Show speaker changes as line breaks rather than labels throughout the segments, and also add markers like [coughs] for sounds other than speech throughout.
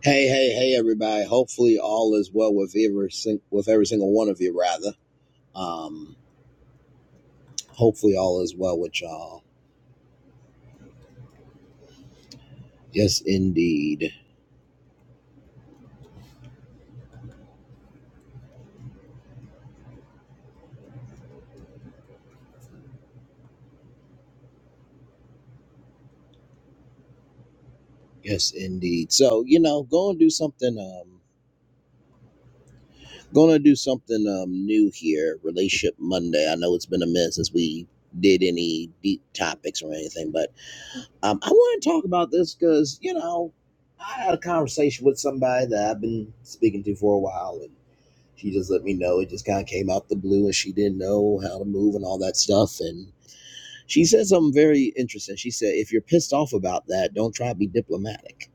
Hey, hey, hey, everybody. Hopefully, all is well with every, sing- with every single one of you, rather. Um, hopefully, all is well with y'all. Yes, indeed. Yes, indeed. So, you know, go and do something. Um, going to do something um, new here, Relationship Monday. I know it's been a minute since we did any deep topics or anything, but um, I want to talk about this because, you know, I had a conversation with somebody that I've been speaking to for a while, and. She just let me know it just kind of came out the blue and she didn't know how to move and all that stuff. And she said something very interesting. She said, If you're pissed off about that, don't try to be diplomatic.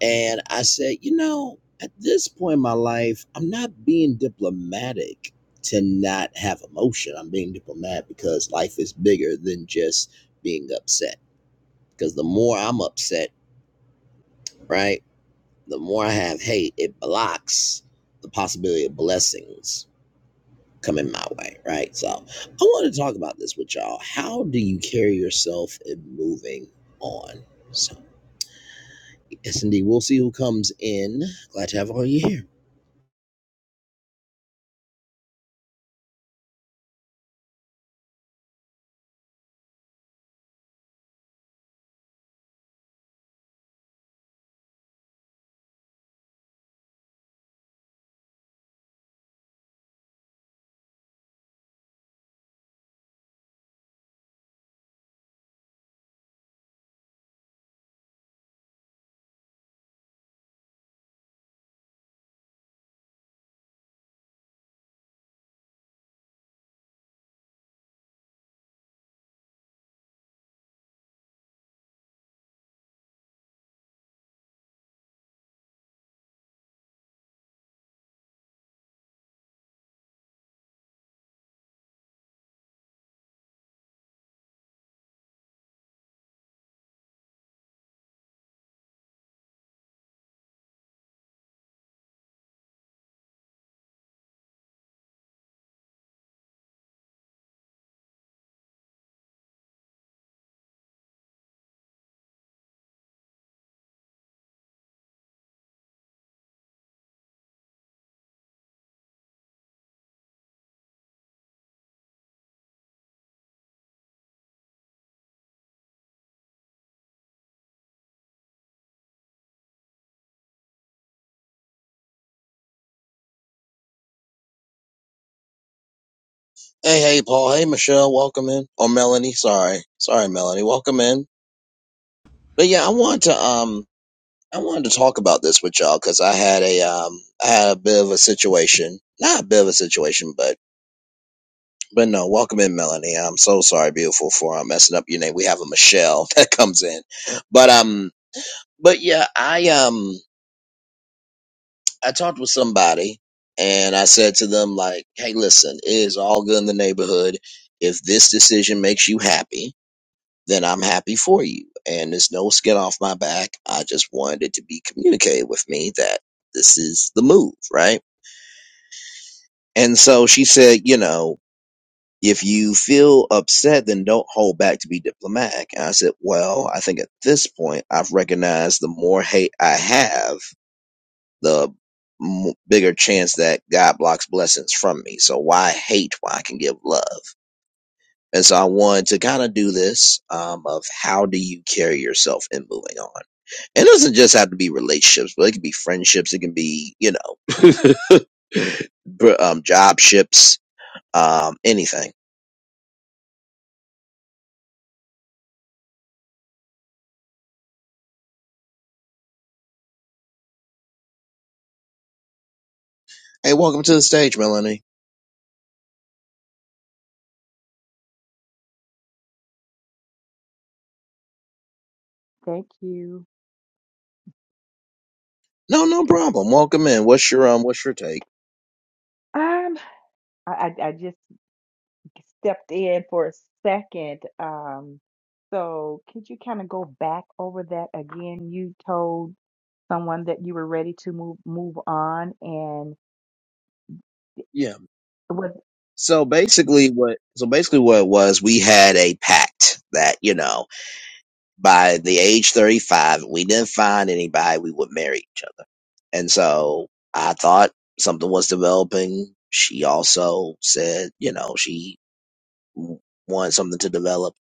And I said, You know, at this point in my life, I'm not being diplomatic to not have emotion. I'm being diplomatic because life is bigger than just being upset. Because the more I'm upset, right, the more I have hate, it blocks the possibility of blessings coming my way, right? So I want to talk about this with y'all. How do you carry yourself in moving on? So yes, indeed, we'll see who comes in. Glad to have all you here. Hey, hey, Paul. Hey, Michelle. Welcome in. Or Melanie. Sorry, sorry, Melanie. Welcome in. But yeah, I wanted to um, I wanted to talk about this with y'all because I had a um, I had a bit of a situation. Not a bit of a situation, but but no. Welcome in, Melanie. I'm so sorry, beautiful, for um, messing up your name. We have a Michelle [laughs] that comes in. But um But yeah, I um I talked with somebody and I said to them like, "Hey, listen, it is all good in the neighborhood. If this decision makes you happy, then I'm happy for you. And there's no skin off my back. I just wanted it to be communicated with me that this is the move, right?" And so she said, "You know, if you feel upset, then don't hold back to be diplomatic." And I said, "Well, I think at this point, I've recognized the more hate I have." the m- bigger chance that God blocks blessings from me. So why hate when I can give love? And so I wanted to kind of do this um, of how do you carry yourself in moving on? It doesn't just have to be relationships, but it can be friendships. It can be, you know, [laughs] br- um, job ships, um, anything. Hey, welcome to the stage, Melanie.
Thank you.
No, no problem. Welcome in. What's your um? What's your take?
Um, I, I I just stepped in for a second. Um, so could you kind of go back over that again? You told someone that you were ready to move move on, and
Yeah.
it was
So basically, what so basically what it was, we had a pact that you know by the age 35, we didn't find anybody, we would marry each other. And so I thought something was developing. She also said, you know, she wanted something to develop.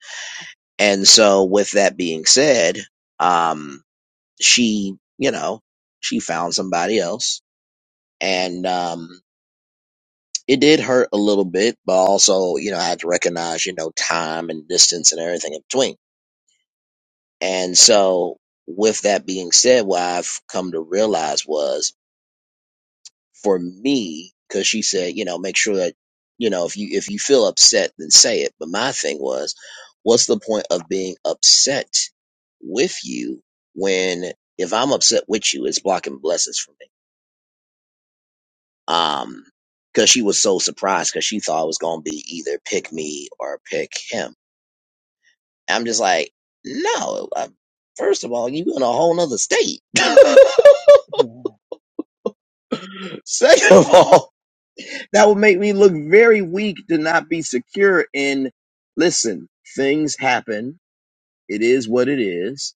And so with that being said, um, she, you know, she found somebody else and, um, it did hurt a little bit, but also, you know, I had to recognize, you know, time and distance and everything in between And so, with that being said, what I've come to realize was for me, because she said, you know, make sure that, you know, if you if you feel upset, then say it. But my thing was, what's the point of being upset with you when if I'm upset with you, it's blocking blessings for me. Um, because she was so surprised because she thought it was gonna be either pick me or pick him. I'm just like, no. I, first of all, you in a whole nother state. [laughs]
yeah.
Second of all, that would make me look very weak to not be secure in listen, things happen. It is what it is,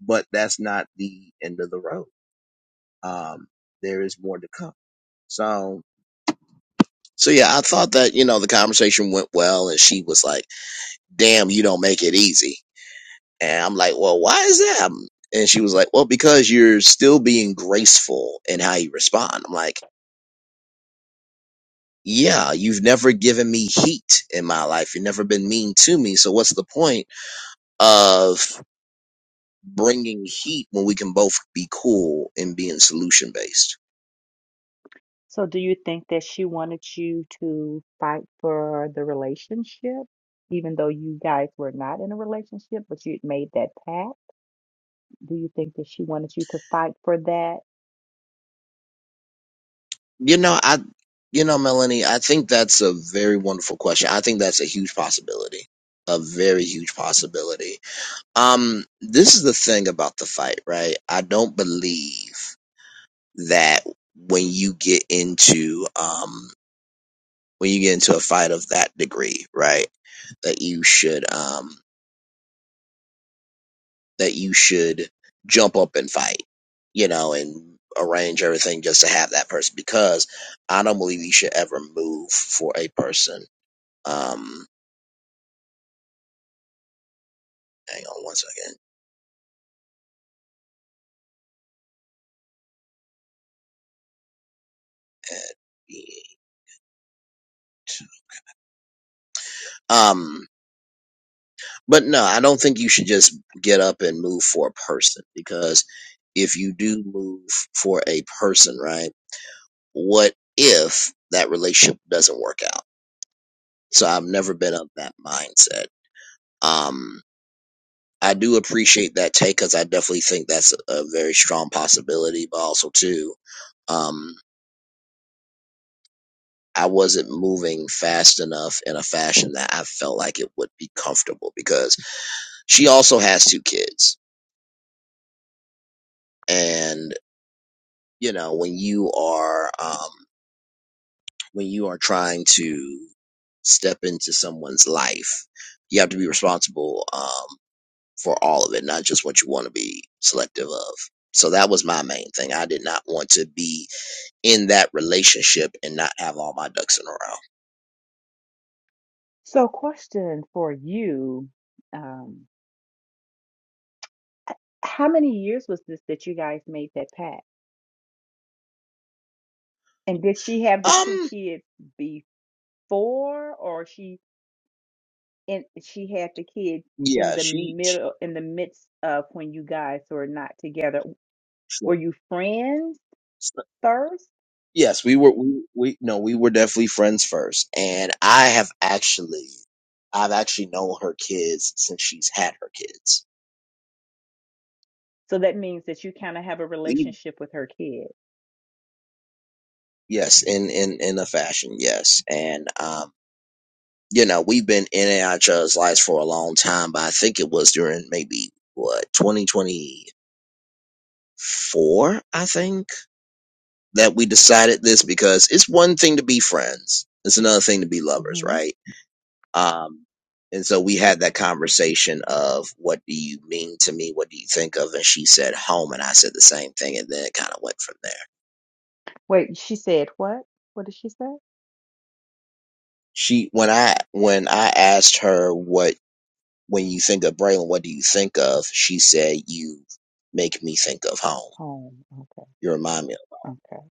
but that's not the end of the road. Um, there is more to come. So so yeah, I thought that, you know, the conversation went well and she was like, Damn, you don't make it easy. And I'm like, Well, why is that? And she was like, Well, because you're still being graceful in how you respond. I'm like, yeah, you've never given me heat in my life. You've never been mean to me. So what's the point of bringing heat when we can both be cool and being solution based?
So do you think that she wanted you to fight for the relationship, even though you guys were not in a relationship, but you had made that pact? Do you think that she wanted you to fight for that?
You know, I, you know, Melanie, I think that's a very wonderful question. I think that's a huge possibility, a very huge possibility. Um, this is the thing about the fight, right? I don't believe that when you get into, um, when you get into a fight of that degree, right? That you should um that you should jump up and fight, you know, and arrange everything just to have that person because I don't believe you should ever move for a person. Um hang on one second. Um but no, I don't think you should just get up and move for a person because if you do move for a person, right? What if that relationship doesn't work out? So I've never been of that mindset. Um, I do appreciate that take because I definitely think that's a, a very strong possibility, but also too, um, I wasn't moving fast enough in a fashion that I felt like it would be comfortable because she also has two kids. And, you know, when you are, um, when you are trying to step into someone's life, you have to be responsible. Um, for all of it, not just what you want to be selective of. So that was my main thing. I did not want to be in that relationship and not have all my ducks in a row.
So question for you. Um. How many years was this that you guys made that pact? And did she have the two
Um,
kids before, or she and she had the kids in
yeah,
the
she, she
middle, in the midst of when you guys were not together? Were
sure.
you friends
So-
first?
Yes, we were, we, we, no, we were definitely friends first. And I have actually, I've actually known her kids since she's had her kids.
So that means that you kind of have a
We,
relationship with her kid.
yes, in, in, in a fashion, yes. And, um, you know, we've been in and out lives for a long time, but I think it was during maybe what 2024, I think, that we decided this because it's one thing to be friends, it's another thing to be lovers,
Mm-hmm.
right? Um, and so we had that conversation of what do you mean to me? What do you think of? And she said home, and I said the same thing, and then it kind of went from there.
Wait, she said what? What did she say?
She when I when I asked her what when you think of Braylon, what do you think of? She said, you make me think of home.
Home. Okay.
You remind me. Of.
Okay.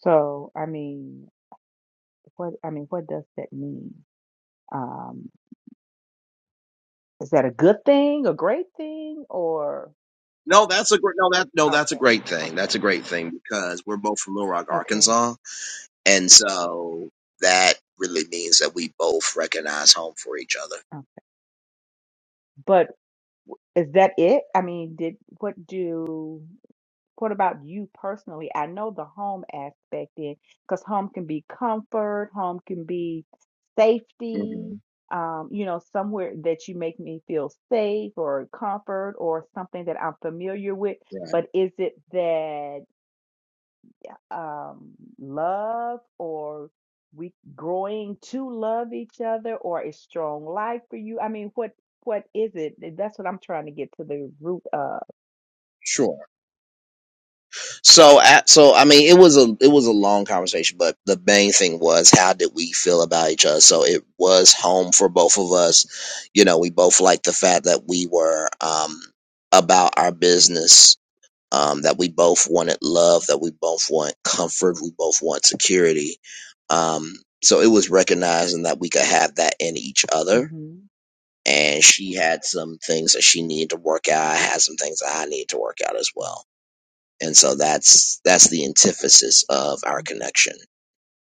So, I mean, what I mean, what does that mean? Um, is that a good thing, a great thing, or
No, that's a great, no, that, no, that's a
okay,
great thing.
okay,
That's a great thing because we're both from Little Rock,
okay.
Arkansas. And so that really means that we both recognize home for each other.
Uh, But w- is that it? I mean, did what do? What about you personally? I know the home aspect in because home can be comfort, home can be safety,
hmm
um, you know, somewhere that you make me feel safe or comfort or something that I'm familiar with.
Right.
But is it that um, love or we growing to love each other or a strong life for you? I mean, what what is it? That's what I'm trying to get to the root of.
Sure. So, I- so I mean, it was a it was a long conversation, but the main thing was how did we feel about each other? So it was home for both of us. You know, we both liked the fact that we were um, about our business, um, that we both wanted love, that we both want comfort, we both want security. Um, so it was recognizing that we could have that in each other.
hmm
And she had some things that she needed to work out. I had some things that I needed to work out as well and so that's that's the antithesis of our connection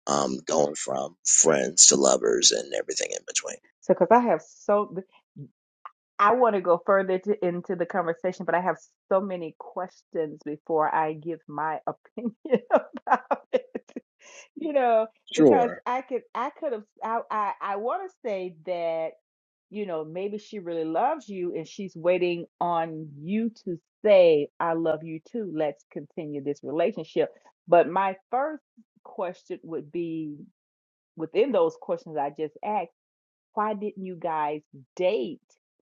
um going from friends to lovers and everything in between
so, because I have so, I want to go further to, into the conversation, but I have so many questions before I give my opinion [laughs] about it. You know, because
Sure.
I could, I could have, I, I, I want to say that, you know, maybe she really loves you and she's waiting on you to say, I love you too. Let's continue this relationship. But my first question would be within those questions I just asked why didn't you guys date?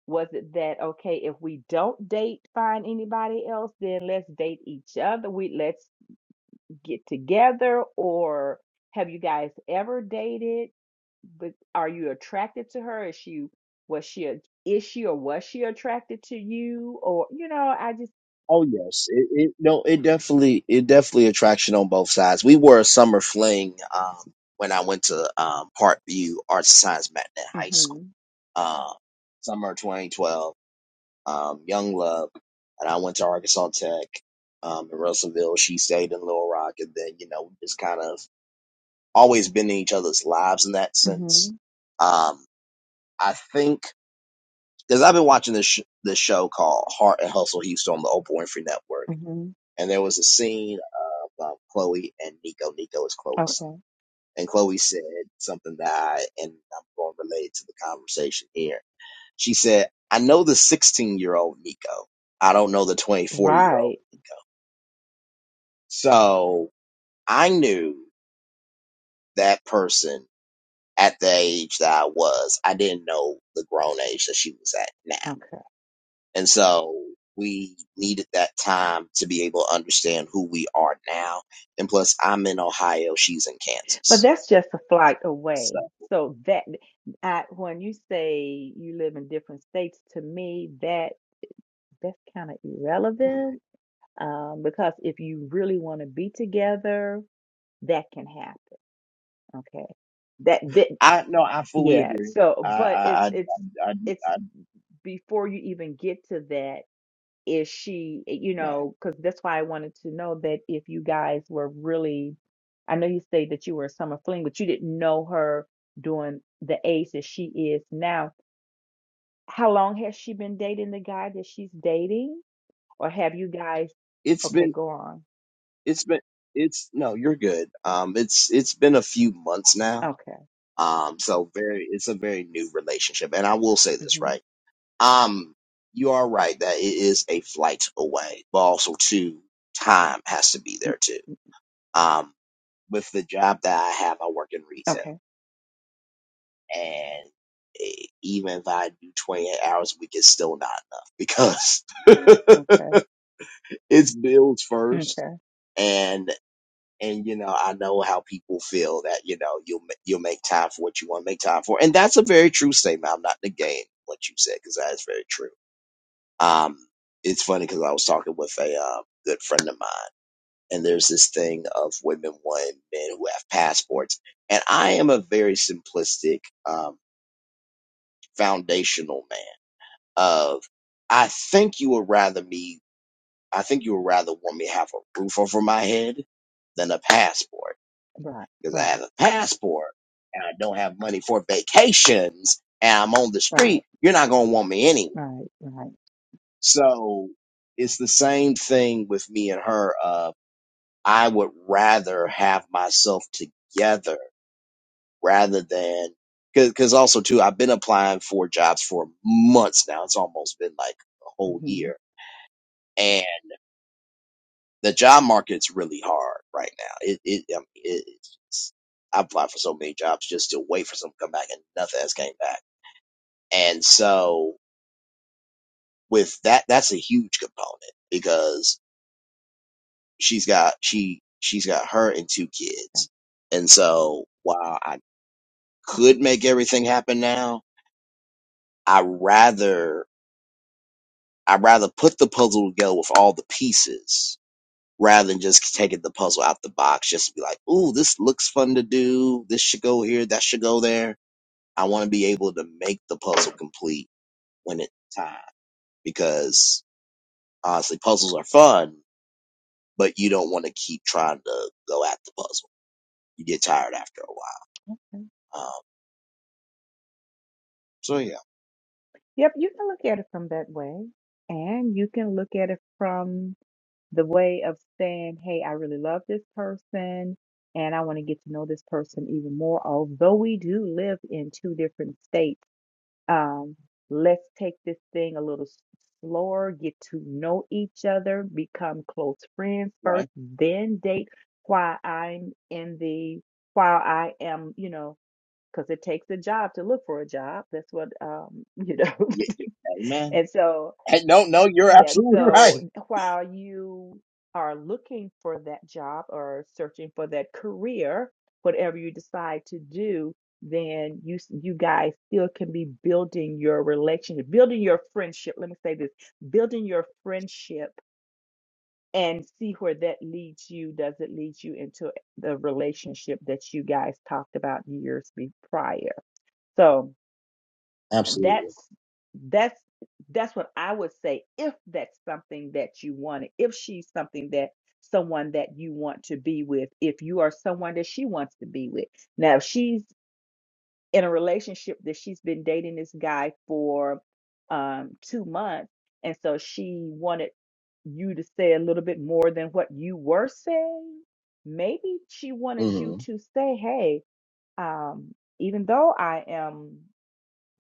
Was it that okay, if we don't date, find anybody else, then let's date each other. We let's get together or have you guys ever dated? But are you attracted to her? Is she was she a, is she or was she attracted to you? Or you know, I just
Oh yes. It, it no. It definitely it definitely attraction on both sides. We were a summer fling um, when I went to um, Parkview Arts and Science Matinee High School.
mm-hmm,
Uh, summer 2012. Um, Young Love, and I went to Arkansas Tech um, in Russellville. She stayed in Little Rock, and then you know we just kind of always been in each other's lives in that
hmm
sense. Um, I think because I've been watching this sh- this show called Heart and Hustle Houston on the Oprah Winfrey Network,
hmm
and there was a scene of um, Chloe and Nico. Nico is Chloe's son,
Okay.
and Chloe said something that I and I'm going to relate to the conversation here. She said, "I know the 16 year old Nico. I don't know the 24 year old."
Right.
So I knew that person at the age that I was. I didn't know the grown age that she was at now.
Okay.
And so we needed that time to be able to understand who we are now. And plus, I'm in Ohio, she's in
But
Kansas.
that's just a flight
So
away. So that I, when you say you live in different states, to me that that's kind of irrelevant um, because if you really want to be together, that can happen. Okay, that that
I no, I fully
yeah.
agree.
So,
I
but it's
I I I,
it's
I,
it's
I
before you even get to that. is she, eh, you
right.
know, because that's why I wanted to know that if you guys were really, I know you say that you were a summer fling, but you didn't know her during the age that she is now. How long has she been dating the guy that she's dating? Or have you guys,
It's
okay,
been
go on.
it's been it's no, you're good. Um, it's it's been a few months now.
Okay.
Um, so very, it's a very new relationship, and I will say this
hmm
right. Um, you are right that it is a flight away, but also too, time has to be there too. Um, with the job that I have, I work in retail,
Okay.
and eh, even if I do 28 hours a week, it's still not enough because [laughs]
Okay.
it's bills first,
Okay.
and and you know I know how people feel that you know you'll ma- you'll make time for what you want to make time for, and that's a very true statement. I'm not negating what you said because that is very true Um, it's funny because I was talking with a uh, good friend of mine, and there's this thing of women wanting men who have passports, and I am a very simplistic, um, foundational man. Of I think you would rather me, I think you would rather want me to have a roof over my head than a passport
Right.
because I
Right.
have a passport and I don't have money for vacations and I'm on the
Right.
street. You're not gonna want me anyway.
Right. Right.
So it's the same thing with me and her. Of I would rather have myself together rather than because cause also too I've been applying for jobs for months now. It's almost been like a whole
hmm
year, and the job market's really hard right now. It it, I mean, it it's just, I applied for so many jobs just to wait for some to come back, and nothing has came back. And so with that, that's a huge component because she's got she she's got her and two kids, and so while I. could make everything happen now. I rather I rather put the puzzle together with all the pieces rather than just taking the puzzle out the box just to be like, ooh, this looks fun to do. This should go here, that should go there. I want to be able to make the puzzle complete when it's time because honestly, puzzles are fun, but you don't want to keep trying to go at the puzzle. You get tired after a while.
Gotcha.
Um, so yeah,
Yep. You can look at it from that way, and you can look at it from the way of saying, hey, I really love this person and I want to get to know this person even more. Although we do live in two different states, um, let's take this thing a little s- slower, get to know each other, become close friends first,
right?
then date while I'm in the, while I am, you know, because it takes a job to look for a job. That's what, um, [laughs] you know.
Yeah, yeah.
[laughs]
Amen.
and
[laughs]
so,
Hey, no, no, you're
yeah,
absolutely
so
right.
while you are looking for that job or searching for that career, whatever you decide to do, then you s- you guys still can be building your relationship, building your friendship. Let me say this, building your friendship and see where that leads you. Does it lead you into the relationship that you guys talked about years be prior? So
Absolutely.
that's that's that's what I would say if that's something that you wanted, if she's something that someone that you want to be with, if you are someone that she wants to be with. Now, if she's in a relationship that she's been dating this guy for um, two months, and so she wanted you to say a little bit more than what you were saying, maybe she wanted you
hmm
to say, hey, um, even though I am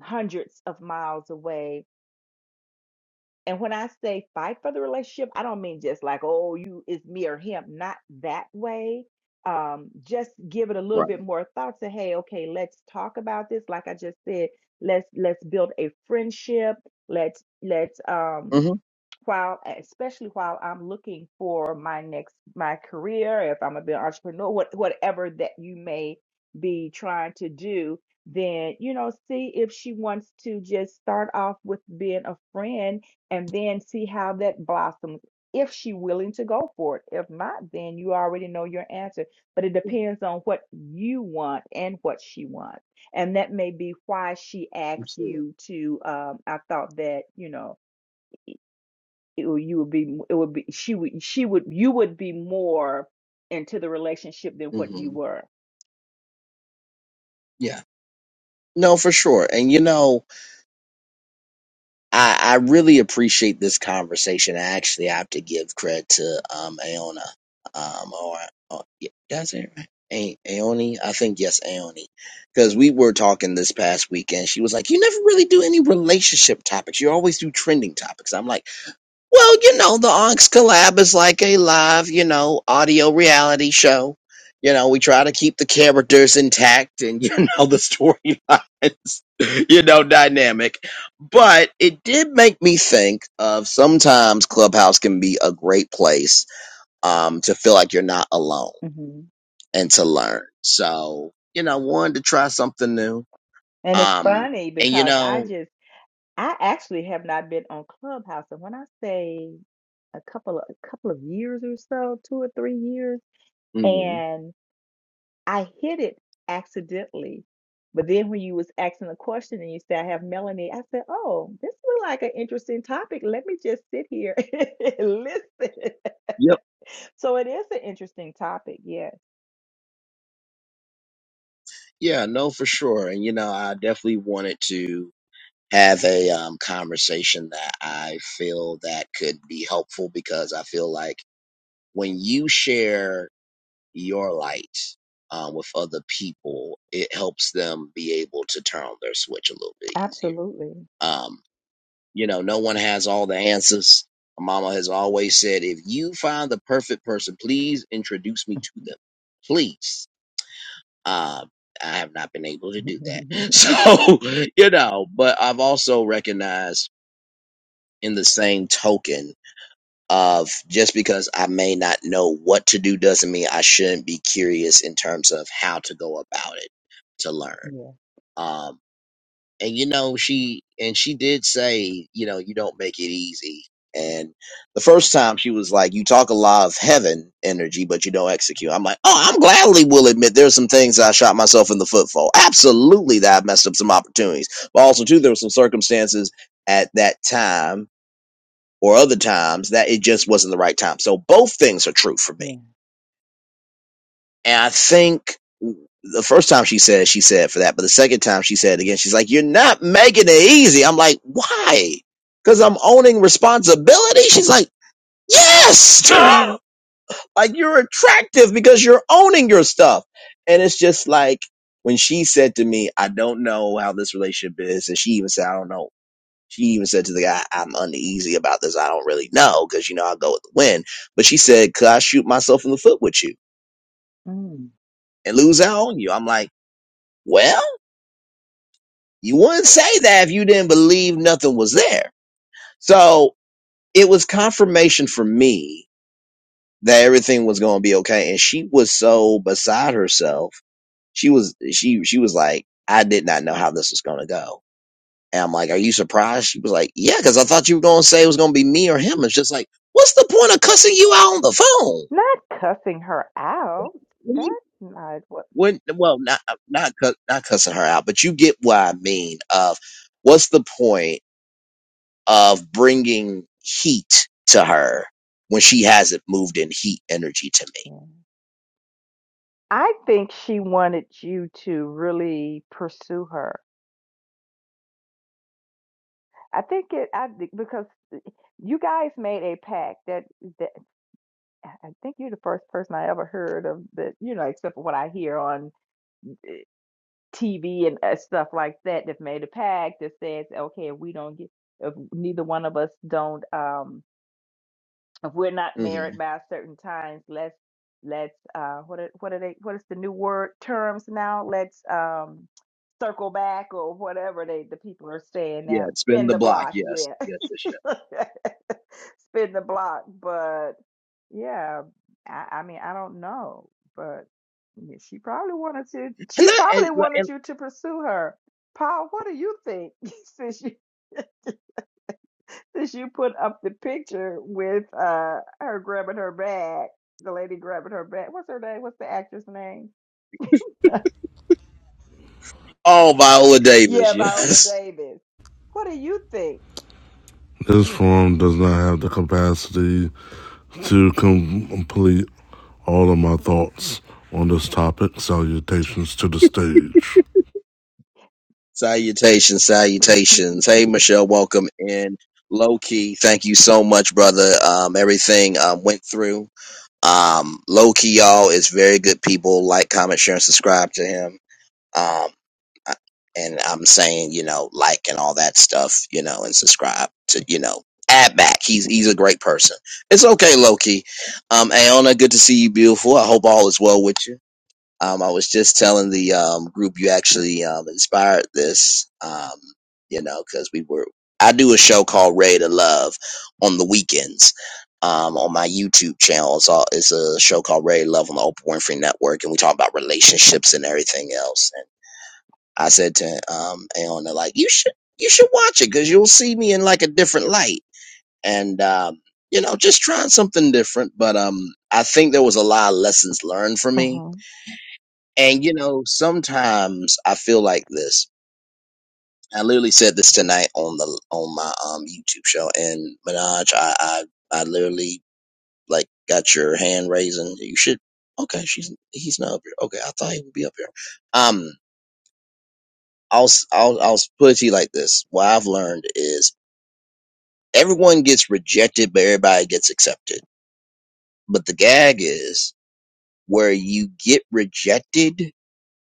hundreds of miles away and when I say fight for the relationship, I don't mean just like, oh, you, it's me or him, not that way. Um, just give it a little
Right.
bit more thought to, hey, okay, let's talk about this. Like I just said, let's let's build a friendship. Let's let's um
hmm
while especially while I'm looking for my next my career, if I'm gonna be an entrepreneur, what whatever that you may be trying to do, then you know, see if she wants to just start off with being a friend and then see how that blossoms if she's willing to go for it if not then you already know your answer but it depends on what you want and what she wants and that may be why she asks
Absolutely.
you to um i thought that you know it, would- you would be it would be she would she would you would be more into the relationship than what you
hmm
were
Yeah. No, for sure. And you know, I, I really appreciate this conversation. I actually have to give credit to um Aona. Um or oh, yeah, that's it right. A- Aoni, I think yes, Aoni, because we were talking this past weekend. She was like, "You never really do any relationship topics. You always do trending topics." I'm like. Well, you know, the Onyx Collab is like a live, you know, audio reality show. You know, we try to keep the characters intact and, you know, [laughs] the storylines, [laughs] you know, dynamic. But it did make me think of sometimes Clubhouse can be a great place um, to feel like you're not alone
hmm
and to learn. So, you know, wanted to try something new.
and it's
Um,
funny
and, you
because i
know,
just I actually have not been on Clubhouse, and when I say a couple of a couple of years or so, two or three years,
mhm.
and I hit it accidentally. But then when you was asking the question and you said, I have Melanie, I said, Oh, this is like an interesting topic. Let me just sit here [laughs] and listen. [laughs]
yep.
So it is an interesting topic. Yes,
Yeah, no, for sure. And, you know, I definitely wanted to. have a um, conversation that I feel that could be helpful because I feel like when you share your light um, with other people, it helps them be able to turn on their switch a little bit easier.
absolutely.
Um, you know, no one has all the answers. My mama has always said, if you find the perfect person, please introduce me to them. Please. Um, I have not been able to
[laughs]
do that. [laughs] So, you know, but I've also recognized in the same token of just because I may not know what to do doesn't mean I shouldn't be curious in terms of how to go about it to learn.
yeah,
Um, and you know, she and she did say, you know, you don't make it easy. And the first time she was like, "You talk a lot of heaven energy, but you don't execute." I'm like, "Oh, I'm gladly will admit there's some things that I shot myself in the foot for. Absolutely, that I messed up some opportunities, but also too there were some circumstances at that time or other times that it just wasn't the right time. So both things are true for me.
yeah.
And I think the first time she said, she said for that, but the second time she said again, she's like, you're not making it easy. I'm like, why? Cause I'm owning responsibility. She's like, yes, [laughs] like you're attractive because you're owning your stuff. And it's just like when she said to me, I don't know how this relationship is. And she even said, I don't know she even said to the guy, I'm uneasy about this. I don't really know because, you know, I'll go with the wind. But she said, could I shoot myself in the foot with you
Mm.
and lose out on you? I'm like, well, you wouldn't say that if you didn't believe nothing was there. So it was confirmation for me that everything was going to be okay. And she was so beside herself. She was, she, she was like, I did not know how this was going to go And I'm like, Are you surprised? She was like, Yeah, because I thought you were going to say it was going to be me or him. It's just like, What's the point of cussing you out on the phone?
Not cussing her out.
When,
That's
you,
not what.
when well, not, uh, not, cu- not cussing her out, but you get what I mean of what's the point of bringing heat to her when she hasn't moved in heat energy to
I think she wanted you to really pursue her. I think it I think- because you guys made a pact that that I think you're the first person I ever heard of that you know except for what I hear on TV and uh, stuff like that that made a pact that says okay if we don't get if neither one of us don't um if we're not
me? hmm
married by certain times, let's let's uh what are, what are they what is the new word terms now? Let's um circle back or whatever they the people are saying
Yeah,
now.
spin
Spin
the
the
block.
block,
Yes,
yeah.
yes, yes, yes.
[laughs] Spin the block, but yeah, I, I mean I don't know, but yeah, she probably wanted to
And
she
that,
probably
and,
wanted
and
you to pursue her. Paul, what do you think? [laughs] Since you since you put up the picture with uh her grabbing her bag, the lady grabbing her bag. What's her name? What's the actress name?
oh, Viola Davis.
Yeah,
[laughs]
Viola
Yes.
Davis. What do you think?
This form does not have the capacity to complete all of my thoughts on this topic. Salutations to the stage.
Salutations,
[laughs]
salutations. Hey, Michelle, welcome in. Low key, thank you so much, brother. Um, everything um, went through. Um, low key, y'all is very good people. Like, comment, share, and subscribe to him. Um, I- and I'm saying, you know, like and all that stuff, you know, and subscribe to, you know, add back. He's he's a great person. It's okay, low key. Um, Aona, good to see you, beautiful. I hope all is well with you. Um, I was just telling the um, group you actually um, inspired this, um, you know, because we were. I do a show called Ray to Love on the weekends um, on my YouTube channel. It's, all, it's a show called Ray to Love on the Oprah Winfrey Network, and we talk about relationships and everything else. And I said to um, Aona, like, you should you should watch it because you'll see me in like a different light, and um, you know, just trying something different. But um, I think there was a lot of lessons learned for me
Uh-huh.
and you know, sometimes I feel like this. I literally said this tonight on the on my um YouTube show. And Minaj, I I, I literally like got your hand raising. You should. Okay, she's he's not up here. Okay, I thought he would be up here. Um, I'll s- I'll I'll put it to you like this. What I've learned is everyone gets rejected, but everybody gets accepted. But the gag is where you get rejected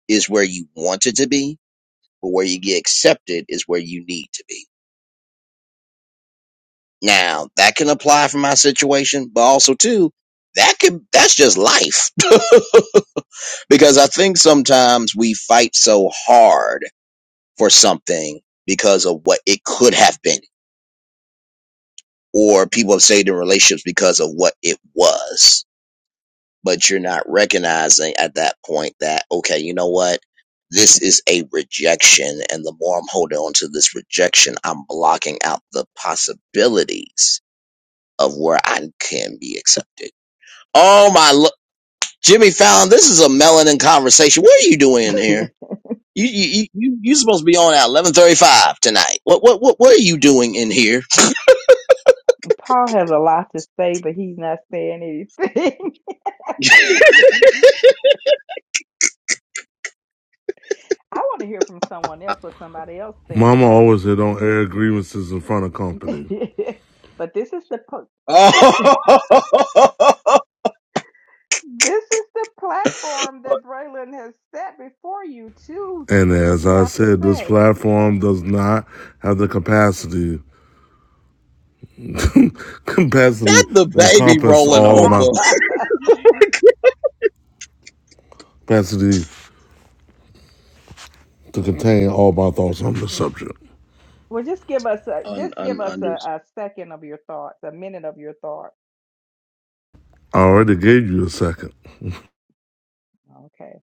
is where you wanted to be, but where you get accepted is where you need to be Now that can apply for my situation, but also too, that could that's just life. [laughs] because I think sometimes we fight so hard for something because of what it could have been, or people have stayed in relationships because of what it was. But you're not recognizing at that point that, okay, you know what? This is a rejection. And the more I'm holding on to this rejection, I'm blocking out the possibilities of where I can be accepted. Oh my, lo- Jimmy Fallon, this is a melanin conversation. What are you doing in
[laughs]
here? You you you you are supposed to be on at eleven thirty five tonight. What what what what are you doing in here?
Paul has a lot to say, but he's not saying anything.
[laughs]
[laughs] I want to hear from someone else what somebody else think
Mama
about
always said don't air grievances in front of company.
it. [laughs] but this is the po-
Oh, [laughs] Not
this is the platform that Braylon has set before you to
And
say what
as
you
I
have to
said, this platform does not have the capacity, [laughs] capacity
the
to
baby
encompass
rolling
all of my
over.
say. [laughs]
capacity to contain all my thoughts on the subject.
Well, just give us a,
Un,
just give
un,
us a,
understood.
a second of your thoughts, a minute of your thoughts.
I already gave you a second.
Okay.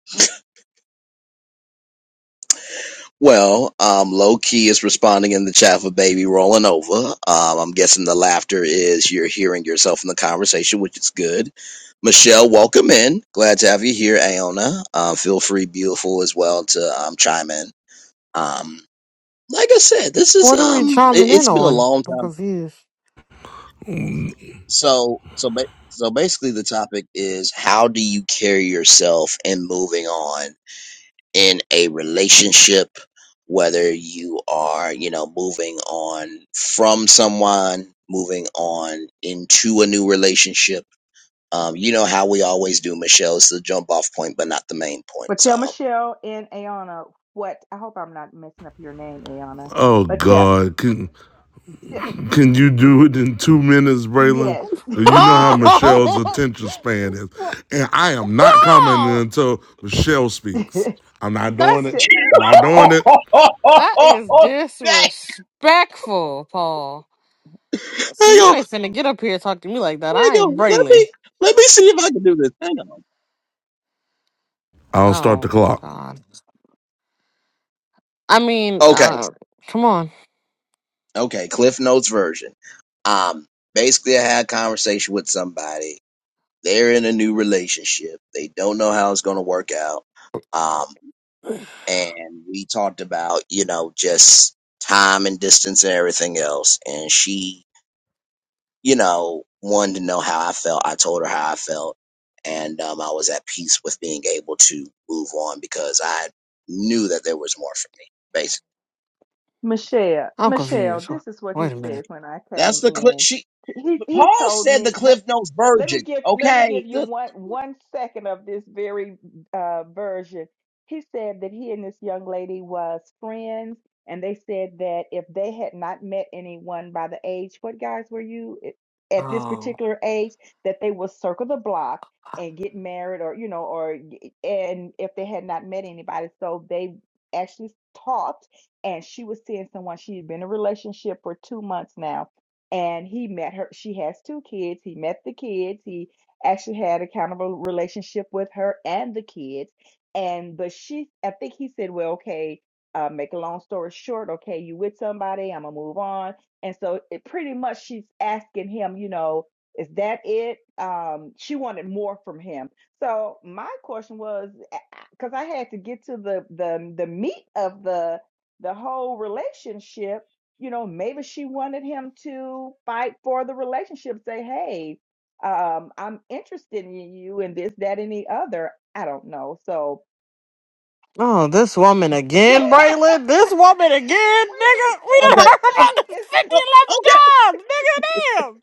Well, um, low key is responding in the chat for baby rolling over. Um, I'm guessing the laughter is you're hearing yourself in the conversation, which is good. Michelle, welcome in. Glad to have you here, Aona. Um, feel free, beautiful, as well to um, chime in. Um, like I said, this is
What are we
um, it,
chiming in
it's been a
on?
long
I'm
time.
confused.
So, so, ba- so basically, the topic is how do you carry yourself in moving on in a relationship, whether you are, you know, moving on from someone, moving on into a new relationship. Um, you know how we always do, Michelle. It's the jump off point, but not the main point.
But
So,
tell Michelle and Ayana what I hope I'm not messing up your name, Ayana.
Oh
But tell,
God, Can,
t- t-
Can you do it in two minutes, Braylon?
yes,
Because you know how
[laughs]
Michelle's
[laughs]
attention span is.
Oh,
And I am not commenting
oh,
until Michelle speaks.
[laughs]
I'm not doing
that's
it.
To
I'm Not doing it.
[laughs]
that is
Dang.
disrespectful, Paul. So
hang
you
on,
ain't finna get up here and talk to me like that. I
hang
am
on. Let
Braylon.
me let me see if I can do this. Hang on.
I'll start
Oh
the clock.
God. I mean,
Okay,
uh, come on.
okay. Cliff Notes version. Um, basically, I had a conversation with somebody. they're in a new relationship. They don't know how it's going to work out. Um, and we talked about, you know, just time and distance and everything else. And she, you know, wanted to know how I felt. I told her how I felt. And um, I was at peace with being able to move on because I knew that there was more for me, basically.
Michelle,
I'm
Michelle,
confused.
this is what
Wait
he
a
said
minute.
when I
That's
came
the clip.
in.
She,
He he
Paul
told
said the
me let,
Cliff Notes
let
virgin.
me give let me give
Okay.
you
Good.
one one second of this very uh, version. He said that he and this young lady was friends, and they said that if they had not met anyone by the age, what guys were you i- at this
Oh.
particular age, that they would circle the block and get married, or you know, or and if they had not met anybody, so they actually talked and she was seeing someone. She had been in a relationship for two months now, and he met her. She has two kids. He met the kids. He actually had a kind of a relationship with her and the kids. And but she, I think he said, well, okay. Uh, make a long story short, okay, you with somebody? I'm gonna move on. And so it pretty much she's asking him, you know, is that it? Um, she wanted more from him. So my question was, because I had to get to the the the meat of the the whole relationship, you know, maybe she wanted him to fight for the relationship, say, hey, um, I'm interested in you and this, that, and the other. I don't know. So,
Oh, this woman
[laughs] wait
again,
a
Braylon? This woman again, nigga?
minute.
We
Is it
done
Okay.
heard
the
about
same?
this 50
Is it?
Okay.
left jobs, nigga,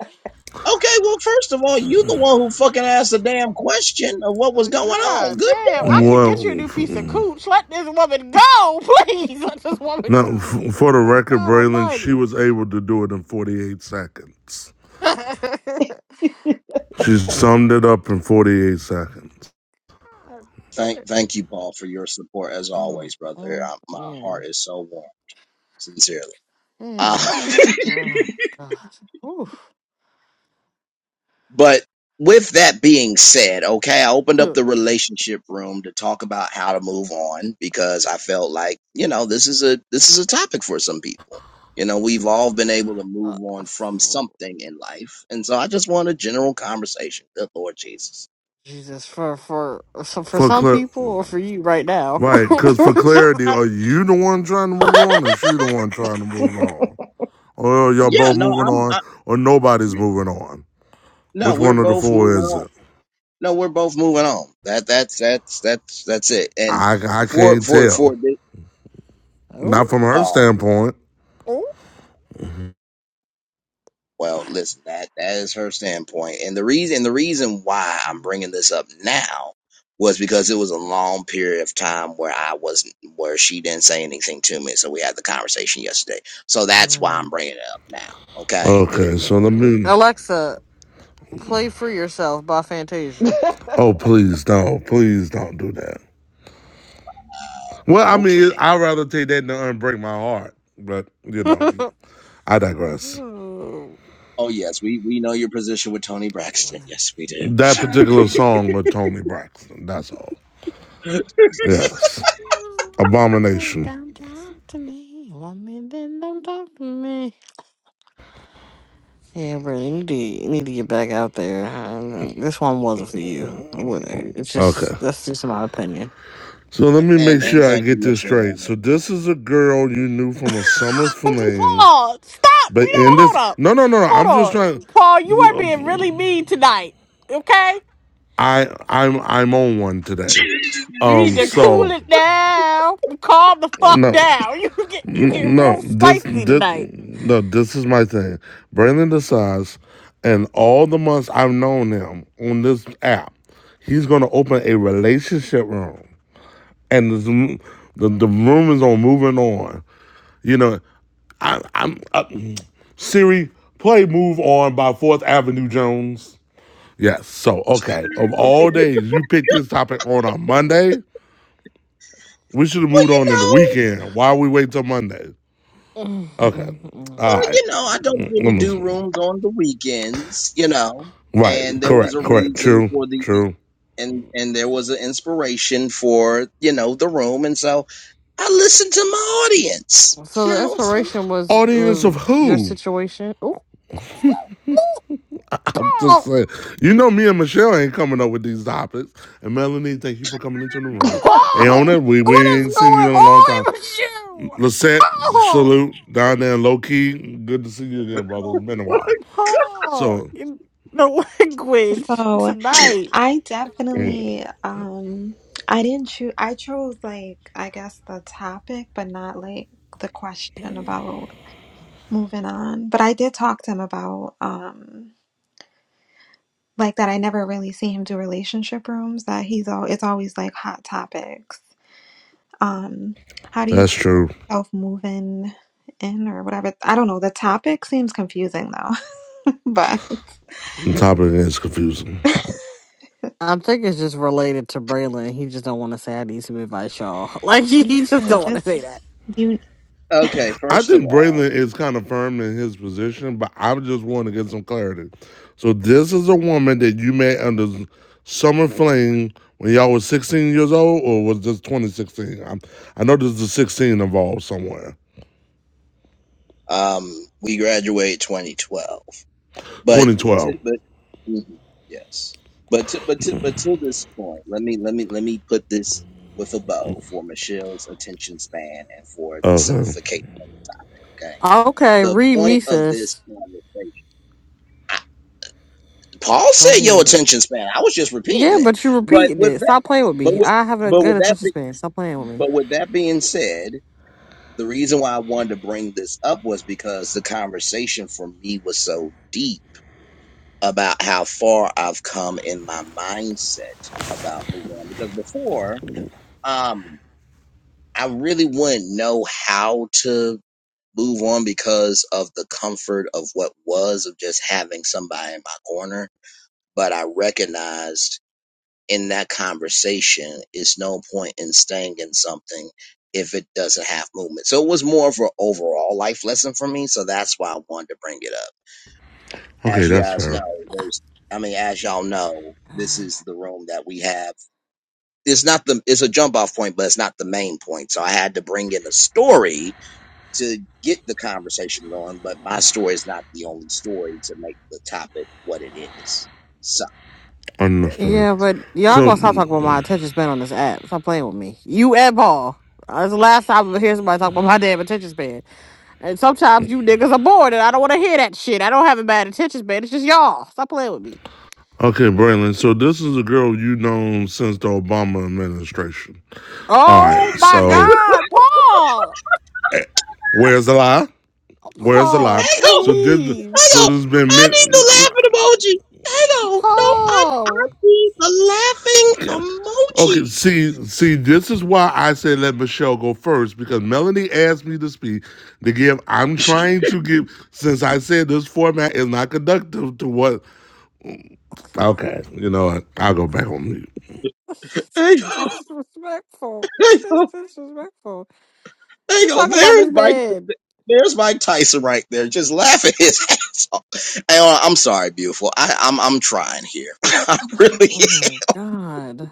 Okay, well, first of all, you the one who fucking asked the damn question of what was
Uh,
going on.
God
Good
damn, I
damn.
could
Well,
get you a new
now
piece of cooch. Let this woman go, please. Let this woman go.
for the record,
God
Braylon, she
almighty.
was able to do it in 48 seconds.
[laughs] God
She summed it up in 48 seconds.
damn.
Thank, thank you, Paul, for your support as
Mm,
always, brother.
mm,
Uh, my
mm,
heart is so warm, sincerely.
mm.
Uh,
Oh, God. Oof.
[laughs] but with that being said, okay, I opened up the
Ugh.
relationship room to talk about how to move on because I felt like you know this is a this is a topic for some people. You know, we've all been able to
Uh,
move on from
for-
something in life, and so I just want a general conversation. Good Lord Jesus
Jesus, for for so for
For
some
cl-
people or for you right now. [laughs]
right, because for clarity, are you the one trying to move on or she the one trying to move on? Or y'all
Yeah,
both
no,
moving
I'm.
on,
I,
or nobody's moving on.
no,
Which
we're
one of the
both
four
moving
is
on.
it?
No, we're both moving on. That that's that's that's that's it. And
I, I
for
can't
for
tell.
for this,
oh,
Not from her
Paul.
standpoint.
oh.
Well, listen, that that is her standpoint, and the reason the reason why I'm bringing this up now was because it was a long period of time where I wasn't where she didn't say anything to me, so we had the conversation yesterday. So that's why
Mm.
I'm bringing it up now. Okay, good
Okay,
lord.
so let me.
Alexa, play "Free Yourself" by Fantasia.
Oh, please don't. Please don't do that.
Uh,
Well, I
Okay.
mean, I'd rather take that than unbreak my heart. But, you know,
[laughs]
I digress.
Ooh.
Oh yes, we we know your position with Tony Braxton. Yes, we do.
That particular song with Tony Braxton. That's all.
[laughs]
Yes.
Maybe
Abomination.
don't talk to me. Want me then don't talk to me. Yeah, bro, you need to, you need to get back out there. Uh, This one wasn't for you. It wasn't- It's just
Okay.
that's just my opinion.
So let me make
And and
sure I
thank you,
get this
Michelle.
straight. So
Um,
this is a girl you knew
[laughs]
from a summer fling
Paul, stop! You
But
know
in
what? Hold
this,
up,
no, no, no, no.
hold
I'm just
on,
trying.
Paul. You are being really mean tonight. Okay,
I I'm I'm on one today.
you need
Um.
to cool
So
it down. Calm the fuck
no,
down. [laughs] You get you
no,
get
no.
real
This
spicy
this
tonight.
no. This is my thing. Brandon decides, and all the months I've known him on this app, he's gonna open a relationship room, and this, the the room is on moving on. You know, I, I'm uh, Siri. Play "Move On" by Fourth Avenue Jones. Yes. So, okay, of all days, you picked this topic on a Monday. We should have
Well,
moved
you
on in the
know,
weekend. Why we wait till Monday? Okay.
[laughs]
well,
All right.
you know, I don't
Mm, let
really do
me-
rooms on the weekends, you know.
Right.
And there was
Correct.
a
Correct.
reason
True.
for the
True.
and and there was an inspiration for you know the room, and so I listened to my audience,
So
you
the
know. So
inspiration was
Audience of
was your
who?
situation. Ooh. Ooh,
[laughs] I'm just
Paul,
saying. You know, me and Michelle ain't coming up with these topics. And Melanie, thank you for coming into the room.
Paul,
Aona, we,
what
we
is
ain't seen you
going
in a long
on
time.
with you?
Lisette,
Paul,
salute down there in low key. Good to see you again, brother. It's been a while.
Paul,
So,
in the [laughs] language
So
tonight.
I
mm,
definitely um I didn't choose I chose like I guess the topic but not like the question about moving on. But I did talk to him about um like that I never really see him do relationship rooms that he's all it's always like hot topics. Um how do you
that's
keep
true.
yourself moving in or whatever. I don't know. The topic seems confusing though. [laughs] But [laughs]
On top of it, it's confusing.
I think it's just related to Braylon. He just don't want to say I need some advice, y'all. [laughs] Like he he
yeah,
just don't want to
just
say that.
do you
okay,
I
first of
think
all,
Braylon is kind of firm in his position, but I just want to get some clarity. So this is a woman that you met under summer fling when y'all was 16 years old, or was this 2016? I'm, I know there's a 16 involved somewhere.
um, we graduated 2012. but to,
2012.
but mhm, yes, but to, but to, but to this point, let me let me let me put this with a bow for Michelle's attention span and for the
Okay.
simplification. Okay,
Okay,
the
read me,
point of this
sis.
conversation, I, Paul
Go
said your
ahead.
attention span. I was just
Yeah,
repeating it,
but you
but
repeating
with
it.
that,
Stop playing with
but
me.
with
I have a
but
good
with that
attention
be,
span. Stop playing with
but with that being said. The reason why I wanted to bring this up was because the conversation for me was so deep about how far I've come in my mindset about moving on. Because before, um, I really wouldn't know how to move on because of the comfort of what was of just having somebody in my corner. But I recognized in that conversation, it's no point in staying in something if it doesn't have movement. So it was more of an overall life lesson for me. So that's why I wanted to bring it up.
Okay,
as you
that's
guys know,
fair.
there's I mean, as y'all know, this
me.
is the room that we have. It's not the it's a jump off point, but it's not the main point. So I had to bring in a story to get the conversation going, but my story is not the only story to make the topic what it is. So there
Understood.
Yeah, but y'all
So,
gonna stop
okay,
talking about my attention span on this app. Stop playing with me. You and Paul. That's the last time I hear somebody talk about my damn attention span. And sometimes you niggas are bored and I don't wanna hear that shit. I don't have a bad attention span. It's just y'all. Stop playing with me.
Braylon. So this is a girl you have known since the Obama administration. All right.
Oh my
So
god, Paul!
where's the lie? Where's the lie?
Paul,
we go. Hang on,
So did
please.
hang
so
on.
there's been
I
many.
need the laughing emoji. Hang on. No, I I
Paul.
need the laughing
Okay,
emoji.
see, see, this is why I said let Michelle go first because Melanie asked me to speak to give. I'm trying to give since I said this format is not conductive to what. Okay, you know what? I'll go back on mute.
[laughs]
Hang
It's disrespectful. It's
on,
disrespectful. You
hang on.
talking about
There's
this
my.
man.
There's Mike Tyson right there, just laughing his [laughs] ass off. Hey, uh, I'm sorry, beautiful. I, I'm I'm trying here. [laughs] I'm really.
Oh my god.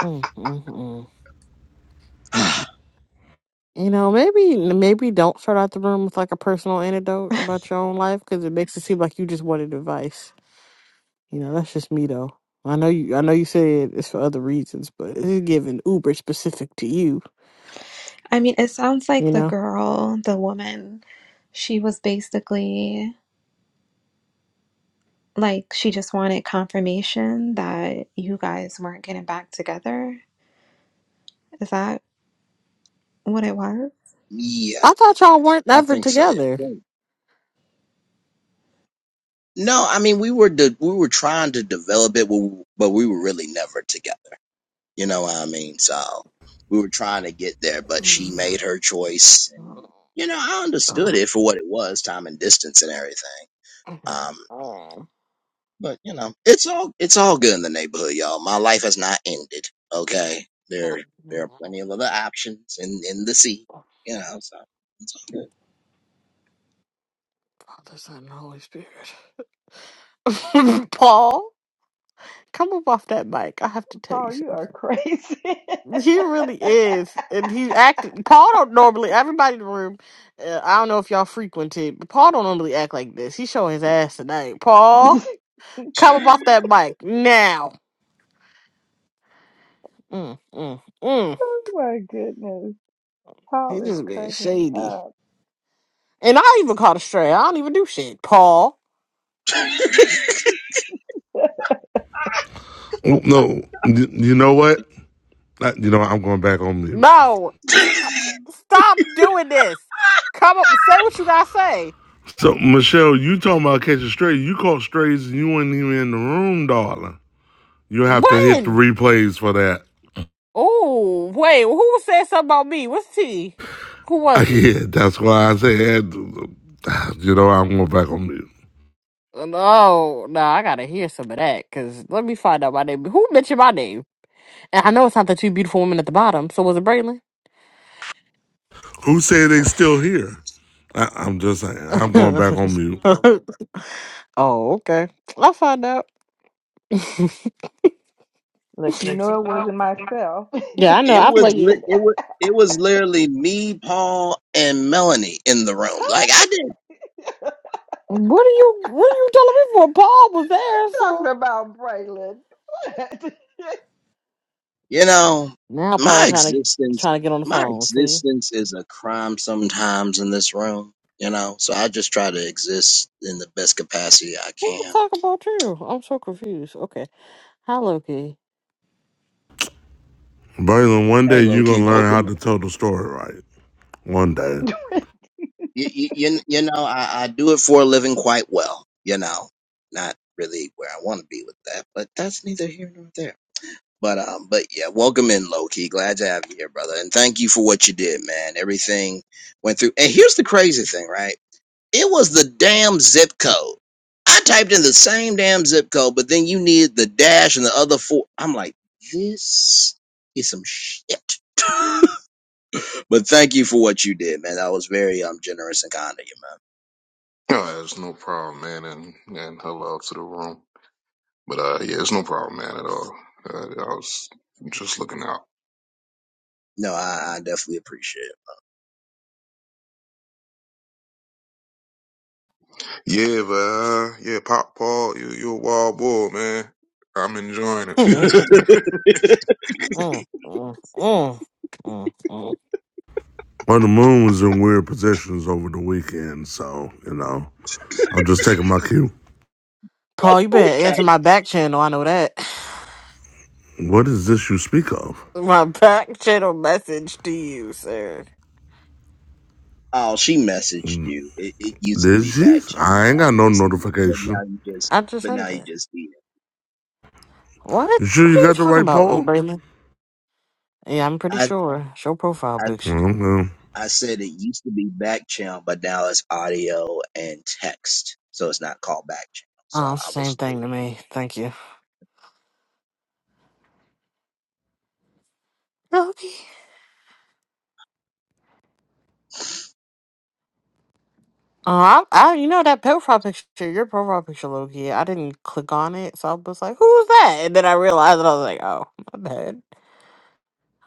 Mm, mm, mm.
[sighs]
You know, maybe maybe don't start out the room with like a personal anecdote about your own life because it makes it seem like you just wanted advice. You know, that's just me though. I know you. I know you said it's for other reasons, but it's given uber specific to you.
I mean, it sounds
You
like the
know.
girl, the woman, she was basically like she just wanted confirmation that you guys weren't getting back together. Is that what it was?
yeah,
I thought y'all weren't
I
ever
think so. Yeah.
together.
Well, No, I mean we were de- we were trying to develop it, but we were really never together. You know what I mean? So we were trying to get there, but she made her choice. And, you know, I understood it for what it was, time and distance and everything. Um. But you know, it's all it's all good in the neighborhood, y'all. My life has not ended. Okay, there there are plenty of other options in in the sea. You know, so it's all good.
Father, Son, and Holy Spirit. [laughs] Paul, come up off that mic. I have to
[laughs]
tell you
Paul, you are
something.
crazy. [laughs]
He really is, and he acted. Paul don't normally. Everybody in the room, uh, I don't know if y'all frequent it, but Paul don't normally act like this. He showing his ass tonight. Paul, come up off that mic now. Mm, mm, mm.
oh my goodness. Paul
He
is
just been
cutting
shady.
up.
And I even caught a stray. I don't even do shit. Paul.
Oh, No, you know what? Uh, You know what? I'm going back on mute.
No. Stop. Stop doing this. Come up say what you gotta say.
So Michelle, you talking about catching strays? You caught strays and you weren't even in the room, darling. You have to hit the
When?
replays for that.
Oh, wait, who was saying something about me? What's T? Who
[laughs]
was it?
Yeah, that's why I said, you know, I'm going back on mute.
No, no, I gotta hear some of that, cause let me find out my name. Who mentioned my name? And I know it's not the two beautiful women at the bottom, so was it Braylon?
Who say they still here? I, I'm just saying, I'm going back on mute.
[laughs] oh, okay. I'll find out.
Look, you know it wasn't myself. [laughs] I'm
Yeah, I know.
It
I'm
was
like,
li- it was it was literally me, Paul, and Melanie in the room. Like I did,
what are you what are you telling me for? Paul was there,
talking
so.
about Braylon. [laughs]
you know,
Now Paul
my
trying to
existence
trying to get on the
my
phone. See,
existence is a crime sometimes in this room. You know, so I just try to exist in the best capacity I
who the
can.
talk about you? I'm so confused. Okay, hi Loki.
Braylon, one day
Hey, low
you're going
key,
to learn how
welcome.
to tell the story right. One day.
you, you, you know, I, I do it for a living quite well. You know, not really where I want to be with that, but that's neither here nor there. But um, but yeah, welcome in, Loki. Glad to have you here, brother, and thank you for what you did, man. Everything went through. And here's the crazy thing, right? It was the damn zip code. I typed in the same damn zip code, but then you needed the dash and the other four. I'm like, this is some shit. [laughs] but thank you for what you did, man. That was very um generous and kind of you, man.
No, it's no problem, man, and and hello to the room. But uh, yeah, it's no problem, man, at all. Uh, I was just looking out.
No, I, I definitely appreciate
Yeah, but uh, yeah, Pop Paul, you you a wild bull, man. I'm enjoying
[laughs]
it.
it. [laughs]
Mm, mm, mm, mm, mm.
Well, the moon was in weird positions over the weekend, so, you know, I'm just taking my cue.
Paul, you
[laughs]
better
okay.
answer my back channel. I know that.
What is this you speak of?
[sighs] My back channel message to you, sir.
Oh, she messaged you. It, it used to
Did
be
she?
back channel, but
I ain't
now
got
you
no
just need it. But now
notification.
you just,
I just
but now
sent
you
it.
just need it.
What?
You sure
What are
you
you
got the
talking
right
about,
poll?
Braylon? Yeah, I'm pretty
I,
sure. Show profile
I,
picture.
Okay.
I said it used to be back channel, but now it's audio and text, so it's not called back channel. So
Oh, it's
I
the same
was like,
thing to me. Thank you. Loki. Oh, I, I, you know that profile picture, your profile picture, Loki. I didn't click on it, so I was like, "Who's that?" And then I realized, and I was like, "Oh, my bad."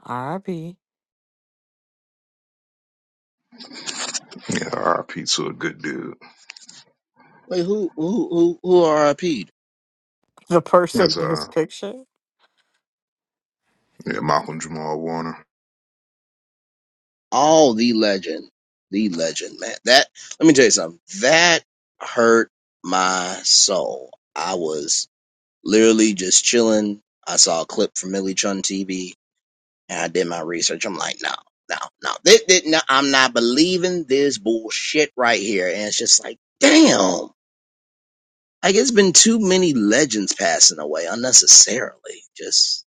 R.I.P. [laughs]
Yeah, RIP to a good dude.
wait, who, who, who, who RIP'd?
The person
That's
in his
uh,
picture.
yeah, Malcolm Jamal Warner.
All the legend, the legend, man. That let me tell you something. That hurt my soul. I was. Literally just chilling. I saw a clip from Millie Chun TV and I did my research. I'm like, no, no, no. This, this, no I'm not believing this bullshit right here. And it's just like, damn. Like it's been too many legends passing away unnecessarily. Just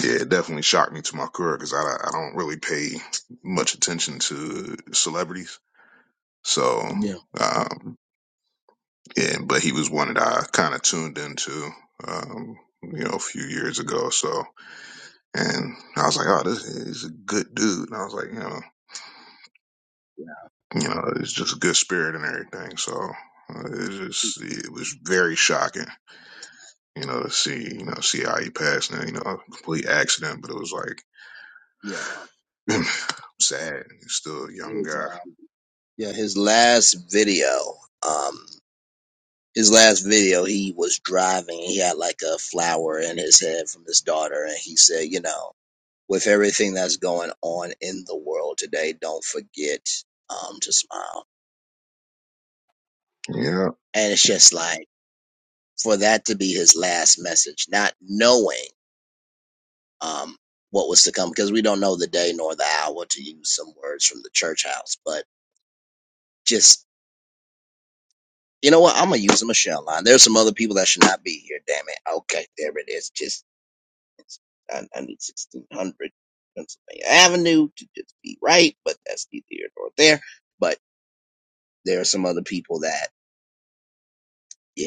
Yeah, it definitely shocked me to my core because I I don't really pay much attention to celebrities, so.
yeah,
Um, and but he was one that I kind of tuned into, um, you know, a few years ago. So, and I was like, oh, this is a good dude. And I was like, you know,
yeah,
you know, it's just a good spirit and everything. So uh, it just it was very shocking, you know, to see you know see how he passed and you know a complete accident, but it was like.
yeah.
[laughs] [clears throat] Sad, he's still a young
His
guy.
uh, yeah, his last video, um, his last video, he was driving. And He had like a flower in his head from his daughter, and he said, you know, with everything that's going on in the world today, don't forget um, to smile.
Yeah,
And it's just like for that to be his last message, not knowing um, what was to come, because we don't know the day nor the hour, to use some words from the church house. But just, you know what? I'm going to use a Michelle line. There's some other people that should not be here, damn it. Okay, there it is. Just, it's, I, I need 1600 Pennsylvania Avenue to just be right, but that's neither here nor there. But there are some other people that, yeah.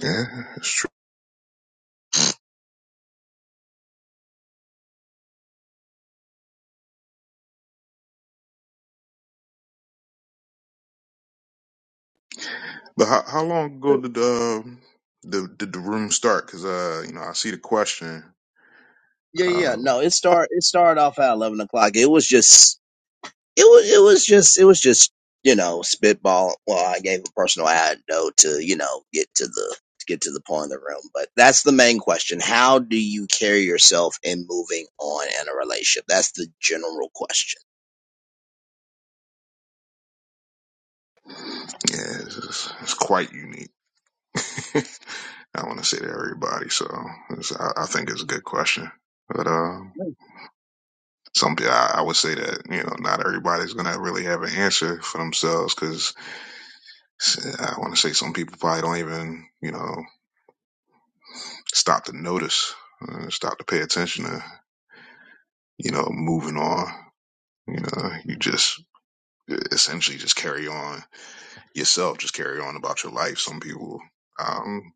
yeah, it's true. But how, how long ago did um the did the room start? Because uh, you know, I see the question.
Yeah, yeah. yeah.
um,
No, it start it started off at eleven o'clock. It was just it was it was just it was just you know spitball. Well, I gave a personal anecdote to you know get to the to get to the point of the room, but that's the main question. How do you carry yourself in moving on in a relationship? That's the general question.
Yeah, it's, it's it's quite unique. [laughs] I want to say to everybody, so it's, I, I think it's a good question. But uh, something I, I would say that you know not everybody's gonna really have an answer for themselves because I want to say some people probably don't even you know stop to notice, uh, stop to pay attention to you know moving on. You know, you just e, essentially just carry on yourself, just carry on about your life. Some people. Um,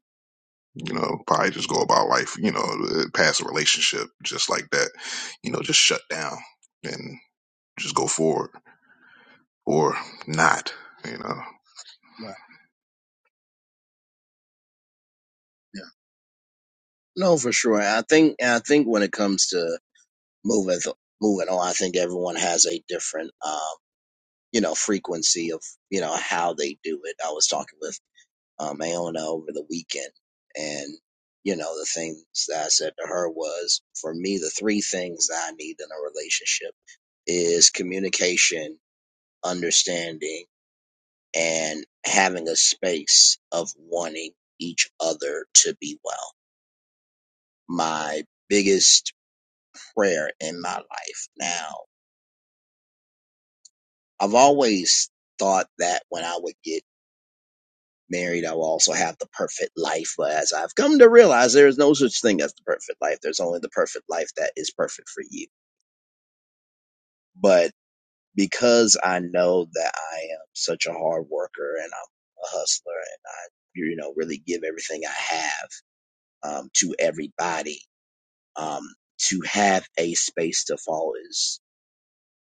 you know, probably just go about life, you know, uh, past a relationship just like that, you know, just shut down and just go forward or not, you know.
Right. Yeah. No, for sure. I think I think when it comes to moving moving on, I think everyone has a different um you know frequency of you know how they do it. I was talking with um, Aona over the weekend. And, you know, the things that I said to her was for me, the three things that I need in a relationship is communication, understanding, and having a space of wanting each other to be well. My biggest prayer in my life now, I've always thought that when I would get married, I will also have the perfect life. But as I've come to realize, there is no such thing as the perfect life. There's only the perfect life that is perfect for you. But because I know that I am such a hard worker and I'm a hustler and I, you know, really give everything I have um, to everybody, um, to have a space to fall is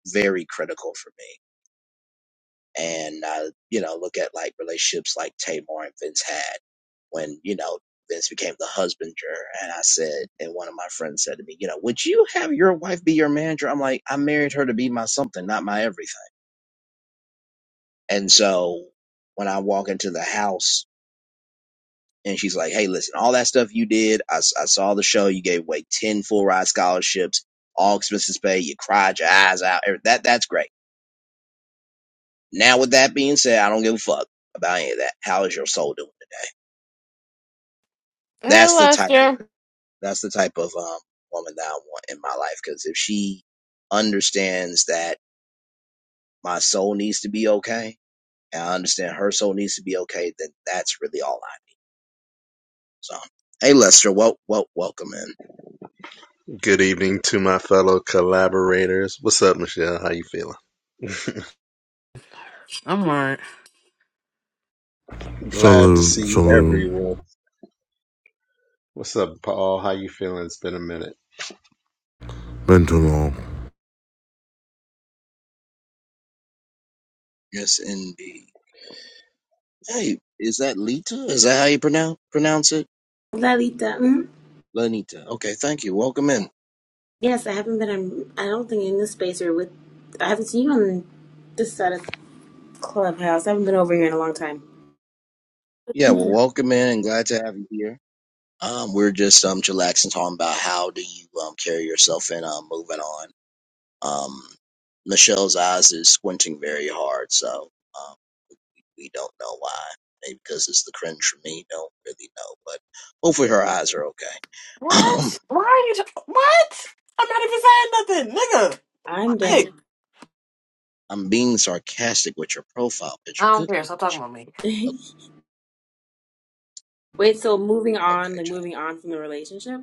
very critical for me and uh, you know look at like relationships like Tamar and Vince had when you know Vince became the husbander and I said and one of my friends said to me you know would you have your wife be your manager I'm like I married her to be my something not my everything and so when I walk into the house and she's like hey listen all that stuff you did I, s- I saw the show you gave away 10 full ride scholarships all expenses paid you cried your eyes out every- that that's great now with that being said I don't give a fuck about any of that how is your soul doing
Hey,
That's the type of
Lester.
that's the type of um, woman that I want in my life. Because if she understands that my soul needs to be okay, and I understand her soul needs to be okay, then that's really all I. need. So, hey Lester, well, well, welcome in.
Good evening to my fellow collaborators. What's up, Michelle? How you feeling?
I'm right.
[laughs] Glad to
Salute,
see
salute.
everyone. What's up, Paul? How you feeling? It's been a minute.
Been too long.
Yes, indeed. Hey, is that Lita? Is that how you pronounce pronounce it?
Lalita, mm,
Lenita. Okay, thank you. Welcome in.
yes, I haven't been. on- I don't think in this space or with. I haven't seen you on this side of Clubhouse. I haven't been over here in a long time.
Yeah,
Thank
well,
you.
welcome in and glad to have you here. Um, we're just um chillaxing, talking about how do you um carry yourself in um moving on. Um, Michelle's eyes is squinting very hard, so um, we don't know why. Maybe because it's the cringe for me, don't really know. But hopefully her eyes are okay. [clears throat] Um,
What? Why are you? T- what? I'm not even saying nothing, nigga. I
I'm
Hey,
dead.
I'm being sarcastic with your profile
I
picture.
don't
Good
care.
lord,
Stop talking
gee.
about me.
[laughs]
O-
Wait, so moving on,
okay,
like
child.
moving on from the relationship,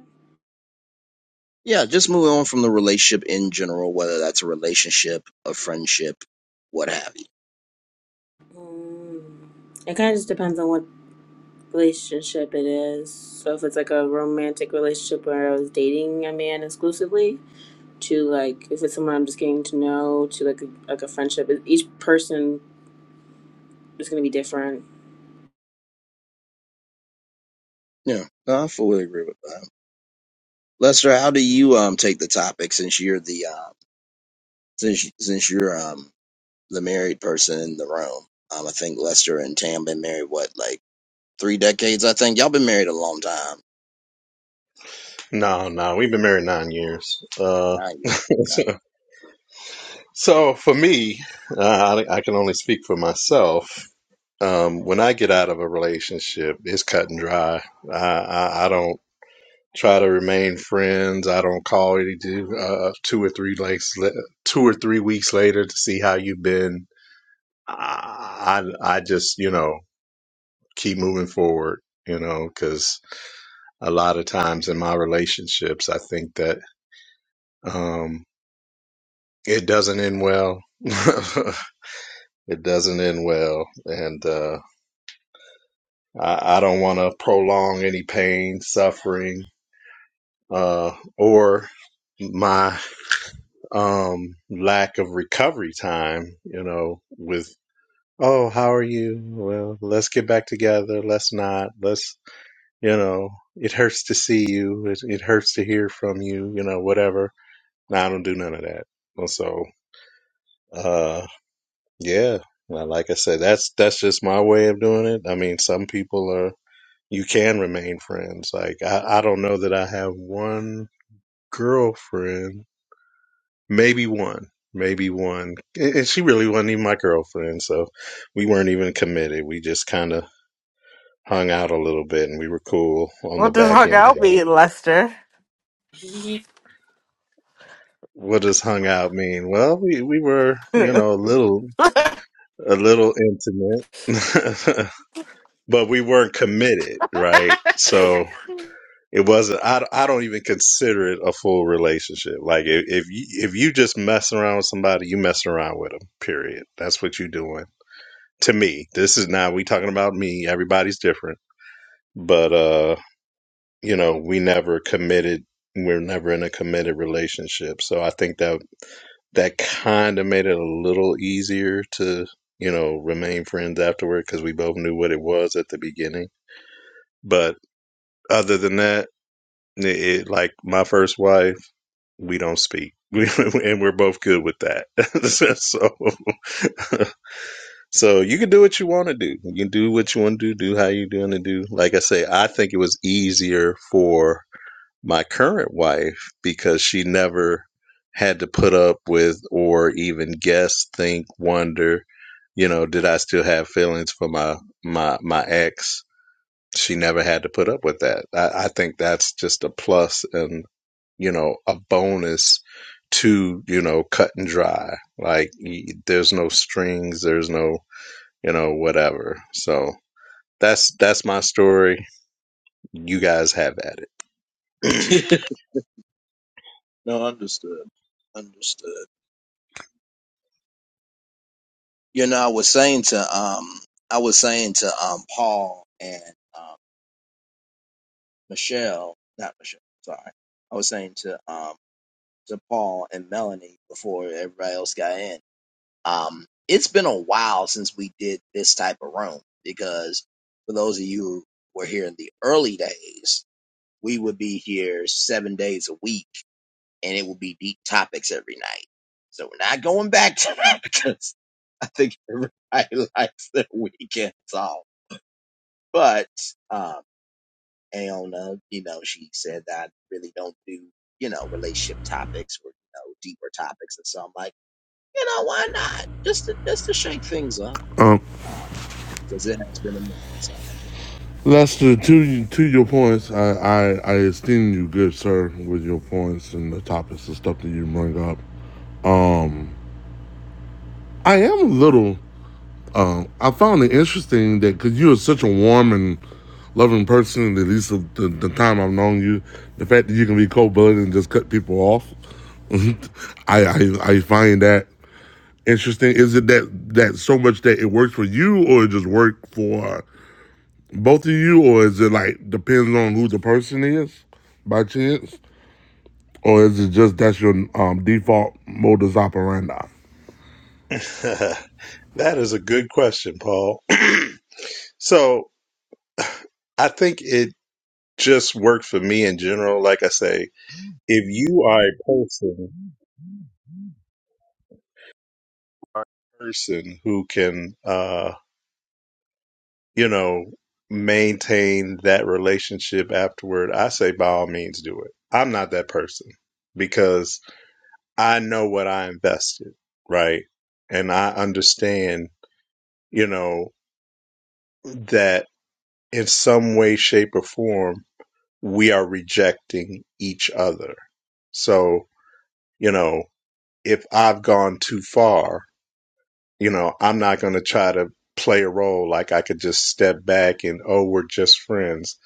Yeah, just moving on from the relationship in general, whether that's a relationship, a friendship, what have you.
mm, it kind of just depends on what relationship it is. So if it's like a romantic relationship where I was dating a man exclusively, to like if it's someone I'm just getting to know, to like a, like a friendship, each person is going to be different.
Yeah, no, I fully agree with that. Lester, how do you um take the topic since you're the um since since you're um the married person in the room. Um, I think Lester and Tam been married what like three decades. I think y'all been married a long time.
No, no, we've been married nine years. Uh,
Nine
[laughs] so for me, uh, I, I can only speak for myself. Um, when I get out of a relationship, it's cut and dry. I, I, I don't try to remain friends. I don't call you uh, two or three like two or three weeks later to see how you've been I I just you know keep moving forward, you know, because a lot of times in my relationships, I think that um, it doesn't end well. [laughs] it doesn't end well, and uh, I, I don't want to prolong any pain, suffering, uh, or my um lack of recovery time you know with oh how are you well let's get back together let's not let's you know, it hurts to see you, it, it hurts to hear from you, you know, whatever. No, I don't do none of that. And so, uh, yeah, Now, like I said, that's that's just my way of doing it. I mean, some people are you can remain friends. Like I, I don't know that I have one girlfriend, maybe one, maybe one, and and she really wasn't even my girlfriend, so we weren't even committed. We just kind of hung out a little bit, and we were cool on the
What the
back
fuck I'll
end.
be, Lester? [laughs]
What does hung out mean? Well, we, we were, you know, a little, a little intimate, [laughs] but we weren't committed, right? So it wasn't, I, I don't even consider it a full relationship. Like if, if you, if you just messing around with somebody, you messing around with them, period. That's what you're doing to me. This is now we talking about me. Everybody's different, but, uh, you know, we never committed. We're never in a committed relationship. So I think that that kind of made it a little easier to you know remain friends afterward because we both knew what it was at the beginning but other than that it, it- like my first wife we don't speak [laughs] we, and we're both good with that [laughs] so so you can do what you want to do you can do what you want to do do how you are doing to do like i say i think it was easier for my current wife because she never had to put up with or even guess, think, wonder, you know, did I still have feelings for my my my ex? She never had to put up with that. I, I think that's just a plus and you know a bonus to you know cut and dry. Like there's no strings, there's no you know whatever. So that's that's my story. You guys have at it.
years. Okay. [laughs] no, understood. Understood. You know, I was saying to um, I was saying to um, Paul and um, Michelle, not Michelle. Sorry, I was saying to um, to Paul and Melanie before everybody else got in. Um, it's been a while since we did this type of room because for those of you who were here in the early days, we would be here seven days a week and it would be deep topics every night. So we're not going back [laughs] to that because I think everybody [laughs] likes their weekends off. But um Aona, you know, she said that I really don't do, you know, relationship topics or you know, deeper topics and so I'm like, you know, why not? Just to just to shake things up.
Um,
because it has been a minute. So.
Lester, to to your points, I, I I esteem you, good sir, with your points and the topics and stuff that you bring up. Um, I am a little. Um, I found it interesting that because you are such a warm and loving person, at least the, the, the time I've known you, the fact that you can be cold blooded and just cut people off, [laughs] I, I I find that interesting. Is it that that so much that it works for you, or it just worked for Both of you, or is it like depends on who the person is by chance? Or is it just that's your um, default modus operandi?
[laughs] that is a good question, Paul. [clears throat] so I think it just worked for me in general. Like I say, if you are a person, are a person who can, uh, you know, maintain that relationship afterward, I say by all means do it. I'm not that person because I know what I invested, right? And I understand, you know, that in some way, shape, or form, we are rejecting each other. So, you know, if I've gone too far, you know, I'm not going to try to play a role like I could just step back and, oh, we're just friends.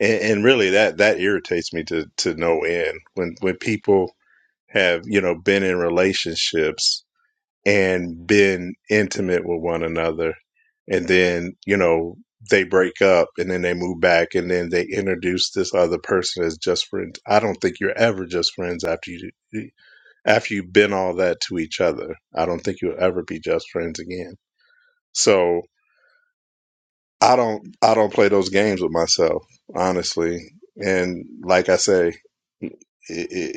And, and really that, that irritates me to, to no end when, when people have, you know, been in relationships and been intimate with one another and then you know they break up and then they move back and then they introduce this other person as just friends i don't think you're ever just friends after you after you've been all that to each other i don't think you'll ever be just friends again so i don't i don't play those games with myself honestly and like i say it,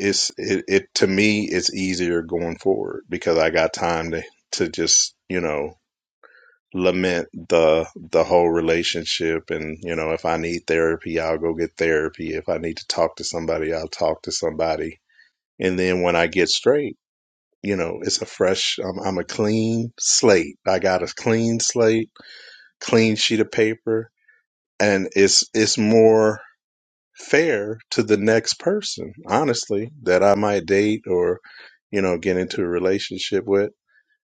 it's it, it to me it's easier going forward because i got time to to just you know lament the the whole relationship and you know if i need therapy i'll go get therapy if i need to talk to somebody i'll talk to somebody and then when i get straight you know it's a fresh i'm, I'm a clean slate i got a clean slate clean sheet of paper and it's it's more fair to the next person honestly that i might date or you know get into a relationship with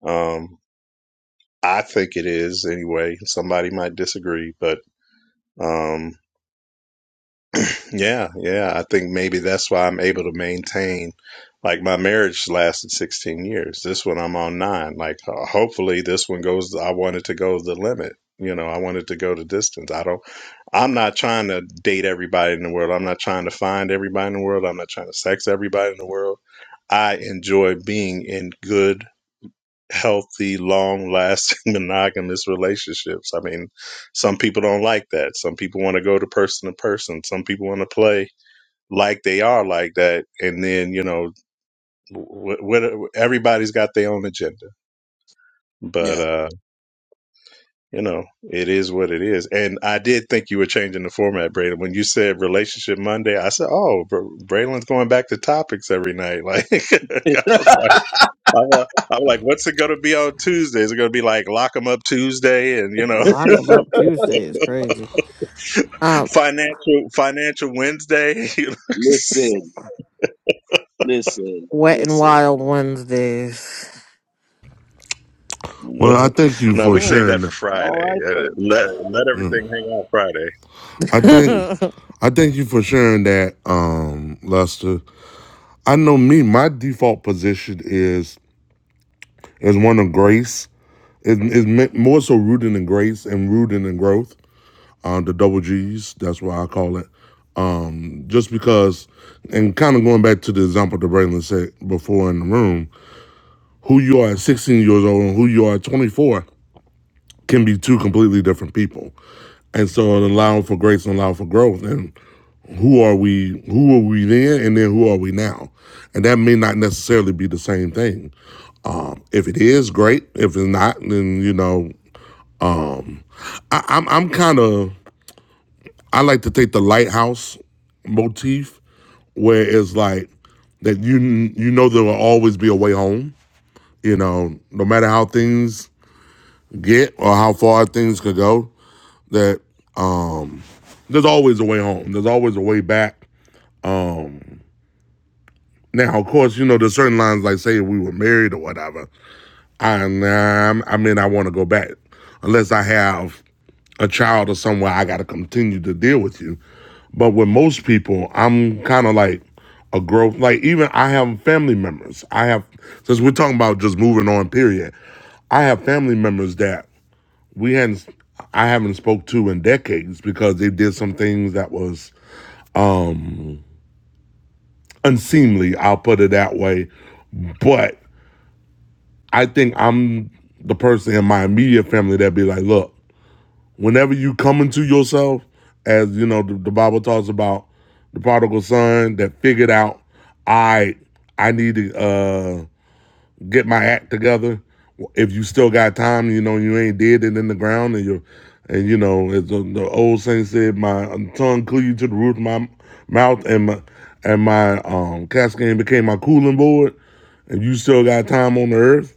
um i think it is anyway somebody might disagree but Um, yeah, yeah. I think maybe that's why I'm able to maintain. Like my marriage lasted 16 years. This one I'm on nine. Like uh, hopefully this one goes. I wanted to go the limit. You know, I wanted to go the distance. I don't. I'm not trying to date everybody in the world. I'm not trying to find everybody in the world. I'm not trying to sex everybody in the world. I enjoy being in good healthy, long lasting [laughs] monogamous relationships. I mean, some people don't like that. Some people want to go to person to person. Some people want to play like they are like that. And then, you know, wh- wh- everybody's got their own agenda. But,
Yeah.
uh, you know, it is what it is. And I did think you were changing the format, Braylon. When you said Relationship Monday, I said, oh, Br- Braylon's going back to topics every night. [laughs] Like,
[laughs]
[laughs] I'm, uh, I'm like, what's it going to be on Tuesday? Is it going to be like lock 'em up Tuesday and you know
Lock 'em up Tuesday is crazy. Um,
[laughs] financial financial Wednesday? [laughs]
listen, listen,
wet and
listen.
wild Wednesdays.
You
Well, I
know?
thank you
no,
for
we
Mm,
save that
sharing.
for
that.
all
Friday.
right
Uh,
then.
let let everything hang out Friday.
I think
[laughs]
I thank you for sharing that, um, Lester. I know me, my default position is is one of grace. It is is more so rooted in grace and rooted in growth. um, the double G's. That's what I call it. Um, just because, and kind of going back to the example that Braylon said before in the room, who you are at 16 years old and who you are at 24 can be two completely different people. And so it allow for grace and allow for growth. And who are we, who were we then, and then who are we now? And that may not necessarily be the same thing. If it is, great. If it's not, then, you know, I, I'm, I'm kind of, I like to take the lighthouse motif where it's like that you you know there will always be a way home. You know, no matter how things get or how far things could go, that there's always a way home. There's always a way back. Now, of course, you know there's certain lines like say if we were married or whatever. I nah, I mean I want to go back unless I have a child or somewhere I got to continue to deal with you. But with most people, I'm kind of like a growth. Like even I have family members. I have since we're talking about just moving on. Period. I have family members that we hadn't. I haven't spoke to in decades because they did some things that was unseemly. I'll put it that way. But I think I'm the person in my immediate family that would be like, look, whenever you come into yourself, as you know, the, the Bible talks about the prodigal son that figured out, I I need to uh, get my act together. If you still got time, you know, you ain't dead and in the ground, and you and you know, as the, the old saying said, my tongue cleaved to the roof of my mouth, and my and my um, cascade became my cooling board, and you still got time on the earth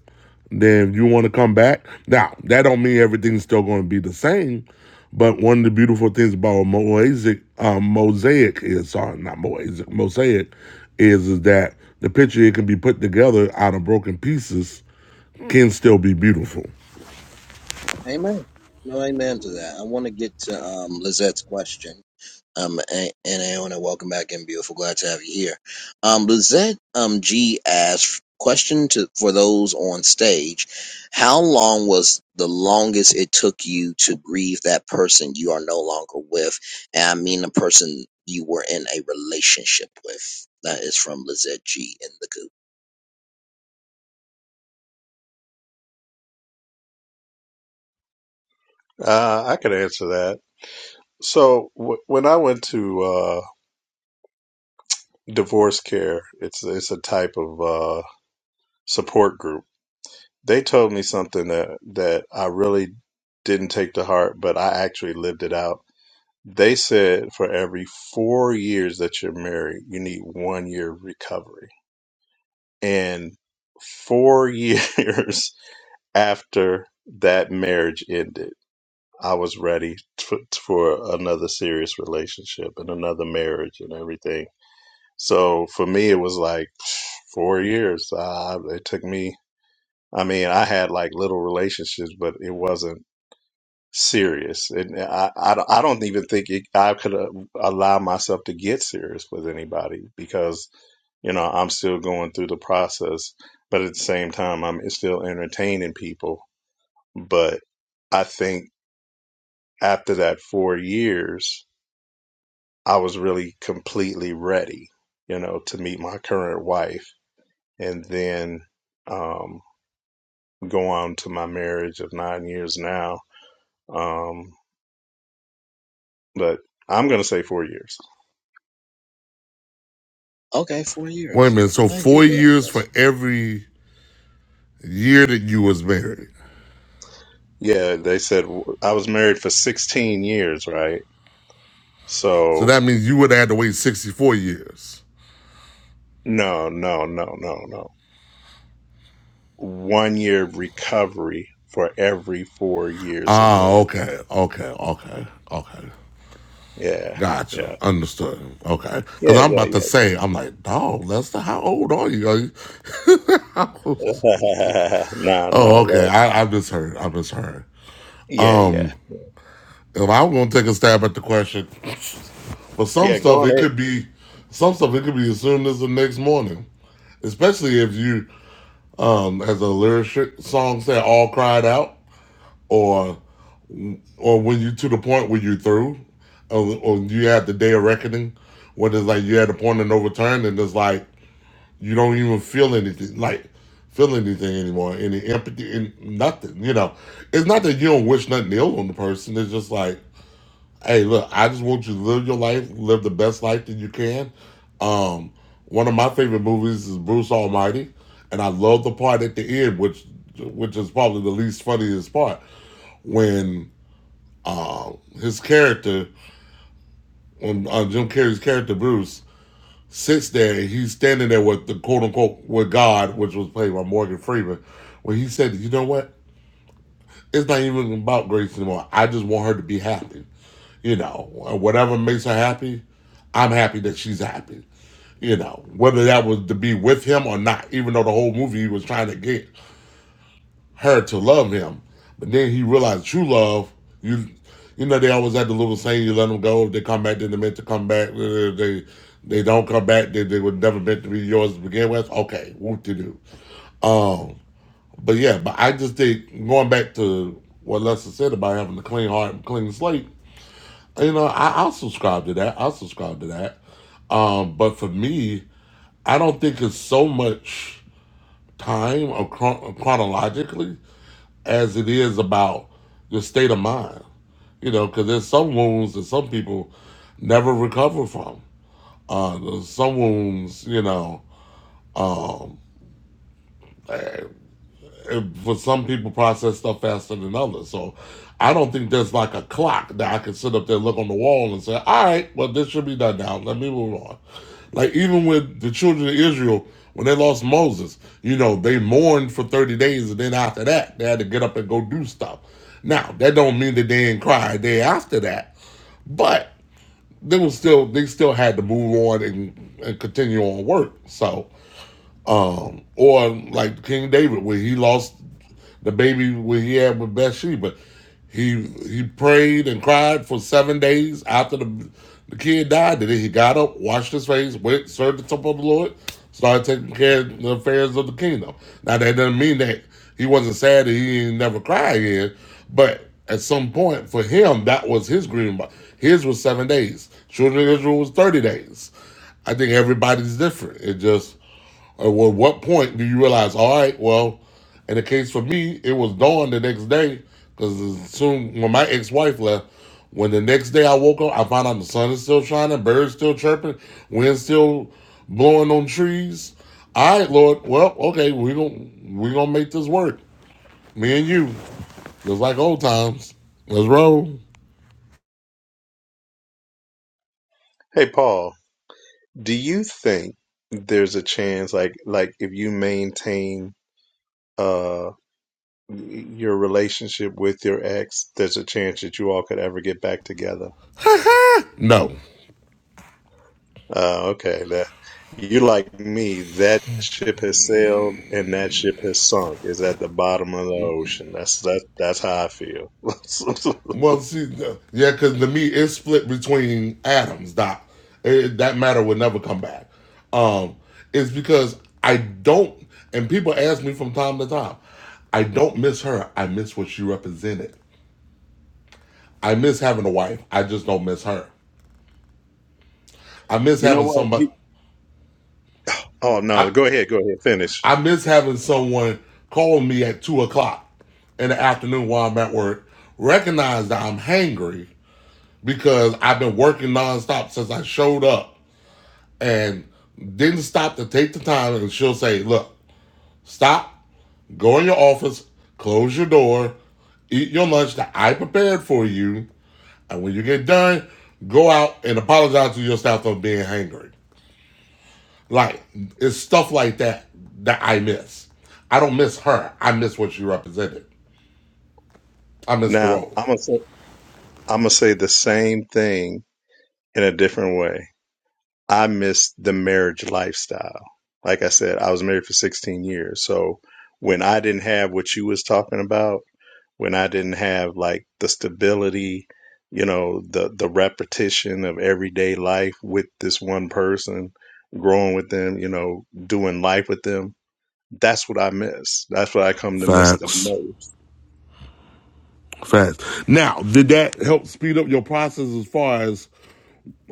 then if you want to come back. Now, that don't mean everything's still going to be the same, but one of the beautiful things about mosaic, um, mosaic is sorry, not mosaic, mosaic is is that the picture it can be put together out of broken pieces can still be beautiful.
Amen. No amen to that. I want to get to um, Lizette's question. Um, and, and Aona, welcome back and beautiful. Glad to have you here. Um, Lizette um, G asked question to for those on stage: How long was the longest it took you to grieve that person you are no longer with? And I mean the person you were in a relationship with. That is from Lizette G in the group.
Uh, I could answer that. So w- when I went to uh, divorce care, it's it's a type of uh, support group. They told me something that that I really didn't take to heart, but I actually lived it out They said for every four years that you're married, you need one year of recovery. And four [laughs] years after that marriage ended, I was ready t- for another serious relationship and another marriage and everything. So for me, it was like [sighs] four years. Uh, it took me, I mean, I had like little relationships, but it wasn't. serious, and I, I, don't- I don't even think it, I could uh, allow myself to get serious with anybody because you know I'm still going through the process, but at the same time I'm still entertaining people. But I think after that four years, I was really completely ready, you know, to meet my current wife, and then um, go on to my marriage of nine years now. Um, but I'm gonna say four years.
Okay, four
Wait a
years.
minute. So
Thank you
four
for that,
years for
Lizette.
every year that you was married.
Yeah, they said I was married for 16 years, right?
So
So,
that means you would have had to wait sixty four years.
no, no, no, no, no. One year recovery for every four years of
Ah,
marriage.
okay, okay, okay, okay.
Yeah,
Gotcha.
yeah.
Understood. Okay. Because
Yeah,
I'm
yeah,
about to
yeah.
say, I'm like, dog, Lester, how old are you? Are you- [laughs]
[laughs] no, no,
oh, okay.
that.
I, I misheard. I misheard.
Yeah, yeah.
Um, if I'm going to take a stab at the question, for some
Yeah, go
stuff,
on
it
ahead.
could be, some stuff, it could be as soon as the next morning. Especially if you, um, as a lyric song said, all cried out, or or when you to the point where you through, or, or you had the day of reckoning, when it's like you had a point of no return, and it's like you don't even feel anything like feel anything anymore any empathy and nothing you know it's not that you don't wish nothing ill on the person it's just like hey look i just want you to live your life live the best life that you can um one of my favorite movies is bruce almighty and i love the part at the end which which is probably the least funniest part when uh his character when uh, jim carrey's character bruce sits there and he's standing there with the quote unquote with God, which was played by Morgan Freeman, where he said, You know what? It's not even about Grace anymore. I just want her to be happy. You know, whatever makes her happy, I'm happy that she's happy. You know, whether that was to be with him or not, even though the whole movie he was trying to get her to love him. But then he realized true love, you you know, they always had the little saying, you let them go, they come back, then they're meant to come back. they they don't come back, they, they were never meant to be yours to begin with. Okay, whoop to do. Um, but yeah, but I just think going back to what Lester said about having a clean heart and clean slate, you know, I, I'll subscribe to that. I'll subscribe to that. Um, but for me, I don't think it's so much time or chron- chronologically as it is about your state of mind. You know, because there's some wounds that some people never recover from. Uh, there's some wounds, you know, um, for some people process stuff faster than others. So I don't think there's like a clock that I can sit up there, look on the wall, and say, "All right, well this should be done now. Let me move on." Like even with the children of Israel when they lost Moses, you know they mourned for thirty days, and then after that they had to get up and go do stuff. Now that don't mean that they didn't cry a day after that, but they was still they still had to move on and, and continue on work. So um, or like King David where he lost the baby where he had with Bathsheba, he he prayed and cried for seven days after the the kid died. Then he got up, washed his face, went served the temple of the Lord, started taking care of the affairs of the kingdom. Now that doesn't mean that he wasn't sad that he ain't never cried again, but at some point for him that was his grieving. His was seven days. Children of Israel was thirty days. I think everybody's different. It just or at what point do you realize, all right, well, in the case for me, it was dawn the next day because as soon when my ex wife left, when the next day I woke up, I found out the sun is still shining, birds still chirping, wind still blowing on trees. All right, Lord, well, okay, we're gonna we're gonna make this work. Me and you. Just like old times. Let's roll.
Hey, Paul, do you think there's a chance, like, like if you maintain, uh, your relationship with your ex, there's a chance that you all could ever get back together?
No.
Oh, okay. That you like me. That ship has sailed and that ship has sunk. Is at the bottom of the ocean. That's that. That's how I feel. [laughs]
Well, see, yeah, because the meat is split between atoms. Doc, It- that matter would never come back. Um, it's because I don't, and people ask me from time to time, I don't miss her. I miss what she represented. I miss having a wife. I just don't miss her. I miss
you know
having
what?
somebody.
You. Oh no.
I
Go ahead. Go ahead. Finish.
I miss having someone call me at two o'clock in the afternoon while I'm at work, recognize that I'm hangry because I've been working nonstop since I showed up and didn't stop to take the time, and she'll say, "Look, stop, go in your office, close your door, eat your lunch that I prepared for you, and when you get done, go out and apologize to your staff for being hangry." Like it's stuff like that that I miss. I don't miss her. I miss what she represented. I miss the
Now
role.
I'm gonna say. I'm gonna say the same thing in a different way. I miss the marriage lifestyle. Like I said, I was married for 16 years. So when I didn't have what you was talking about. when I didn't have like the stability, you know, the the repetition of everyday life with this one person, growing with them, you know, doing life with them. That's what I miss. That's what I come to miss the
Facts.
most.
Facts. Now, did that help speed up your process as far as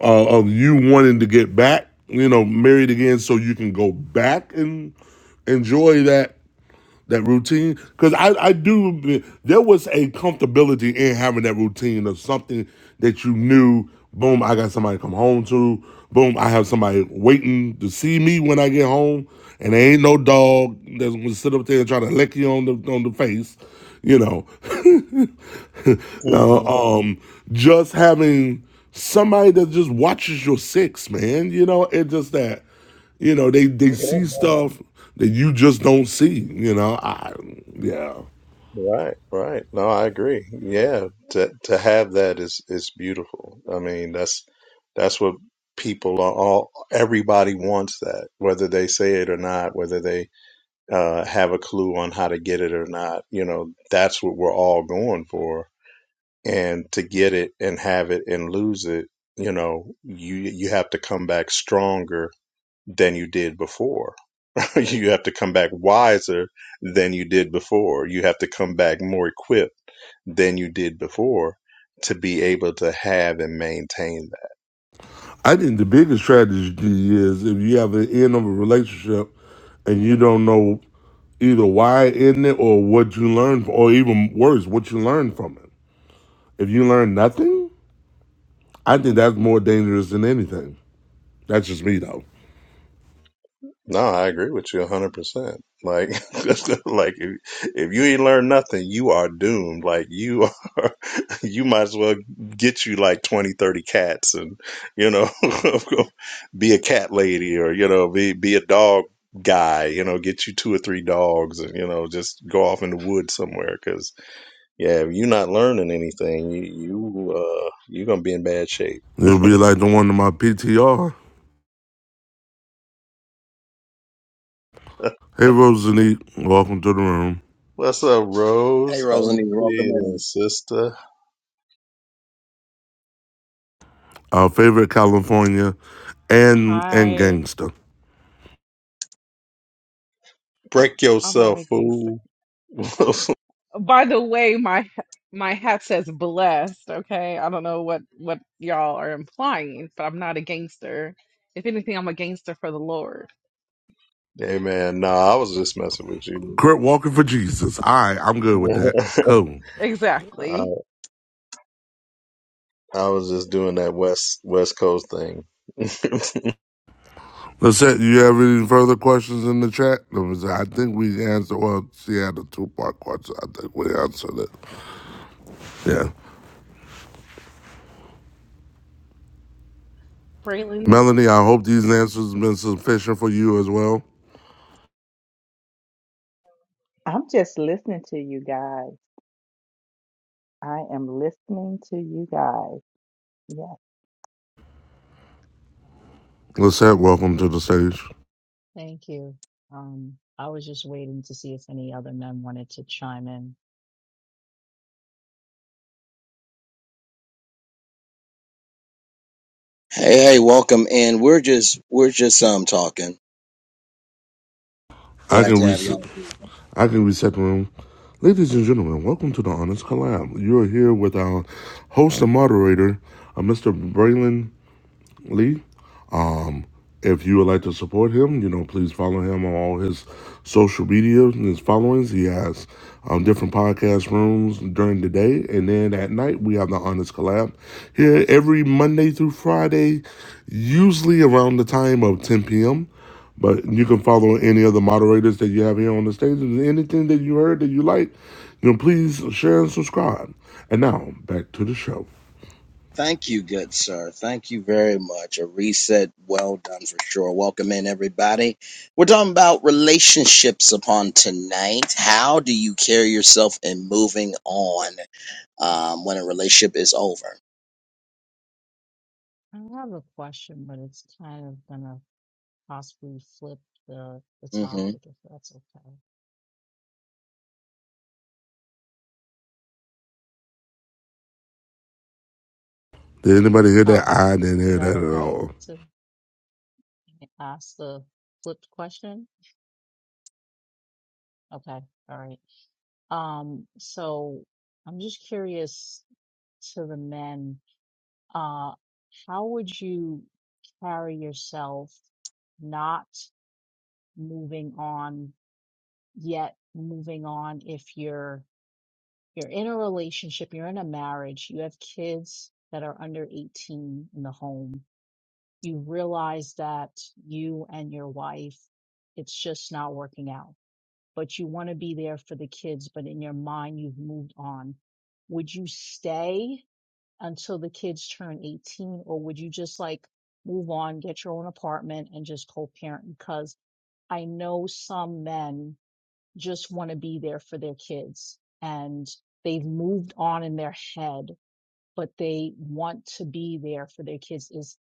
uh, of you wanting to get back, you know, married again, so you can go back and enjoy that that routine. Because I I do there was a comfortability in having that routine of something that you knew. Boom, I got somebody to come home to. Boom, I have somebody waiting to see me when I get home, and there ain't no dog that's gonna sit up there and try to lick you on the on the face, you know. [laughs] [laughs]
hmm
Uh, um, just having somebody that just watches your six, man. You know, it's just that, you know, they they
Yeah,
see
yeah.
stuff that you just don't see. You know, I yeah.
Right, right. No, I agree. Yeah, to to have that is is beautiful. I mean, that's that's what people are all everybody wants that, whether they say it or not, whether they uh, have a clue on how to get it or not. You know, that's what we're all going for. And to get it and have it and lose it, you know, you you have to come back stronger than you did before. [laughs] you have to come back wiser than you did before. You have to come back more equipped than you did before to be able to have and maintain
I think the biggest tragedy is if you have an end of a relationship and you don't know either why it ended or what you learned, or even worse, what you learned from it. If you learn nothing, I think that's more dangerous than anything. That's just me though.
No, I agree with you 100%. Like, [laughs] like if, if you ain't learned nothing, you are doomed. Like you are, [laughs] you might as well get you like 20, 30 cats and, you know, [laughs] be a cat lady or, you know, be, be a dog guy, you know, get you two or three dogs and, you know, just go off in the woods somewhere. Cause yeah, if you're not learning anything, you, you, uh, you're going to be in bad shape.
It'll be like the one in my PTR. Hey, Rosalie, welcome to the room.
What's up,
Hey,
Rose? How you
Rosalie, welcome
feeling,
in.
sister?
Our favorite California and and
Hi,
gangster.
Break
I'm not
yourself,
a gangster.
fool. [laughs] hey
By the way, my my hat says blessed, okay? I don't know what what y'all are implying, but I'm not a gangster. If anything, I'm a gangster for the Lord.
man, nah, I was just messing with you.
Kurt Walker for Jesus. All right, I'm good with that.
[laughs]
Cool.
I,
Exactly.
I was just doing that West West Coast thing. [laughs] yeah,
Lissette, you have any further questions in the chat? Let me see. I think we answered, well, she had a two part question. I think we answered it. Yeah.
Braylon
Melanie, I hope these answers have been sufficient for you as well.
I'm just listening to you guys. I am listening to you guys. Yes,
Lissette, welcome to the stage.
Thank you. Um, I was just waiting to see if any other men wanted to chime in.
Hey, hey, welcome in. We're just we're just um talking.
I
Glad
can
to have
reach it.
y'all.
I can reset the room. Ladies and gentlemen, welcome to the Honest Collab. You're here with our host and moderator, uh, Mr. Braylon Lee. If you would like to support him, you know, please follow him on all his social media and his followings. He has um, different podcast rooms during the day. And then at night, we have the Honest Collab here every Monday through Friday, usually around the time of 10 p.m. But you can follow any of the moderators that you have here on the stage. If there's anything that you heard that you like, you know, please share and subscribe. And now, back to the show.
Thank you, good sir. Thank you very much. A reset, well done for sure. Welcome in, everybody. We're talking about relationships upon tonight. How do you carry yourself in moving on um, when a relationship is over?
I have a question, but it's kind of gonna possibly flip the the
Mm-hmm.
topic if that's okay.
Did anybody hear that?
Oh,
I didn't
is
hear
that
that at
okay
all.
to ask the flipped question? Okay, all right. Um, so I'm just curious to the men, uh, how would you carry yourself not moving on yet moving on if you're you're in a relationship you're in a marriage you have kids that are under 18 in the home you realize that you and your wife it's just not working out but you want to be there for the kids but in your mind you've moved on would you stay until the kids turn 18 or would you just like move on get your own apartment and just co-parent because i know some men just want to be there for their kids and they've moved on in their head, but they want to be there for their kids. Is,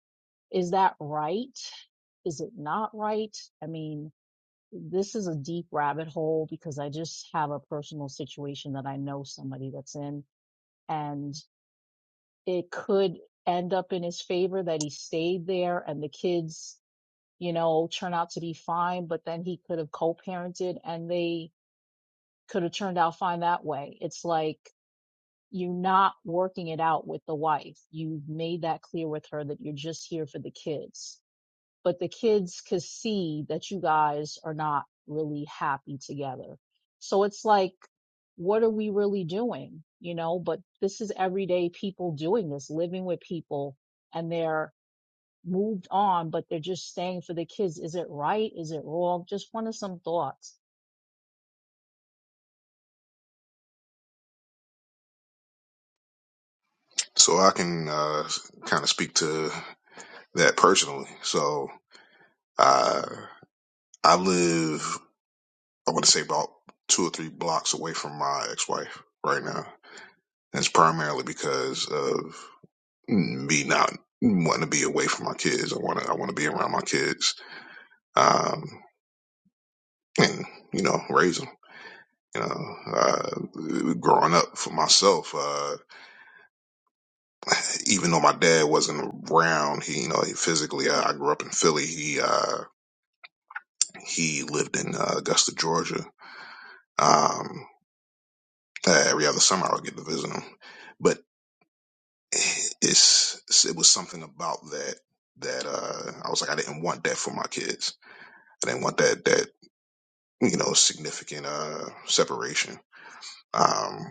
is that right? Is it not right? I mean, this is a deep rabbit hole because I just have a personal situation that I know somebody that's in and it could end up in his favor that he stayed there and the kids, you know, turn out to be fine, but then he could have co-parented and they could have turned out fine that way. It's like you're not working it out with the wife. You've made that clear with her that you're just here for the kids. But the kids could see that you guys are not really happy together. So it's like, what are we really doing? You know, but this is everyday people doing this, living with people and they're moved on, but they're just staying for the kids. Is it right? Is it wrong? Just wanted some thoughts.
So I can uh, kind of speak to that personally. So uh, I live, I want to say about two or three blocks away from my ex-wife right now. And it's primarily because of me not wanting to be away from my kids. I want to, I want to be around my kids, um, and you know, raise them. You know, uh, growing up for myself, uh, even though my dad wasn't around, he, you know, he physically, I, I grew up in Philly. He, uh, he lived in uh, Augusta, Georgia. Um, uh, every other summer I would get to visit him, but it's, it was something about that that uh, I was like, I didn't want that for my kids I didn't want that that you know significant uh separation. Um,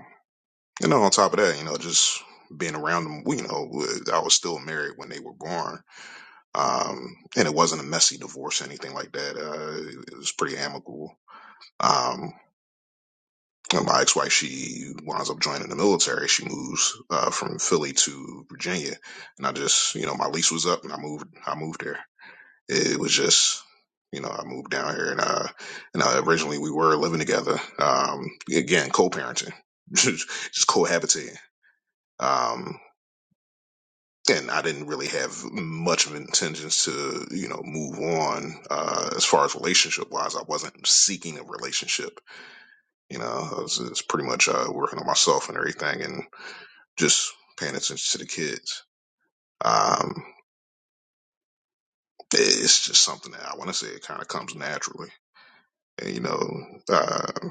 you know, on top of that, you know, just being around them, you know, was- I was still married when they were born, um, and it wasn't a messy divorce or anything like that. Uh, it was pretty amicable. Um, and my ex-wife, she winds up joining the military. She moves uh, from Philly to Virginia, and I just, you know, my lease was up, and I moved. I moved there. It was just, you know, I moved down here and uh and uh, originally we were living together. Um again, co-parenting. [laughs] just cohabitating. Um and I didn't really have much of intentions to, you know, move on uh, as far as relationship wise. I wasn't seeking a relationship. You know, I was, just pretty much uh, working on myself and everything and just paying attention to the kids. Um, it's just something that I want to say it kind of comes naturally. And, you know, uh,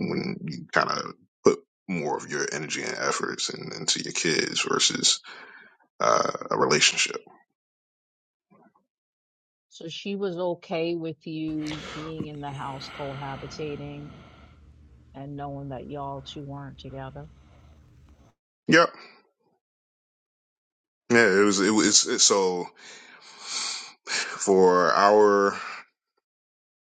when you kind of put more of your energy and efforts in, into your kids versus uh, a relationship.
So she was okay with you being in the house cohabitating and knowing that y'all two weren't together?
Yep. Yeah. It was. It was. It, so for our,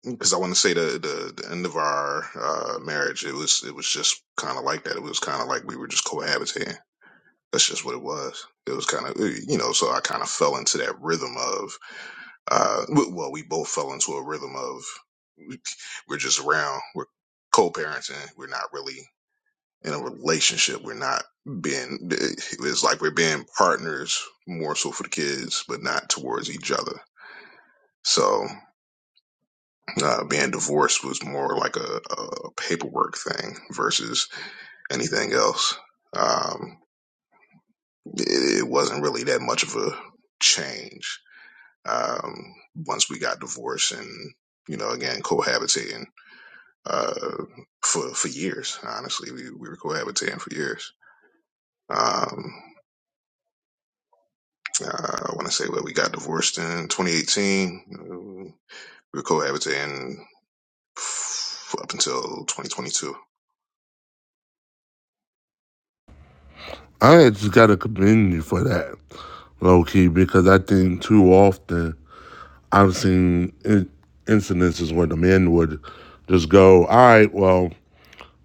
because I want to say the, the the end of our uh, marriage, it was it was just kind of like that. It was kind of like we were just cohabitating. That's just what it was. It was kind of you know. So I kind of fell into that rhythm of uh, well, we both fell into a rhythm of we're just around. We're co-parenting. We're not really. in a relationship. We're not being, it's like we're being partners more so for the kids, but not towards each other. So, uh, being divorced was more like a, a paperwork thing versus anything else. Um, it, it wasn't really that much of a change. Um, once we got divorced and, you know, again, cohabitating, uh, for, for years, honestly, we, we were cohabitating for years. Um, Uh, I want to say what we got divorced in 2018. Uh, we were cohabitating up until 2022.
I just gotta commend you for that, low key, because I think too often I've seen in- incidences where the men would just go, "All right, well,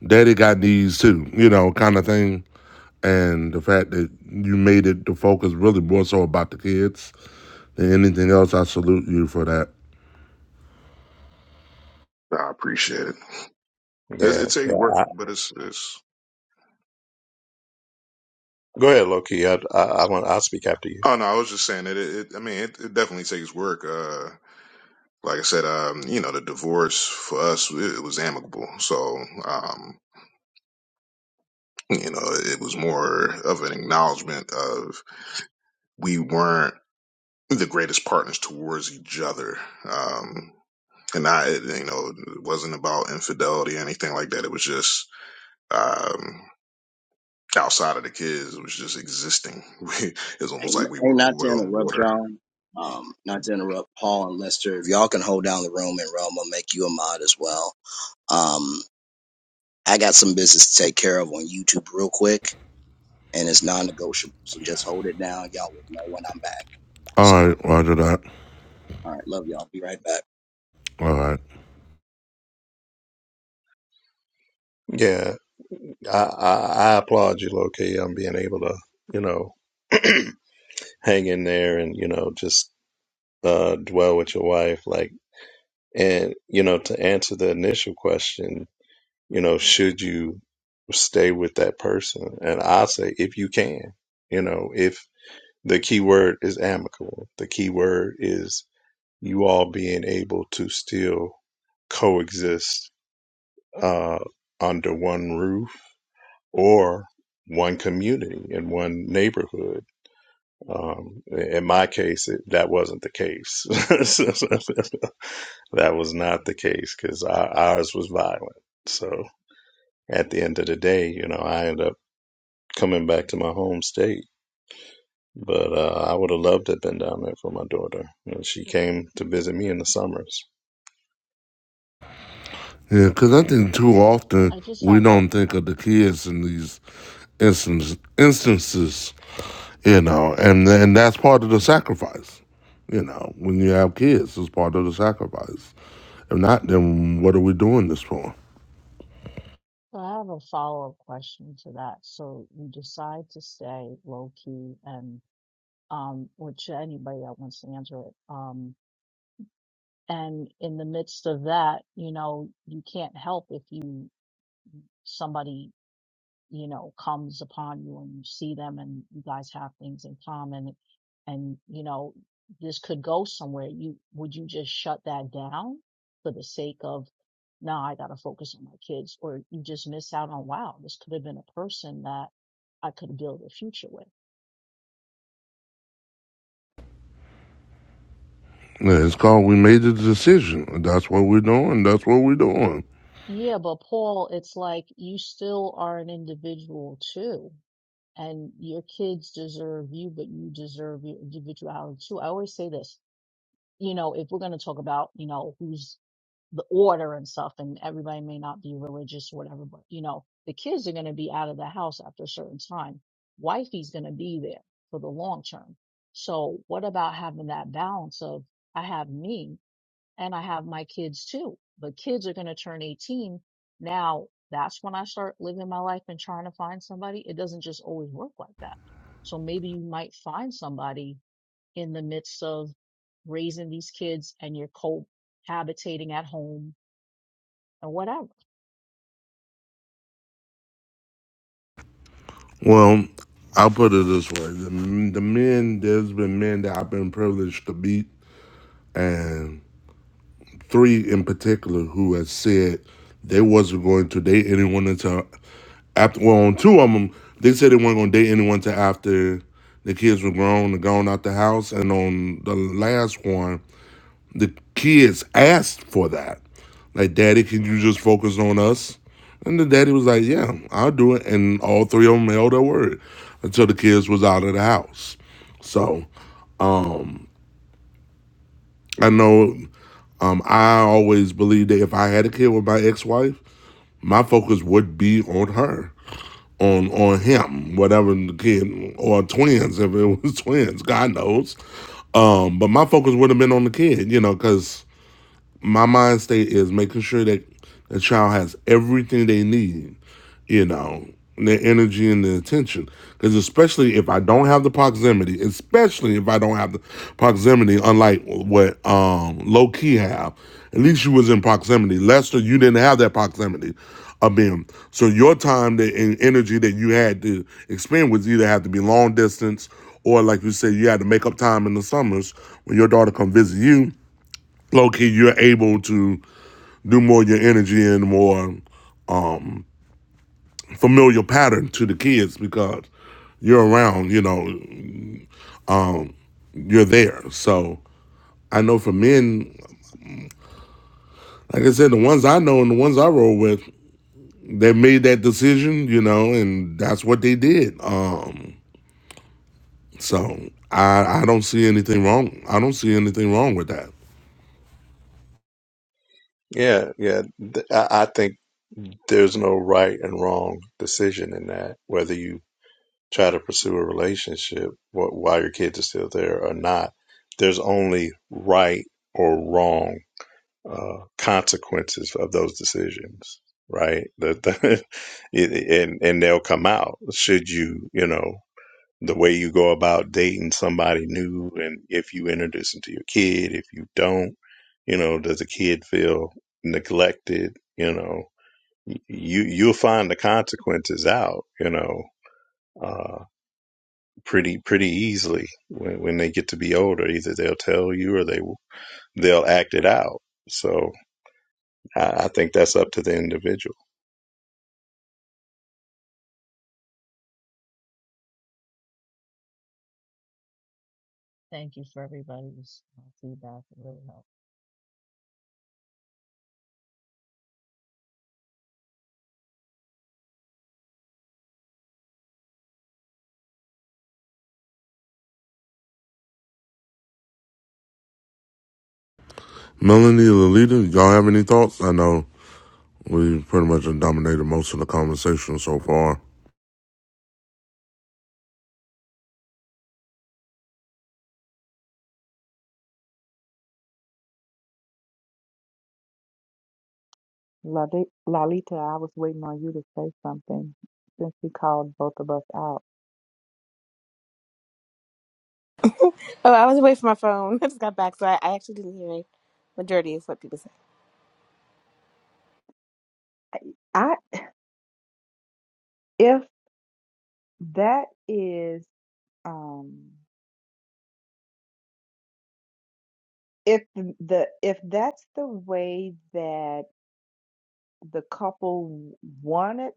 daddy got these too," you know, kind of thing. And the fact that you made it the focus really more so about the kids than anything else, I salute you for that.
I appreciate it. It,
yeah.
it takes work,
I,
but it's, it's.
go ahead, Loki. I, I, I want. I'll speak after you.
Oh no, I was just saying that. It, it I mean, it, it definitely takes work. Uh, like I said, um, you know, the divorce for us it, it was amicable, so um, you know, it was more of an acknowledgement of we weren't the greatest partners towards each other. Um, and I, you know, it wasn't about infidelity or anything like that. It was just um, outside of the kids. It was just existing. [laughs] We, it was
Hey,
almost like we
hey,
were
not to
oil and
interrupt,
water.
y'all. Um, not to interrupt Paul and Lester. If y'all can hold down the room and Rome will make you a mod as well. Um, I got some business to take care of on YouTube real quick. and it's non-negotiable. So just hold it down. Y'all will know when I'm back.
All
So,
right,
all
Roger that.
right, love y'all. Be right back.
All right,
Yeah, I, I, I applaud you, Loki, on being able to, you know, [clears throat] hang in there and you know just uh, dwell with your wife, like, and you know, to answer the initial question. you know, should you stay with that person? And I say, if you can, you know, if the key word is amicable, the key word is you all being able to still coexist uh, under one roof or one community in one neighborhood. Um, in my case, it, that wasn't the case. [laughs] that was not the case because ours was violent. So at the end of the day, you know, I ended up coming back to my home state. But uh, I would have loved to have been down there for my daughter. And she came to visit me in the summers.
yeah, because I think too often
I just
we
have a,
don't think
a
of the kids in these instance, instances you know, and and that's part of the sacrifice. You know, when you have kids, it's part of the sacrifice. If not, then what are we doing this for?
I have a follow-up question to that. So you decide to stay low key and um which anybody that wants to answer it. Um and in the midst of that, you know, you can't help if you somebody you know, comes upon you and you see them and you guys have things in common and, you know, this could go somewhere. You, would you just shut that down for the sake of, nah, I gotta focus on my kids or you just miss out on, wow, this could have been a person that I could build a future with.
Yeah, It's called we made the decision. That's what we're doing. That's what we're doing.
Yeah, but Paul, it's like you still are an individual too. And your kids deserve you, but you deserve your individuality too. I always say this, you know, if we're going to talk about, you know, who's the order and stuff and everybody may not be religious or whatever, but you know, the kids are going to be out of the house after a certain time. Wifey's going to be there for the long term. So what about having that balance of I have me and I have my kids too, but kids are going to turn 18. Now that's when I start living my life and trying to find somebody. It doesn't just always work like that. So maybe you might find somebody in the midst of raising these kids and you're cohabitating at home and what I
Well, I'll put it this way: the, the men, there's been men that I've been privileged to meet, and three in particular who have said they wasn't going to date anyone until after well on two of them they said they weren't going to date anyone till after the kids were grown and gone out the house and on the last one the kids asked for that like daddy can you just focus on us and the daddy was like yeah i'll do it and all three of them held their word until the kids was out of the house so um i know um i always believed that if i had a kid with my ex-wife my focus would be on her on on him, whatever the kid or twins, if it was [laughs] twins, God knows. Um, but my focus would have been on the kid, you know, because my mind state is making sure that the child has everything they need, you know, their energy and their attention. Because especially if I don't have the proximity, especially if I don't have the proximity, unlike what um, low key have, at least you was in proximity. Lester, you didn't have that proximity of being. So your time that, and energy that you had to expend was either have to be long distance or like you said, you had to make up time in the summers when your daughter come visit you low key, you're able to do more of your energy and more familiar pattern to the kids because you're around, you know, um, you're there. So I know for men, like I said, the ones I know and the ones I roll with, they made that decision, you know, and that's what they did. Um, so I I don't see anything wrong. I don't see anything wrong with that.
Yeah, yeah. Th- I I think there's no right and wrong decision in that. Whether you try to pursue a relationship wh- while your kids are still there or not. There's only right or wrong uh, consequences of those decisions, right? That [laughs] that- it- and and they'll come out. Should you, you know, the way you go about dating somebody new, and if you introduce them to your kid, if you don't, you know, does the kid feel neglected? You know, you you'll find the consequences out. You know. Uh, pretty pretty easily when, when they get to be older. Either they'll tell you or they they'll act it out. So I, I think that's up to the individual.
thank you for everybody's uh, feedback. It really helped.
Melanie, Lolita, y'all have any thoughts? I know we pretty much dominated most of the conversation so far.
Lali- Lalita, I was waiting on you to say something since you called both of us out.
Oh, I was away from my phone. [laughs] I just got back, so I, I actually didn't hear a majority of what people said.
I if that is um if the if that's the way that the couple wanted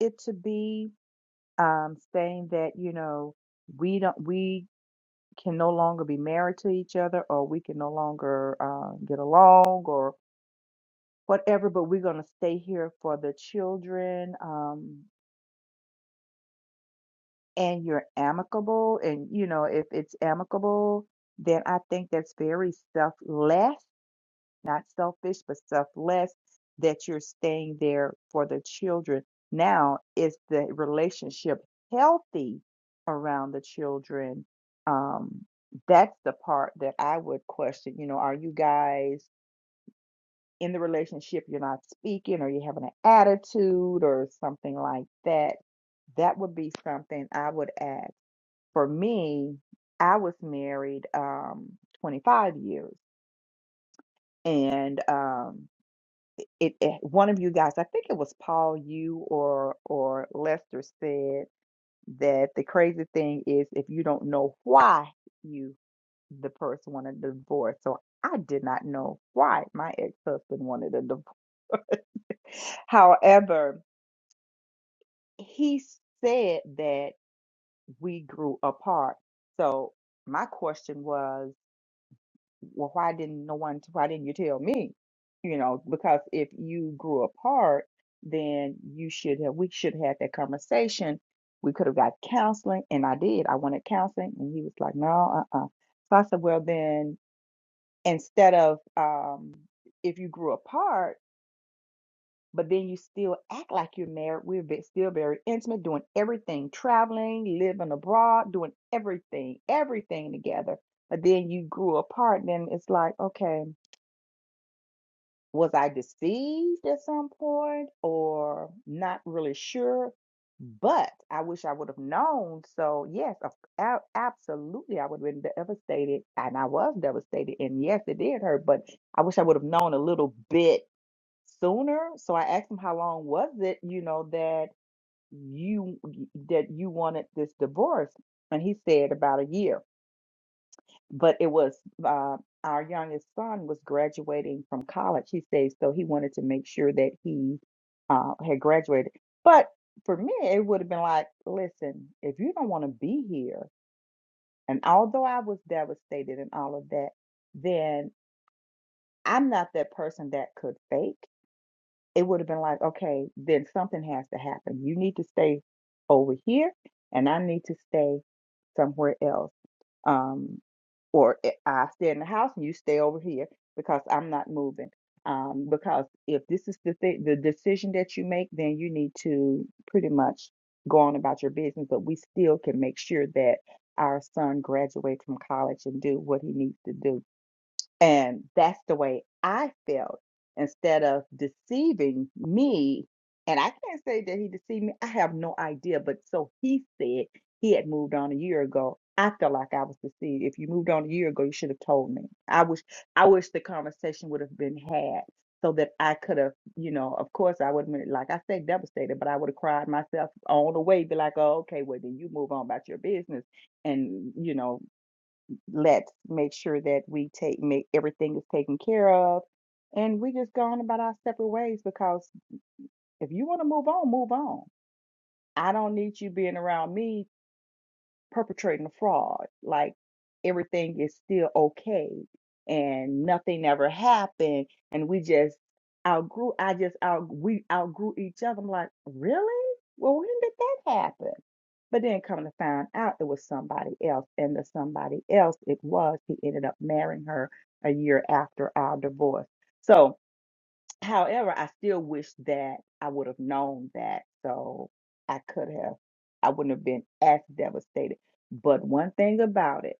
it to be, um, saying that you know we don't we can no longer be married to each other or we can no longer uh, get along whatever, but we're going to stay here for the children. Um, and you're amicable. And, you know, if it's amicable, then I think that's very selfless, not selfish, but selfless that you're staying there for the children. Now, is the relationship healthy around the children? Um, that's the part that I would question. You know, are you guys in the relationship you're not speaking or you're having an attitude or something like that, that would be something I would add. For me, I was married um 25 years and um it, it one of you guys, I think it was Paul you or or Lester said that the crazy thing is if you don't know why you the person wanted a divorce. So I did not know why my ex-husband wanted a divorce. However, he said that we grew apart. So my question was, well, why didn't no one, why didn't you tell me? You know, because if you grew apart, then you should have, we should have had that conversation. We could have got counseling, and I did. I wanted counseling, and he was like, no, uh-uh. So I said, well, then instead of um, if you grew apart, but then you still act like you're married. We're ve- still very intimate, doing everything, traveling, living abroad, doing everything, everything together. But then you grew apart, then it's like, okay, was I deceived at some point or not really sure? But I wish I would have known. So, yes, of- a- absolutely, I would have been devastated. And I was devastated. And yes, it did hurt, but I wish I would have known a little bit sooner. So I asked him how long was it, you know, that you that you wanted this divorce, and he said about a year. But it was uh, our youngest son was graduating from college. He says so he wanted to make sure that he uh, had graduated. But for me, it would have been like, listen, if you don't want to be here, and although I was devastated and all of that, then I'm not that person that could fake. it would have been like, okay, then something has to happen. You need to stay over here, and I need to stay somewhere else. Um, or I I stay in the house and you stay over here because I'm not moving. Um, because if this is the th- the decision that you make, then you need to pretty much go on about your business. But we still can make sure that our son graduates from college and do what he needs to do and that's the way I felt. Instead of deceiving me, and I can't say that he deceived me, I have no idea. But so he said he had moved on a year ago. I felt like I was deceived. If you moved on a year ago, you should have told me. I wish I wish the conversation would have been had so that I could have, you know, of course I would have been like I say devastated, but I would have cried myself all the way, be like, oh, okay, well then you move on about your business and you know let's make sure that we take make everything is taken care of and we just go on about our separate ways because if you want to move on move on i don't need you being around me perpetrating a fraud. Like everything is still okay and nothing ever happened. And we just outgrew, I just out, we outgrew each other. I'm like, really? Well, when did that happen? But then come to find out it was somebody else. And the somebody else it was, he ended up marrying her a year after our divorce. So, However, I still wish that I would have known that. So I could have, I wouldn't have been as devastated. But one thing about it,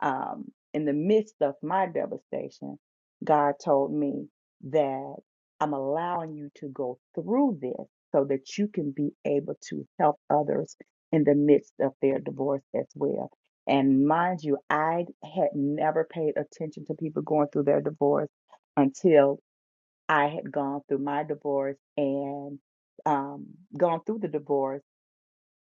um, in the midst of my devastation, God told me that I'm allowing you to go through this so that you can be able to help others in the midst of their divorce as well. And mind you, I had never paid attention to people going through their divorce until I had gone through my divorce and um, gone through the divorce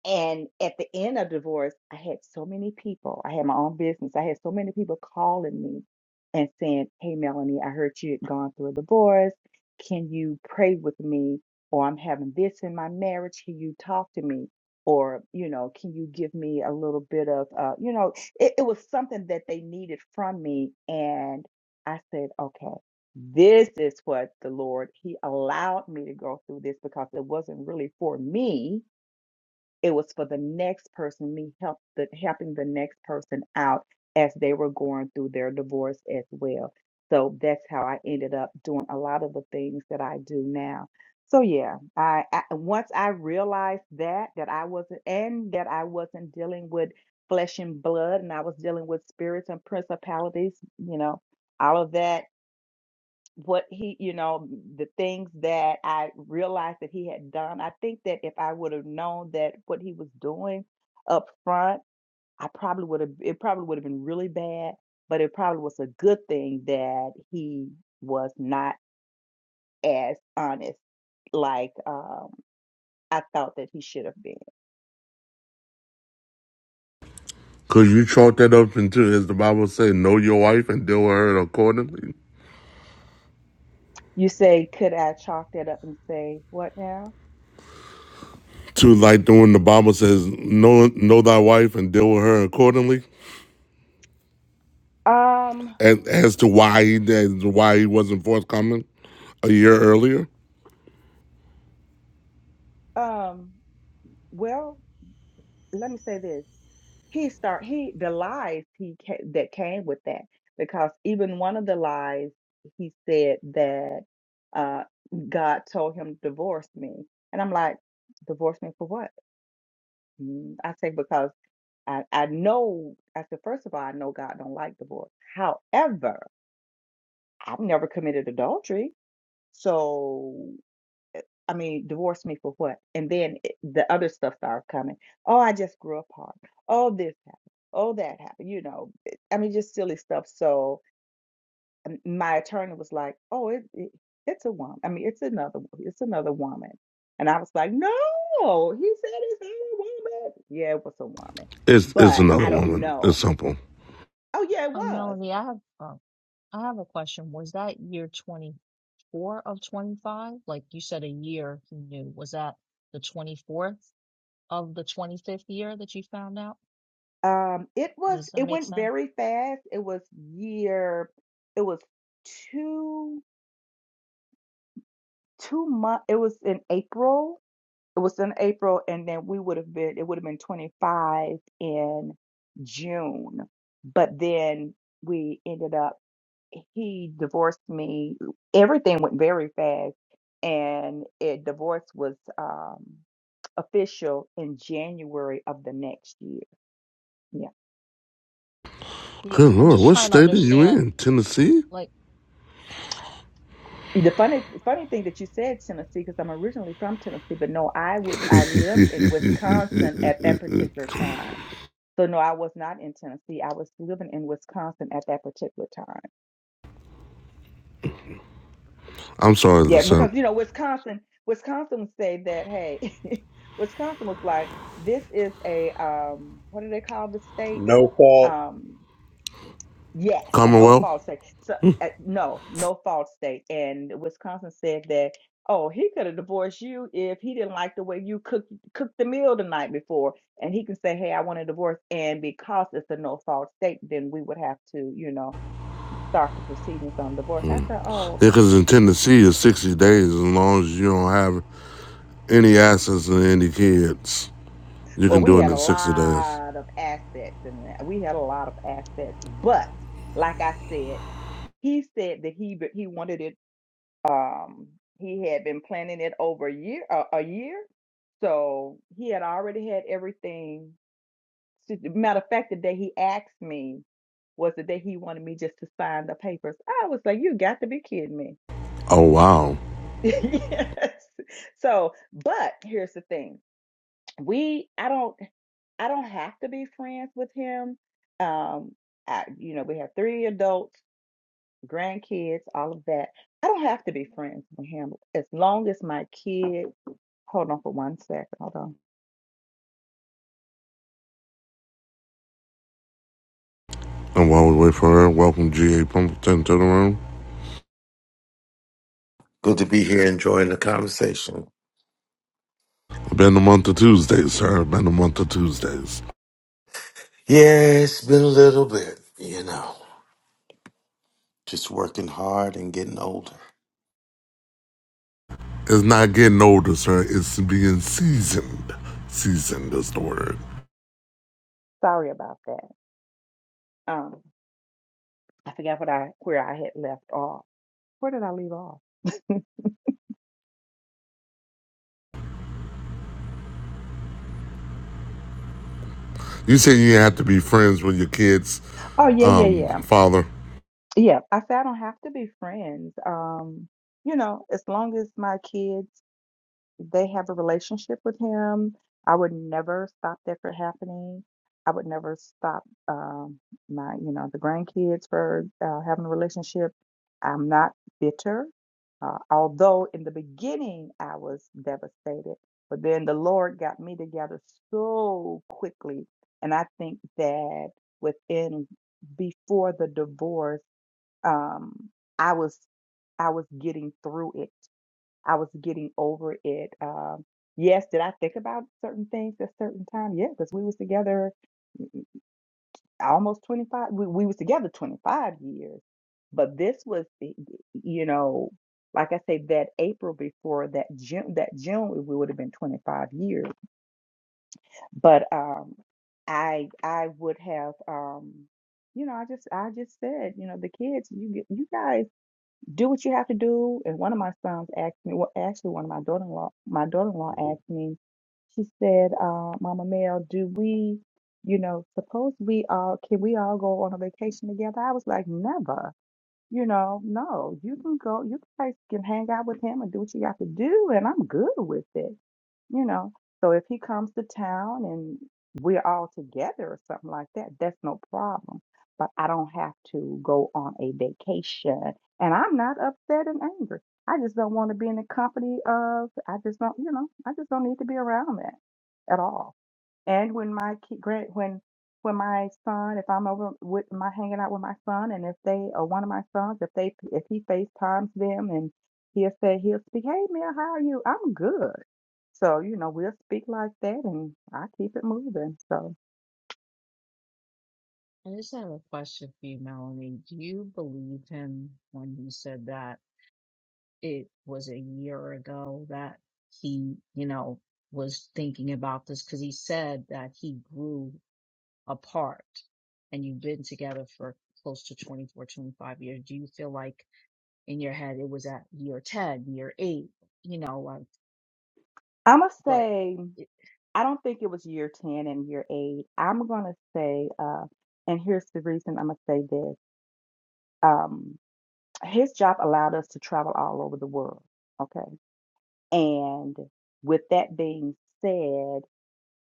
and at the end of divorce, I had so many people. I had my own business. I had so many people calling me and saying, Hey, Melanie, I heard you had gone through a divorce. Can you pray with me? Or I'm having this in my marriage. Can you talk to me? Or, you know, can you give me a little bit of, uh, you know, it, it was something that they needed from me. And I said, okay, this is what the Lord, He allowed me to go through this because it wasn't really for me it was for the next person me help the helping the next person out as they were going through their divorce as well so that's how i ended up doing a lot of the things that i do now so yeah i, I once i realized that that i wasn't and that i wasn't dealing with flesh and blood and i was dealing with spirits and principalities you know all of that what he, you know, the things that I realized that he had done. I think that if I would have known that what he was doing up front, I probably would have, it probably would have been really bad, but it probably was a good thing that he was not as honest like um, I thought that he should have been.
Could you chalk that up into, as the Bible says, know your wife and deal with her accordingly?
You say, could I chalk that up and say, what now?
To like the when the Bible says, know know thy wife and deal with her accordingly,
Um,
as, as to why he as to why he wasn't forthcoming a year earlier.
um, well, let me say this. he start he the lies he ca- that came with that because even one of the lies he said that uh God told him to divorce me and I'm like divorce me for what Mm, I say because I I know I said first of all I know God don't like divorce however I've never committed adultery so I mean, divorce me for what? And then it, the other stuff started coming. Oh, I just grew apart. Oh, this happened. Oh, that happened. You know, it- I mean, just silly stuff. So um, my attorney was like, "Oh, it, it it's a woman. I mean, it's another it's another woman." And I was like, "No, he said it's not a woman. Yeah, it was a woman,
It's it's
but
another
I don't
woman.
know.
It's simple.
Oh, yeah, it
Um,
was.
Melanie, I have um, I have a question. Was that year twenty four of twenty five? Like you said, a year he knew. Was that the twenty fourth of the twenty fifth year that you found out?
Um, it was.
Does that
It
make
went
sense?
very fast. It was year. It was two. two month it was in April. It was in April and then we would have been it would have been 25 in June. But then we ended up he divorced me. Everything went very fast and it divorce was um official in January of the next year. Yeah.
Yeah, 'cause
Good
I'm
Lord,
just
what
trying to
state are you
understand.
in? Tennessee?
Like,
The funny funny thing that you said Tennessee because I'm originally from Tennessee, but no, I would I lived in Wisconsin at that particular time So no, I was not in Tennessee. I was living in Wisconsin at that particular time.
I'm sorry, the
Yeah, because
simp.
you know, Wisconsin, Wisconsin said that, hey, [laughs] Wisconsin was like, this is a um, what do they call the state?
No fault.
Um, yes, a no
Commonwealth?
fault state. So uh, no, no fault state. And Wisconsin said that, oh, he could have divorced you if he didn't like the way you cooked cooked the meal the night before. And he can say, hey, I want a divorce. And because it's a no fault state, then we would have to, you know start the proceedings on divorce. I said, oh,
because
okay.
in Tennessee, it's 60 days as long as you don't have any assets and any kids. You
Well,
can
we
do it
had a
in 60 days.
lot of assets and we had a lot of assets, but like I said, he said that he he wanted it. Um, he had been planning it over a year, uh, a year, so he had already had everything. S- Matter of fact, the day he asked me was the day he wanted me just to sign the papers. I was like, you got to be kidding me.
Oh, wow.
[laughs] yes. So, but here's the thing we I don't. I don't have to be friends with him. Um, I, you know, we have three adults, grandkids, all of that. I don't have to be friends with him as long as my kid. Hold on for one second. Hold on.
And while we wait for her, welcome GA Pumpleton to the room.
Good to be here enjoying the conversation.
Been a month of Tuesdays, sir. Been a month of Tuesdays.
Yeah, it's been a little bit, you know, just working hard and getting older.
It's not getting older, sir. It's being seasoned. Seasoned is the word.
Sorry about that. Um, I forgot what I where I had left off. Where did I leave off?
You say you have to be friends with your kids,
Oh yeah, yeah,
um,
yeah,
father.
yeah. I said I don't have to be friends. Um, you know, as long as my kids they have a relationship with him. I would never stop that from happening. I would never stop um, my, you know, the grandkids for uh, having a relationship. I'm not bitter, uh, although in the beginning I was devastated. But then the Lord got me together so quickly, and I think that within before the divorce, um, I was I was getting through it. I was getting over it. Um, yes, did I think about certain things at certain time? Yeah, because we was together almost 25. We, we was together 25 years. But this was, y- y- you know, like I say, that April before that June, that June, it would have been 25 years. But um, I, I would have, um, you know, I just, I just said, you know, the kids, you, get- you guys. do what you have to do. And one of my sons asked me, well, actually, one of my daughter-in-law, my daughter-in-law asked me, she said, uh, Mama Mel, do we, you know, suppose we all, can we all go on a vacation together? I was like, never, you know, no, you can go, you guys can hang out with him and do what you got to do. And I'm good with it. You know, so if he comes to town and we're all together or something like that, that's no problem. But I don't have to go on a vacation. And I'm not upset and angry. I just don't want to be in the company of, I just don't, you know, I just don't need to be around that at all. And when my kid, grand, when, when my son, if I'm over with my hanging out with my son, and if they or one of my sons, if they if he FaceTimes them and he'll say he'll speak, hey Mel, how are you? I'm good. So, you know, we'll speak like that and I keep it moving. So
I just have a question for you, Melanie. Do you believe him when he said that? it was a year ago that he, you know, was thinking about this because he said that he grew apart and you've been together for close to 24, 25 years. Do you feel like in your head it was at year 10, year eight, you know,
I'm going to
but
say,
it
I don't think it was year 10 and year eight. I'm going to say, uh, and here's the reason I'm going to say this. Um, his job allowed us to travel all over the world. Okay. And with that being said,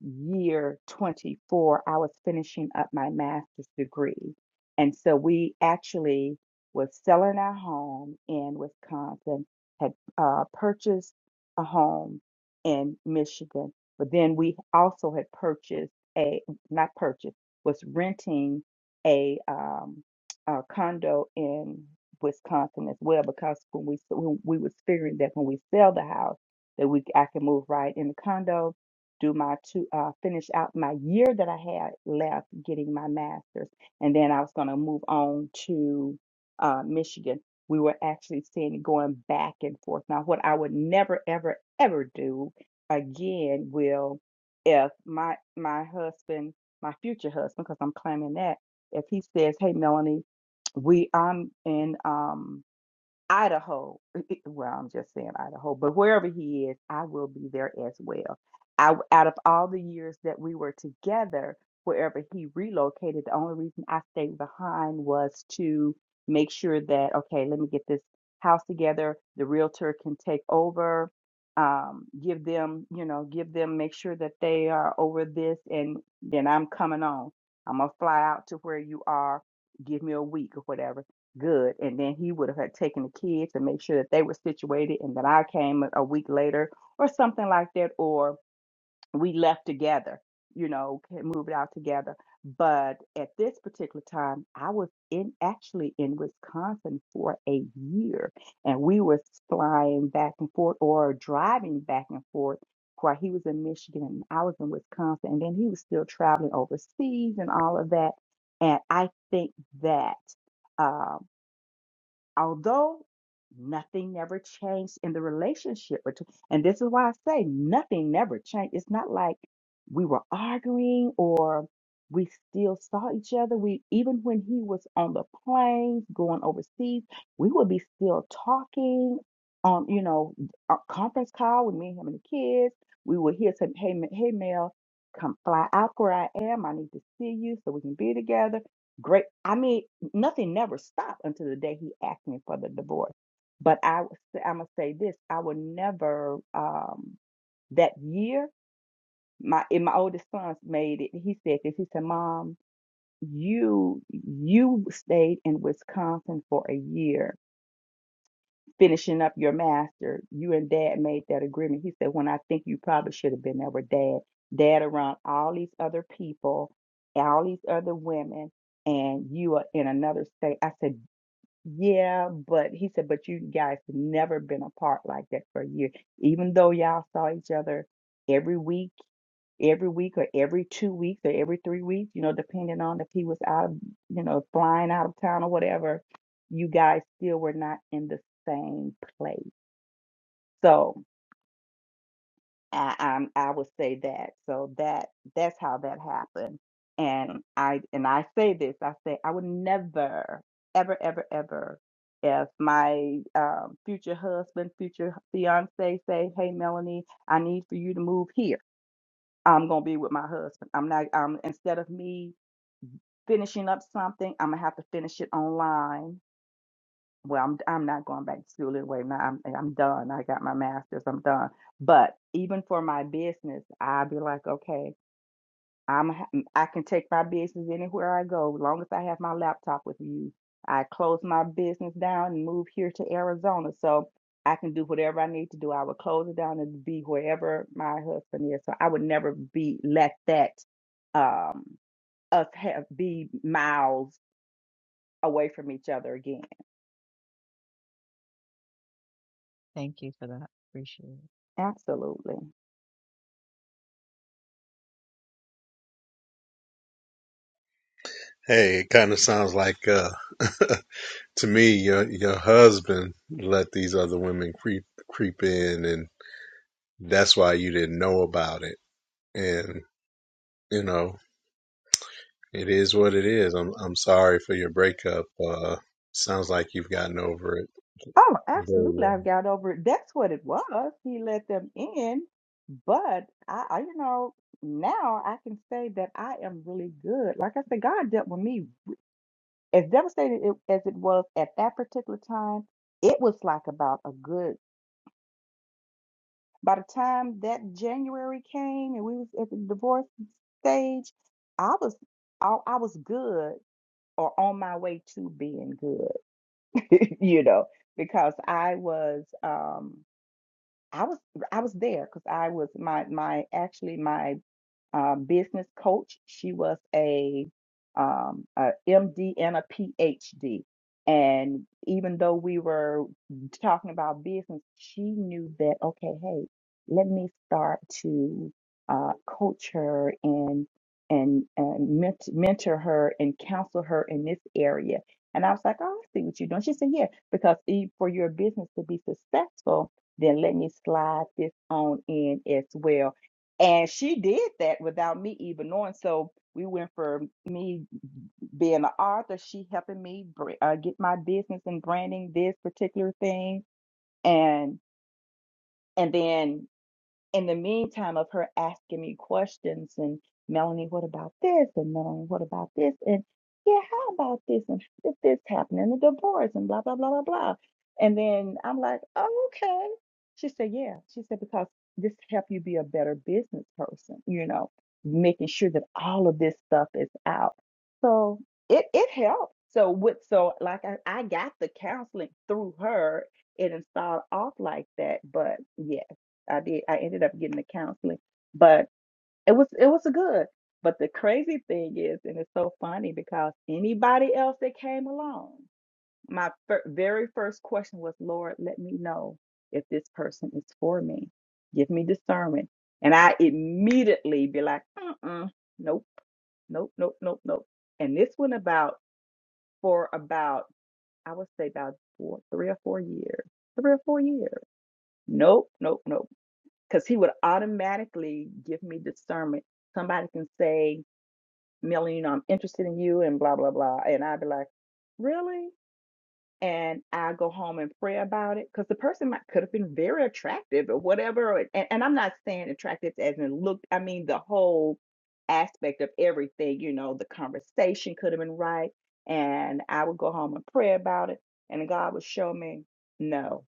year 24, I was finishing up my master's degree. And so we actually was selling our home in Wisconsin, had uh, purchased a home in Michigan, but then we also had purchased a, not purchased, was renting a, um, a condo in Wisconsin as well, because when we, when we was figuring that when we sell the house, that we, I can move right in the condo do my two, uh, finish out my year that I had left getting my master's. And then I was going to move on to uh, Michigan. We were actually seeing it going back and forth. Now, what I would never, ever, ever do again will if my my husband, my future husband, because I'm claiming that, if he says, "Hey, Melanie, we I'm in um Idaho. [laughs] Well, I'm just saying Idaho, but wherever he is, I will be there as well. I, out of all the years that we were together, wherever he relocated, the only reason I stayed behind was to make sure that, okay, let me get this house together. The realtor can take over, um, give them, you know, give them, make sure that they are over this, and then I'm coming on. I'm going to fly out to where you are. Give me a week or whatever good. And then he would have had taken the kids and make sure that they were situated and that I came a a week later or something like that, or we left together, you know, moved out together. But at this particular time, I was in actually in Wisconsin for a year and we were flying back and forth or driving back and forth while he was in Michigan and I was in Wisconsin and then he was still traveling overseas and all of that. And I think that um, although nothing never changed in the relationship between and this is why I say nothing never changed. It's not like we were arguing or we still saw each other. We even when he was on the planes going overseas, we would be still talking on, you know, a conference call with me, him and the kids. We would hear some, hey, Ma- hey, Mel, come fly out where I am. I need to see you so we can be together. Great. I mean, Nothing never stopped until the day he asked me for the divorce. But I, I'm gonna say this: I would never. Um, that year, my and my oldest son made it. He said this. He said, "Mom, you you stayed in Wisconsin for a year, finishing up your master. You and Dad made that agreement." He said, "When I think you probably should have been there with Dad. Dad around all these other people, all these other women." and you are in another state. I said, yeah, but he said, but you guys have never been apart like that for a year. Even though y'all saw each other every week, every week or every two weeks or every three weeks, you know, depending on if he was out of, you know, flying out of town or whatever, you guys still were not in the same place. So I, um, I would say that. So that that's how that happened. And I and I say this, I say I would never, ever, ever, ever, if my um, future husband, future fiance say, "Hey, Melanie, I need for you to move here," I'm gonna be with my husband. I'm not. Um, instead of me finishing up something, I'm gonna have to finish it online well, I'm I'm not going back to school anyway. Now I'm I'm done. I got my master's. I'm done. But even for my business, I'll be like, okay, I'm ha- I can take my business anywhere I go, as long as I have my laptop with me. I close my business down and move here to Arizona, so I can do whatever I need to do. I would close it down and be wherever my husband is. So I would never be let that um us have be miles away from each other again.
Thank you for that. Appreciate it.
Absolutely.
Hey, it kind of sounds like uh, [laughs] to me your your husband let these other women creep creep in, and that's why you didn't know about it. And you know, it is what it is. I'm I'm sorry for your breakup. Uh, sounds like you've gotten over it
Oh,
very
absolutely.
well.
I've got over it. That's what it was. He let them in. But I, I, you know, now I can say that I am really good. Like I said, God dealt with me as devastated it, as it was at that particular time. It was like about a good, by the time that January came and we was at the divorce stage, I was, I, I was good or on my way to being good, [laughs] you know, because I was, um, I was I was there because I was my my actually my uh, business coach. She was a, um, a MD and a PhD. And even though we were talking about business, she knew that, okay, hey, let me start to uh, coach her and and, and ment- mentor her and counsel her in this area. And I was like, oh, I see what you're doing. She said, yeah, because e- for your business to be successful, then let me slide this on in as well and she did that without me even knowing. So we went from me being an author, she helping me br- uh, get my business and branding this particular thing, and and then in the meantime of her asking me questions and Melanie, what about this? And Melanie, what about this? And yeah, how about this? And if this happened and the divorce and blah blah blah blah blah. And then I'm like, oh, okay. She said, yeah. She said because this help you be a better business person, you know, making sure that all of this stuff is out. So it it helped. So with so like I, I got the counseling through her. It didn't start off like that, but yeah I did. I ended up getting the counseling, but it was it was good. But the crazy thing is, and it's so funny because anybody else that came along, my fir- very first question was, Lord, let me know if this person is for me. Give me discernment, and I immediately be like, uh-uh, nope, nope, nope, nope, nope. And this went about for about I would say about four, three or four years, three or four years. Nope, nope, nope because he would automatically give me discernment. Somebody can say, Millie, you know, I'm interested in you and blah, blah, blah. And I'd be like, really? And I go home and pray about it because the person might could have been very attractive or whatever. And, and I'm not saying attractive as in look, I mean, the whole aspect of everything, you know, the conversation could have been right. And I would go home and pray about it. And God would show me, no,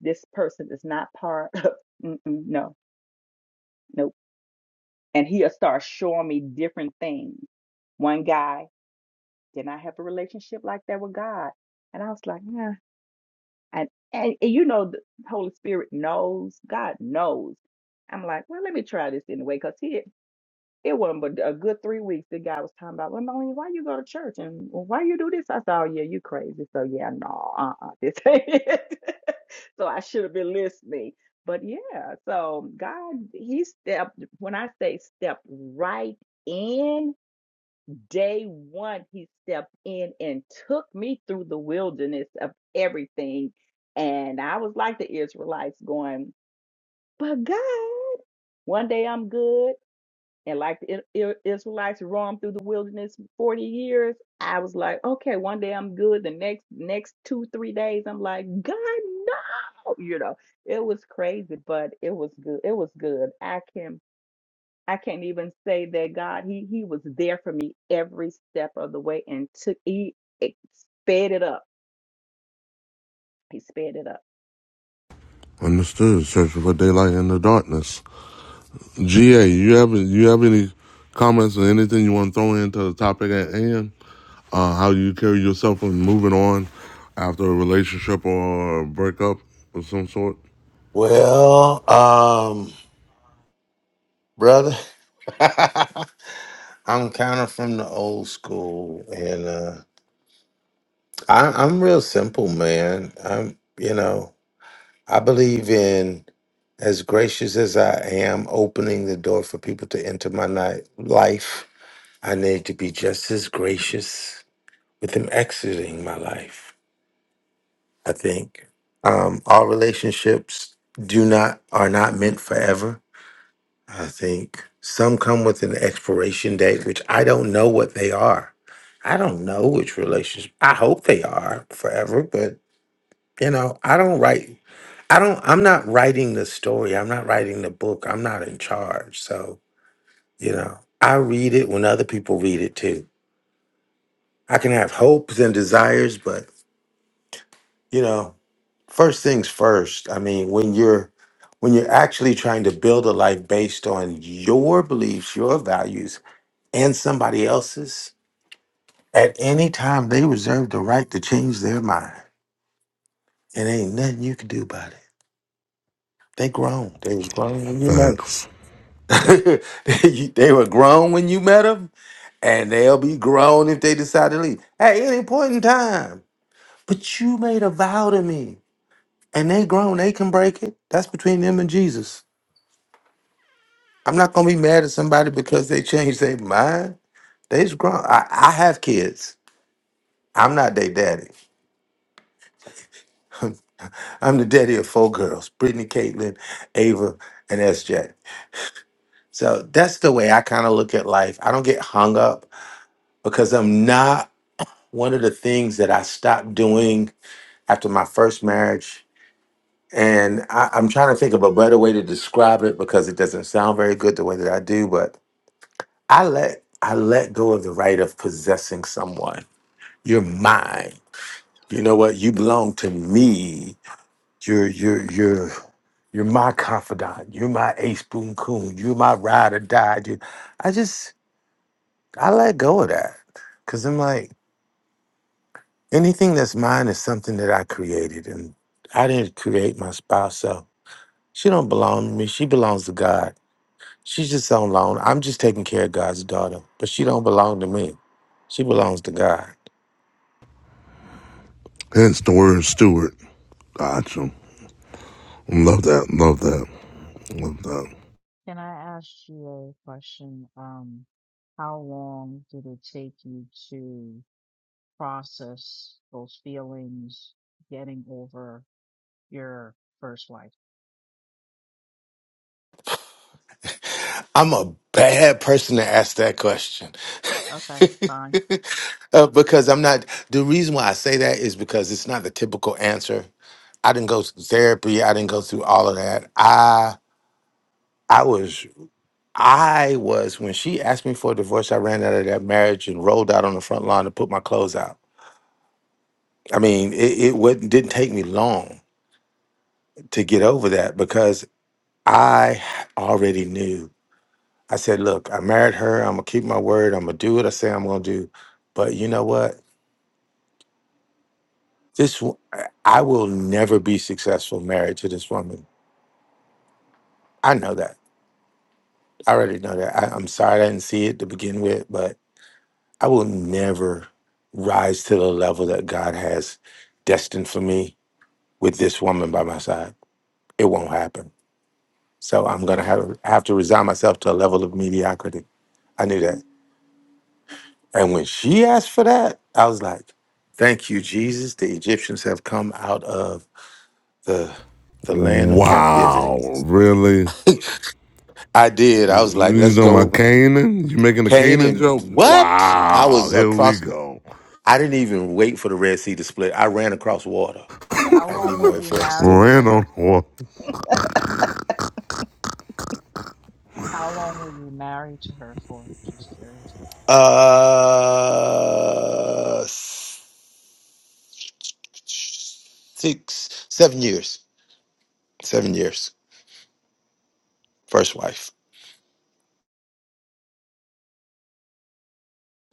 this person is not part of, [laughs] mm-mm, no, nope and he'll start showing me different things. One guy did not have a relationship like that with God, and I was like, nah. And, and and you know, the Holy Spirit knows. God knows. I'm like, well, let me try this anyway, because he it wasn't but a good three weeks. The guy was talking about, well, Melanie, why you go to church and why you do this? I said, oh, yeah, you crazy. So, yeah, no, uh-uh, [laughs] this ain't it. [laughs] so I should have been listening. But yeah, so God, he stepped, when I say stepped right in, day one, he stepped in and took me through the wilderness of everything. And I was like the Israelites going, but God, one day I'm good. And like the I- I- Israelites roamed through the wilderness 40 years, I was like, okay, one day I'm good. The next next two, three days, I'm like, God, no. You know, it was crazy, but it was good. It was good. I can I can't even say that God, He He was there for me every step of the way and took He it sped it up. He sped it up.
Understood. Searching for daylight in the darkness. GA, you have you have any comments or anything you want to throw into the topic at hand? Uh, how you carry yourself when moving on after a relationship or a breakup of some sort?
Well, um, brother, [laughs] I'm kind of from the old school and uh, I, I'm real simple, man. I'm, you know, I believe in as gracious as I am opening the door for people to enter my night, life, I need to be just as gracious with them exiting my life. I think um, all relationships do not are not meant forever. I think some come with an expiration date, which I don't know what they are. I don't know which relationship. I hope they are forever, but you know, I don't write. I don't. I'm not writing the story. I'm not writing the book. I'm not in charge. So you know, I read it when other people read it too. I can have hopes and desires, but you know. first things first i mean when you're when you're actually trying to build a life based on your beliefs your values and somebody else's at any time they reserve the right to change their mind and ain't nothing you can do about it they grown they was grown when you met
Facts.
them [laughs] they they were grown when you met them and they'll be grown if they decide to leave at any point in time but you made a vow to me and they grown they can break it that's between them and jesus I'm not gonna be mad at somebody because they changed their mind. They's grown. I, I have kids. I'm not their daddy. [laughs] I'm the daddy of four girls: Brittany, Caitlin, Ava, and SJ. So that's the way I kind of look at life. I don't get hung up because I'm not one of the things that I stopped doing after my first marriage. And I, I'm trying to think of a better way to describe it because it doesn't sound very good the way that I do. But I let I let go of the right of possessing someone. You're mine. You know what? You belong to me. You're you're you're you're my confidant. You're my ace boon coon. You're my ride or die. You, I just I let go of that. Cause I'm like, anything that's mine is something that I created. And I didn't create my spouse, so she don't belong to me. She belongs to God. She's just on loan. I'm just taking care of God's daughter. But she don't belong to me. She belongs to God.
Hence the word Stewart. Gotcha. Love that. Love that. Love that.
Can I ask you a question? Um, how long did it take you to process those feelings, getting over your first wife?
I'm a bad person to ask that question.
Okay, fine.
Uh, because I'm not. The reason why I say that is because it's not the typical answer. I didn't go through therapy. I didn't go through all of that. I I was I was when she asked me for a divorce. I ran out of that marriage and rolled out on the front lawn to put my clothes out. I mean, it, it wouldn't didn't take me long to get over that because I already knew. I said, "Look, I married her. I'm gonna keep my word. I'm gonna do what I say I'm gonna do." But you know what? This w- I will never be successful married to this woman I know that. I already know that. I, I'm sorry I didn't see it to begin with, but I will never rise to the level that God has destined for me with this woman by my side. It won't happen. So I'm gonna have have to resign myself to a level of mediocrity. I knew that. And when she asked for that, I was like, "Thank you, Jesus. The Egyptians have come out of the the land of captivity."
Wow. Really?
[laughs] I did. I was like,
You
"Let's
know my
go,
Canaan? You making a Canaan
Canaan."
joke?
What? I
Wow.
was
Here we
across.
go.
I didn't even wait for the Red Sea to split. I ran across water.
How
I didn't
long
even
were
wait
you
for it to split.
married to her
Random.
for?
Well,
How long were you married to her for? Just curious.
Uh, six, seven years. Seven years. First wife.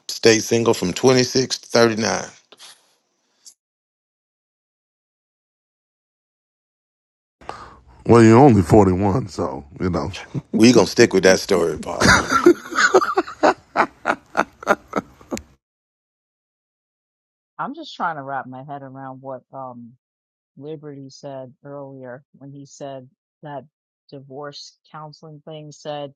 Stayed single from 26 to 39.
well, you're only 41, so, you know.
We gonna stick with that story, Paul.
I'm just trying to wrap my head around what um Liberty said earlier when he said that divorce counseling thing said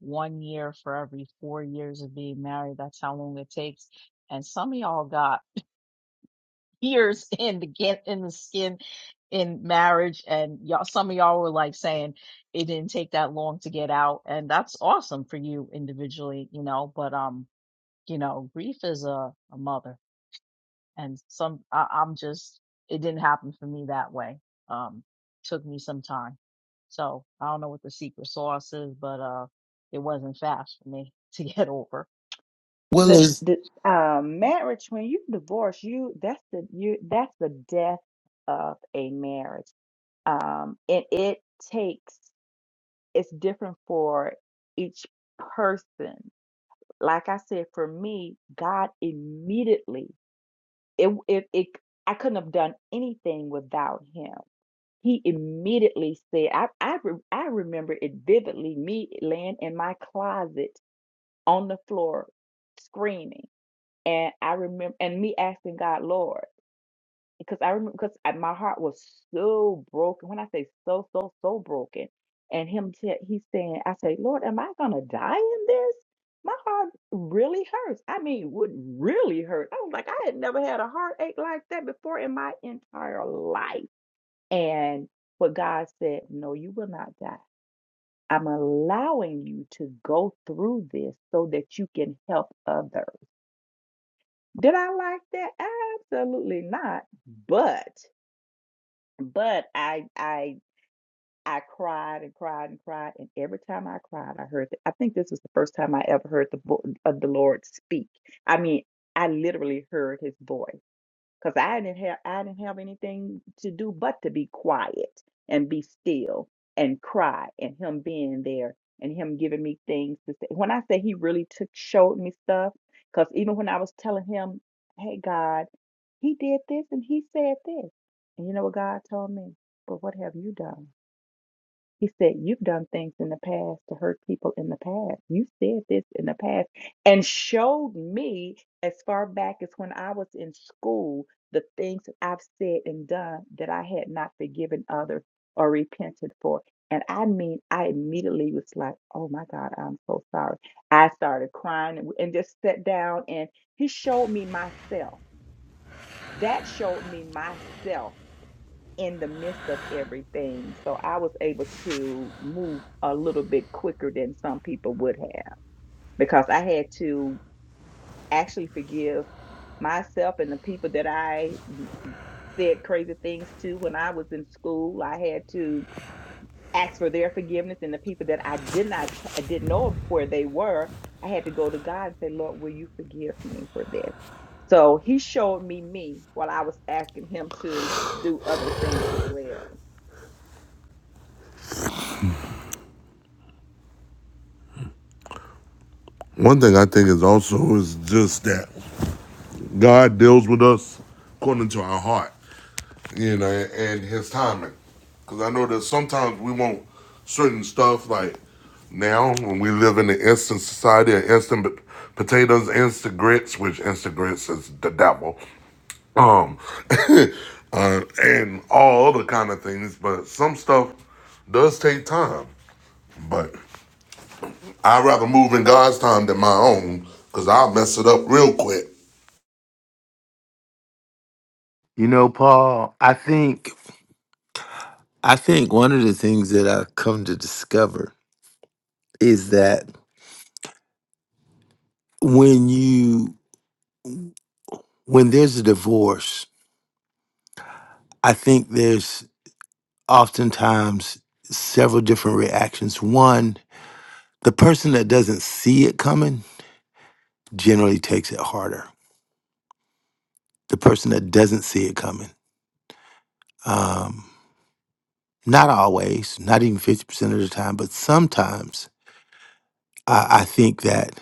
one year for every four years of being married. That's how long it takes. And some of y'all got years [laughs] in the get in the skin in marriage and y'all some of y'all were like saying it didn't take that long to get out and that's awesome for you individually you know but um you know grief is a, a mother and some I, i'm just it didn't happen for me that way um took me some time so i don't know what the secret sauce is but uh it wasn't fast for me [laughs] to get over
Well,
The
it's-
the uh, marriage when you divorce, you that's the you that's the death of a marriage um, and it takes it's different for each person like i said for me god immediately it, it, it i couldn't have done anything without him he immediately said I, I re- i remember it vividly me laying in my closet on the floor screaming and i remember and me asking god lord because I remember because my heart was so broken. When I say so, so, so broken, and him t- he's saying, I say, Lord, am I gonna die in this? My heart really hurts. I mean, it would really hurt. I was like, I had never had a heartache like that before in my entire life. And but God said, No, you will not die. I'm allowing you to go through this so that you can help others. Did I like that? Absolutely not. But But I I I cried and cried and cried, and every time I cried, I heard. The, I think this was the first time I ever heard the vo- of the Lord speak. I mean, I literally heard His voice because I didn't have I didn't have anything to do but to be quiet and be still and cry and him being there and him giving me things to say. When I say he really took showed me stuff, because even when I was telling him, "Hey God, he did this and he said this," and you know what God told me? But what have you done? He said, You've done things in the past to hurt people in the past. You said this in the past and showed me as far back as when I was in school the things that I've said and done that I had not forgiven others or repented for. And I mean, I immediately was like, Oh my God, I'm so sorry. I started crying and and just sat down and he showed me myself. That showed me myself in the midst of everything. So I was able to move a little bit quicker than some people would have because I had to actually forgive myself and the people that I said crazy things to when I was in school. I had to ask for their forgiveness and the people that I did not I didn't know where they were. I had to go to God and say, "Lord, will you forgive me for this?" So he showed me me while I was asking him to do other things as well.
One thing I think is also is just that God deals with us according to our heart. you know, and his timing. Because I know that sometimes we want certain stuff like now when we live in the instant society of instant pot- potatoes, instant grits, which instant grits is the devil, um, [laughs] uh, and all other kind of things. But some stuff does take time. But I'd rather move in God's time than my own because I'll mess it up real quick
you know, Paul, I think I think one of the things that I've come to discover is that when you when there's a divorce, I think there's oftentimes several different reactions. One, the person that doesn't see it coming generally takes it harder. The person that doesn't see it coming, um, not always, not even 50% of the time, but sometimes I, I think that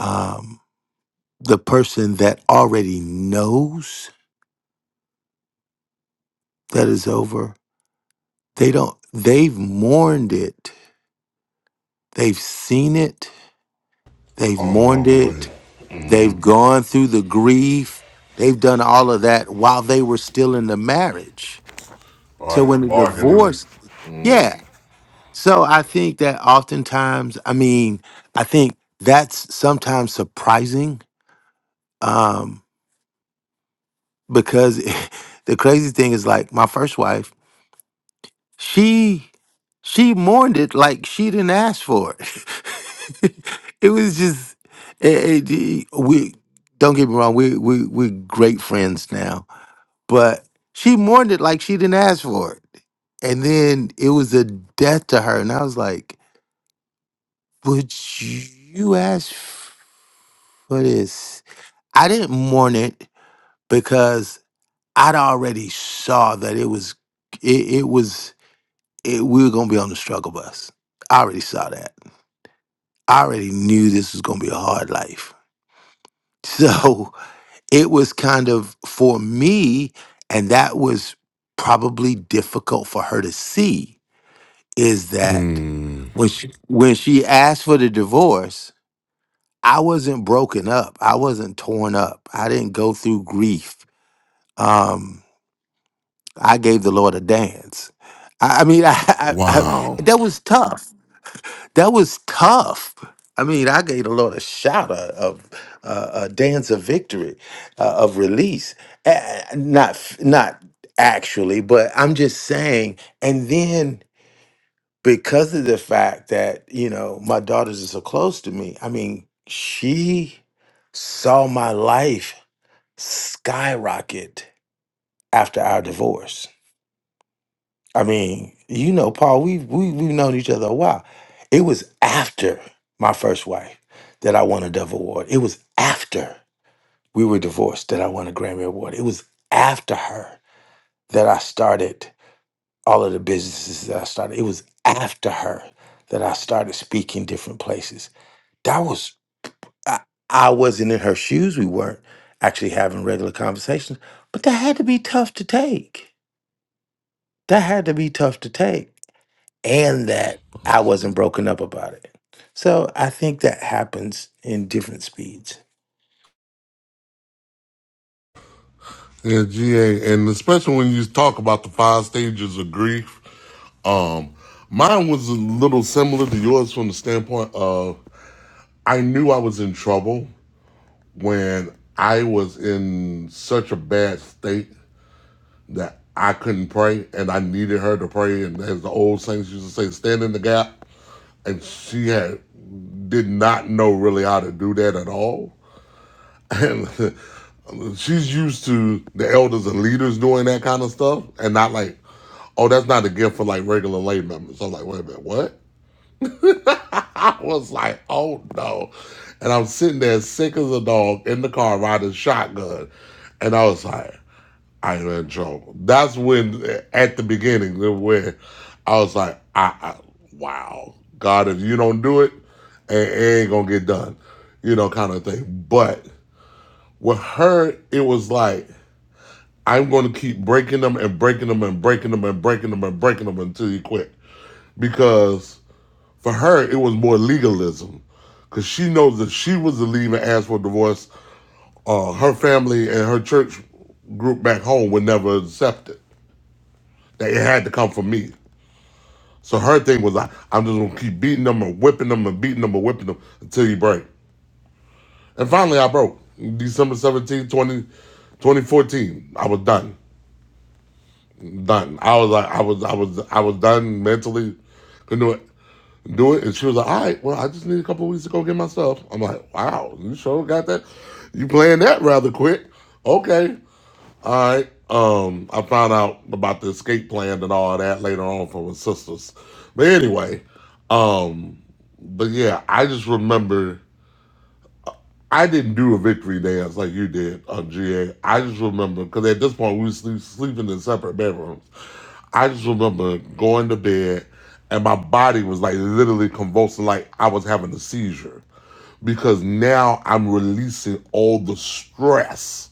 um, the person that already knows that is over, they don't, they've mourned it, they've seen it, they've
all
mourned
along the
it,
way.
They've gone through the grief. They've done all of that while they were still in the marriage.
All
So when
right,
the
bargaining.
divorce, yeah. So I think that oftentimes, I mean, I think that's sometimes surprising um, because [laughs] the crazy thing is like my first wife, she she mourned it like she didn't ask for it. [laughs] it was just it, it- we don't get me wrong, we we we're great friends now But she mourned it like she didn't ask for it. And then it was a death to her. And I was like, Would you ask for this? I didn't mourn it because I'd already saw that it was, it, it was, it, we were going to be on the struggle bus. I already saw that. I already knew this was going to be a hard life. [laughs] So it was kind of for me, and that was probably difficult for her to see is that
Mm,
when she, when she asked for the divorce, I wasn't broken up. I wasn't torn up. I didn't go through grief. Um, I gave the Lord a dance. I, I mean, [laughs] I, I, I
Wow.
that was tough. That was tough. I mean, I gave the Lord a shout of, of uh, a dance of victory, uh, of release. Uh, not f- not actually, but I'm just saying. And then because of the fact that you know my daughters are so close to me i mean she saw my life skyrocket after our divorce i mean you know paul we've we, we've known each other a while it was after my first wife that i won a dove award it was after we were divorced that i won a grammy award it was after her that i started all of the businesses that i started it was after her that i started speaking different places that was I, I wasn't in her shoes. We weren't actually having regular conversations, but that had to be tough to take. That had to be tough to take, and that I wasn't broken up about it. So I think that happens in different speeds.
Yeah, GA, and especially when you talk about the five stages of grief, um, mine was a little similar to yours from the standpoint of I knew I was in trouble when I was in such a bad state that I couldn't pray, and I needed her to pray. And as the old saints used to say, stand in the gap. And she had did not know really how to do that at all. [laughs] And she's used to the elders and leaders doing that kind of stuff and not like oh, that's not a gift for like regular lay members. I'm like, wait a minute, what? [laughs] I was like, oh no. And I'm sitting there sick as a dog in the car riding shotgun. And I was like, I am in trouble. That's when, at the beginning, when I was like, I, I wow, God, if you don't do it, it it ain't gonna get done, you know, kind of thing. But with her, it was like, I'm gonna keep breaking them and breaking them and breaking them and breaking them and breaking them until you quit because For her, it was more legalism because she knows that she was the lead and asked for divorce. Uh, her family and her church group back home would never accept it. That it had to come from me. So her thing was, like, I'm just gonna keep beating them and whipping them and beating them and whipping them until you break. And finally, I broke. December 17, 2014, I was done. Done. I was like, I was, I was, I was done mentally. Couldn't do it. do it. And she was like, all right, well, I just need a couple of weeks to go get my stuff. I'm like, wow, you sure got that? You playing that rather quick. Okay. All right. Um, I found out about the escape plan and all that later on from her sisters. But anyway, um, but yeah, I just remember I didn't do a victory dance like you did on GA. I just remember because at this point we were sleep, sleeping in separate bedrooms. I just remember going to bed and my body was like literally convulsing, like I was having a seizure because now I'm releasing all the stress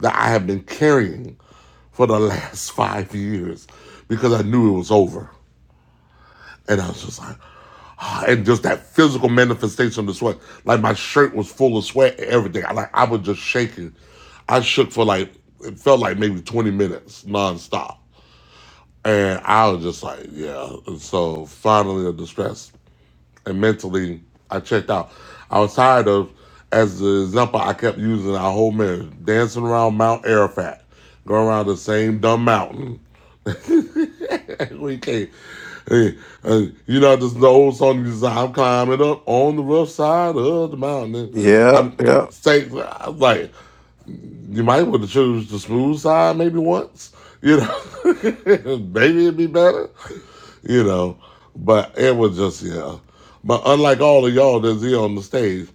that I have been carrying for the [laughs] last five years because I knew it was over. And I was just like, ah, and just that physical manifestation of the sweat, like my shirt was full of sweat and everything. I like I was just shaking. I shook for like it felt like maybe 20 minutes nonstop. And I was just like, yeah. And so finally, under stress and mentally, I checked out. I was tired of, as the example I kept using our whole marriage, dancing around Mount Arafat, going around the same dumb mountain. [laughs] we can't. Hey, uh, you know, this is the old song you say, I'm climbing up on the rough side of the mountain. And
Yeah,
I'm
yeah.
saying, I'm like, you might want to choose the smooth side maybe once, you know. [laughs] maybe it'd be better, you know. But it was just yeah. But unlike all of y'all that's here on the stage,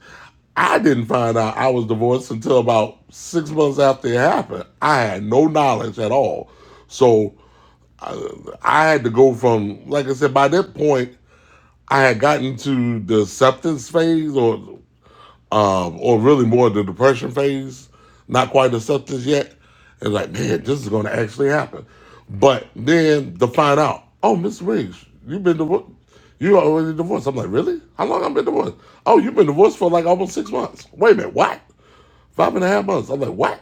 I didn't find out I was divorced until about six months after it happened. I had no knowledge at all. So I had to go from, like I said, by that point, I had gotten to the acceptance phase or um, or really more the depression phase, not quite acceptance yet. And like, man, this is going to actually happen. But then to find out, oh, Miss Riggs, you've been divorced. You already divorced. I'm like, really? How long I've been divorced? Oh, you've been divorced for like almost six months. Wait a minute, what? Five and a half months. I'm like, what?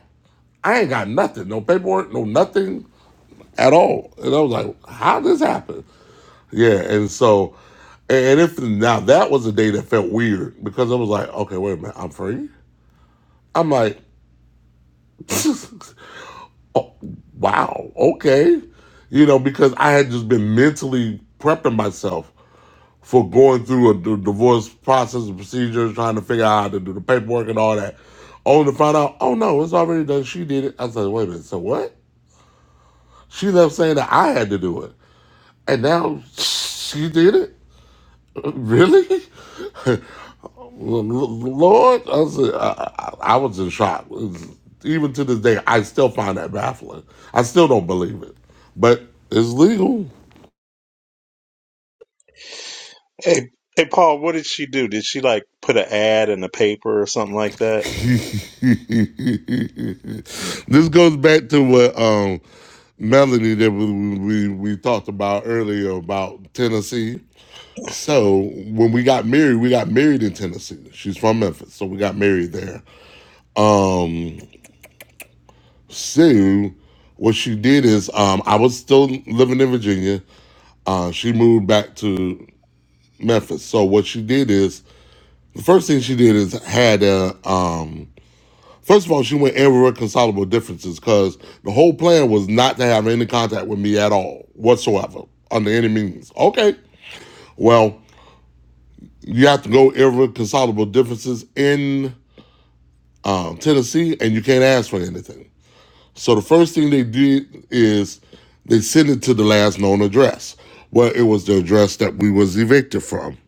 I ain't got nothing, no paperwork, no nothing at all. And I was like, how did this happen? Yeah, and so, and if now that was a day that felt weird because I was like, okay, wait a minute, I'm free. I'm like, [laughs] wow, okay. You know, because I had just been mentally prepping myself for going through a d- divorce process and procedure, trying to figure out how to do the paperwork and all that. Only to find out, oh no, it's already done. She did it. I said, wait a minute, so what? She left saying that I had to do it. And now she did it? Really? [laughs] Lord, I was, I, I was in shock. It's- Even to this day, I still find that baffling. I still don't believe it, but it's legal.
Hey, hey, Paul, what did she do? Did she like put an ad in the paper or something like
[laughs]
that?
this goes back to what um, Melanie that we, we we talked about earlier about Tennessee. So when we got married, we got married in Tennessee. She's from Memphis, so we got married there. Um, Sue, what she did is, um, I was still living in Virginia. Uh, she moved back to Memphis. So what she did is the first thing she did is had a um, first of all she went irreconcilable differences because the whole plan was not to have any contact with me at all whatsoever under any means. Okay, well you have to go irreconcilable differences in um, Tennessee and you can't ask for anything. So the first thing they did is they sent it to the last known address. Well, it was the address that we was evicted from.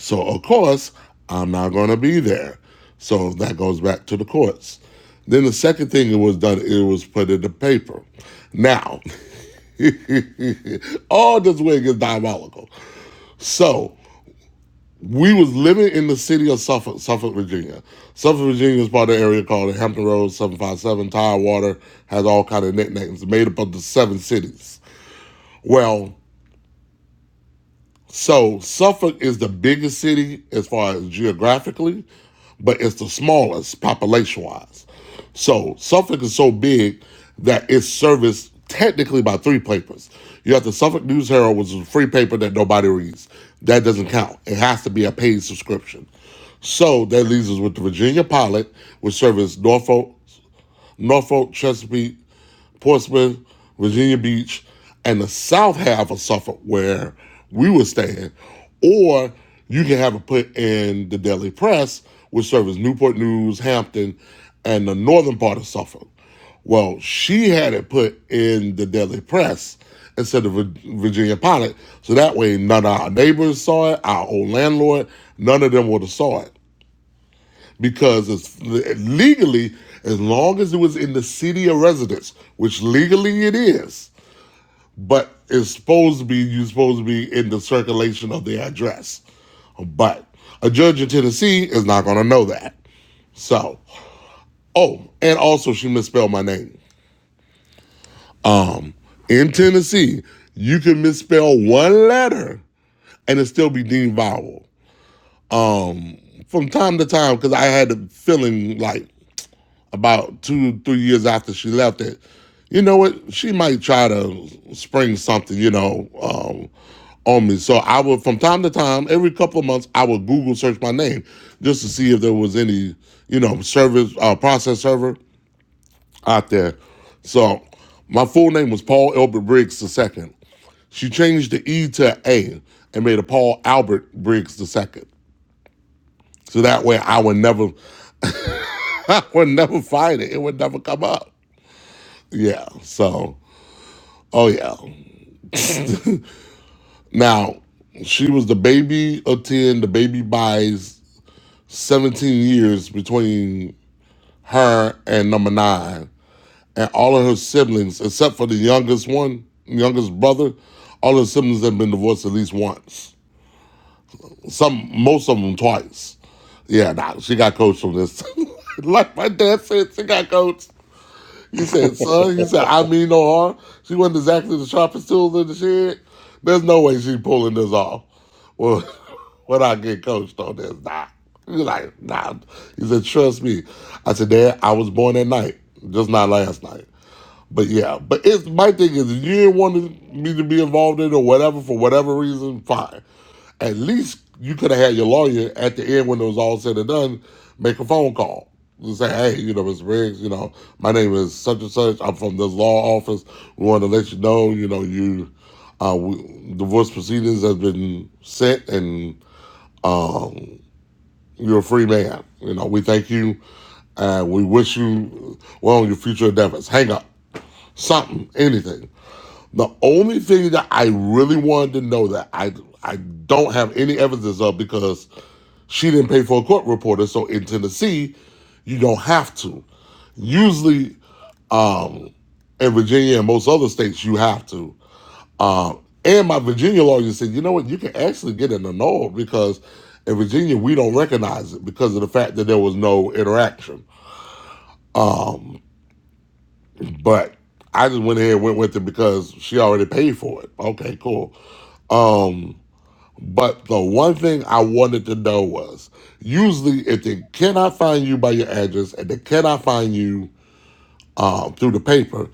So, of course, I'm not going to be there. So that goes back to the courts. Then the second thing it was done, it was put in the paper. Now, [laughs] all this wig is diabolical. So we was living in the city of Suffolk, Suffolk, Virginia. Suffolk, Virginia is part of the area called the Hampton Roads 757. Tidewater has all kind of nicknames made up of the seven cities. Well, So Suffolk is the biggest city as far as geographically, but it's the smallest population wise. So Suffolk is so big that it's serviced technically by three papers. You have the Suffolk News Herald, which is a free paper that nobody reads. That doesn't count. It has to be a paid subscription. So that leaves us with the Virginia Pilot, which serves Norfolk, Norfolk, Chesapeake, Portsmouth, Virginia Beach, and the south half of Suffolk where we were staying, or you can have it put in the Daily Press, which serves Newport News, Hampton, and the northern part of Suffolk. Well, she had it put in the Daily Press instead of Virginia Pilot, so that way none of our neighbors saw it, our old landlord, none of them would have saw it because it's legally as long as it was in the city of residence which legally it is but it's supposed to be you're supposed to be in the circulation of the address but a judge in tennessee is not going to know that so oh and also she misspelled my name in tennessee you can misspell one letter and it still be deemed vowel um from time to time because i had the feeling like about two, three years after she left it, you know what? She might try to spring something, you know, um, on me. So I would, from time to time, every couple of months, I would Google search my name just to see if there was any, you know, service, uh, process server out there. So my full name was Paul Elbert Briggs II. She changed the E to an A and made a Paul Albert Briggs II. So that way I would never, [laughs] I would never find it. It would never come up. Yeah. So Oh yeah. Now she was the baby of ten, the baby buys seventeen years between her and number nine, and all of her siblings, except for the youngest one, youngest brother, all her siblings have been divorced at least once. Some, most of them twice. Yeah, nah, she got coached on this. [laughs] like my dad said, she got coached. He said, son, he said, I mean no harm. She wasn't exactly the sharpest tool in the shed. There's no way she's pulling this off. Well, [laughs] when I get coached on this, nah. He's like, nah. He said, trust me. I said, Dad, I was born at night, just not last night. But yeah, but it's my thing is if you didn't want me to be involved in it or whatever for whatever reason, fine. At least you could have had your lawyer at the end when it was all said and done, make a phone call and say, hey, you know, Mr. Riggs, you know, my name is such and such. I'm from this law office. We want to let you know, you know, you uh, we, divorce proceedings has been set and you're a free man. You know, we thank you and we wish you well on your future endeavors. Hang up, something, anything. The only thing that I really wanted to know that I I don't have any evidence of because she didn't pay for a court reporter. So in Tennessee, you don't have to. Usually, um, in Virginia and most other states, you have to. Um, and my Virginia lawyer said, you know what, you can actually get an annul because in Virginia we don't recognize it because of the fact that there was no interaction. But I just went ahead and went with it because she already paid for it. Okay, cool. But the one thing I wanted to know was usually if they cannot find you by your address and they cannot find you um, through the paper,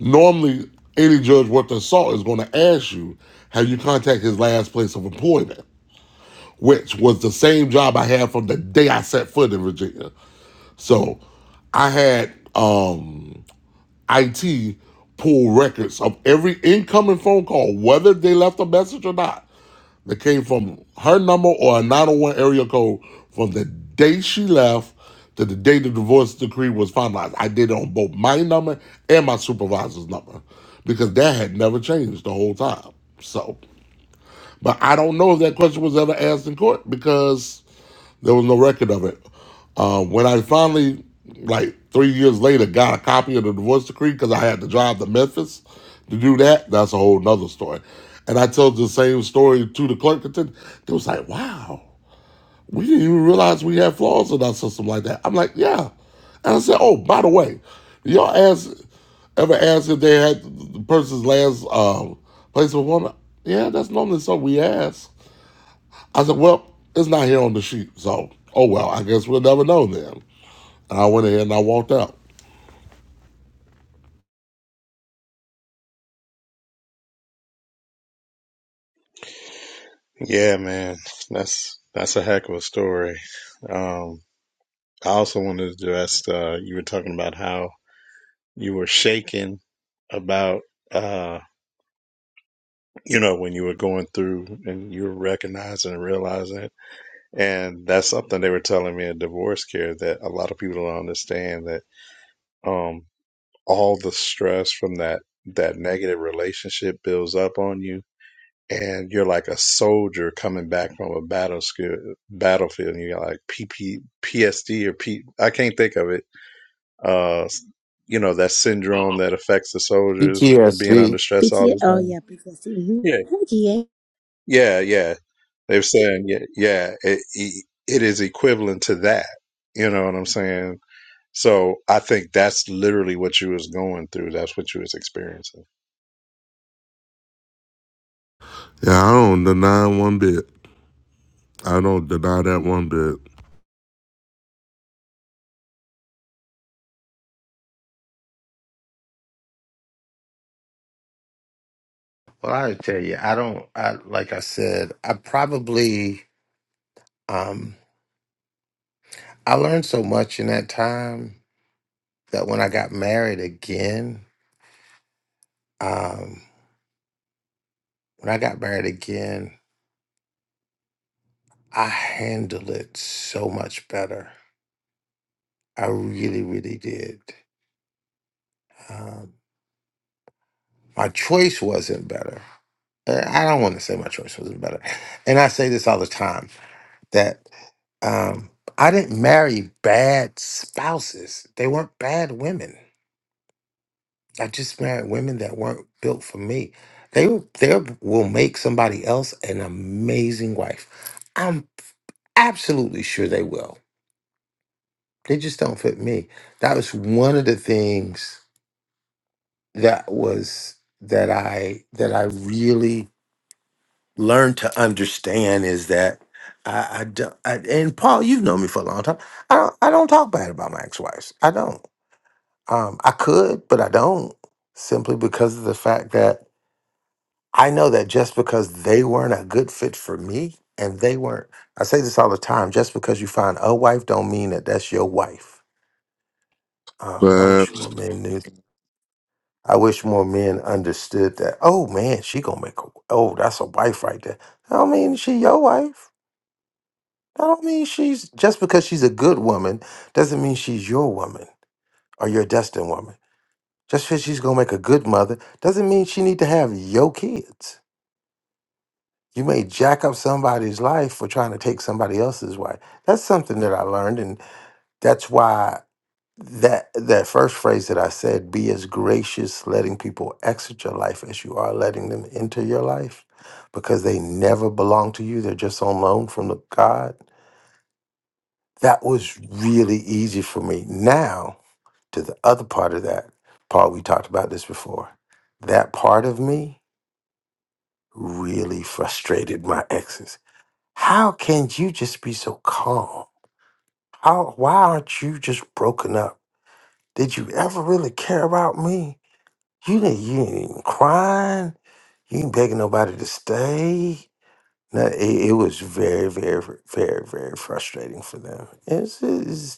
normally any judge worth their salt is going to ask you, have you contacted his last place of employment, which was the same job I had from the day I set foot in Virginia. So I had um, IT pull records of every incoming phone call, whether they left a message or not that came from her number or a 901 area code from the day she left to the day the divorce decree was finalized. I did it on both my number and my supervisor's number because that had never changed the whole time. So, but I don't know if that question was ever asked in court because there was no record of it. Uh, when I finally, like three years later, got a copy of the divorce decree because I had to drive to Memphis to do that, that's a whole nother story. And I told the same story to the clerk. at They was like, wow, we didn't even realize we had flaws in our system like that. I'm like, yeah. And I said, oh, by the way, y'all ask, ever ask if they had the person's last um, place of employment? Yeah, that's normally something we ask. I said, well, it's not here on the sheet. So, oh well, I guess we'll never know then. And I went ahead and I walked out.
Yeah, man, that's that's a heck of a story. Um, I also wanted to address uh, you were talking about how you were shaken about uh, you know when you were going through and you were recognizing and realizing it, and that's something they were telling me at divorce care that a lot of people don't understand that um, all the stress from that that negative relationship builds up on you and you're like a soldier coming back from a battle scu- battlefield and you're like PP, or P, I can't think of it. Uh, you know, that syndrome that affects the soldiers of being under
PTSD.
stress all
P.T.
the
Oh
time.
yeah, PTSD. Mm-hmm.
Yeah.
Hi, GA.
Yeah. Yeah. They were saying, yeah, yeah, it, it it is equivalent to that. You know what I'm saying? So I think that's literally what you was going through. That's what you was experiencing.
Yeah, I don't deny one bit. I don't deny that one bit.
Well, I tell you, I don't. I like I said, I probably um I learned so much in that time that when I got married again, um, when I got married again, I handled it so much better. I really, really did. Um, my choice wasn't better. Uh, I don't want to say my choice wasn't better, and I say this all the time that um, I didn't marry bad spouses. They weren't bad women. I just married women that weren't built for me. They will- they will make somebody else an amazing wife. I'm absolutely sure they will. They just don't fit me. That was one of the things that was that I that I really learn to understand is that I, I don't. I, and Paul, you've known me for a long time. I don't. I don't talk bad about my ex-wives. I don't. Um, I could, but I don't. Simply because of the fact that I know that just because they weren't a good fit for me, and they weren't. I say this all the time. Just because you find a wife, don't mean that that's your wife. Um, I
But,
wish more men knew. I wish more men understood that. Oh man, she gonna make. A, oh, that's a wife right there. I don't mean she your wife That don't mean she's just because she's a good woman doesn't mean she's your woman or your destined woman. Just because she's gonna make a good mother doesn't mean she need to have your kids. You may jack up somebody's life for trying to take somebody else's wife. That's something that I learned, and that's why that that first phrase that I said, be as gracious, letting people exit your life as you are letting them enter your life, because they never belong to you. They're just on loan from the God That was really easy for me. Now, to the other part of that, Paul, we talked about this before. That part of me really frustrated my exes. How can you just be so calm? How why aren't you just broken up? Did you ever really care about me? You didn't you ain't even crying. You ain't begging nobody to stay. No, it, it was very, very, very, very frustrating for them.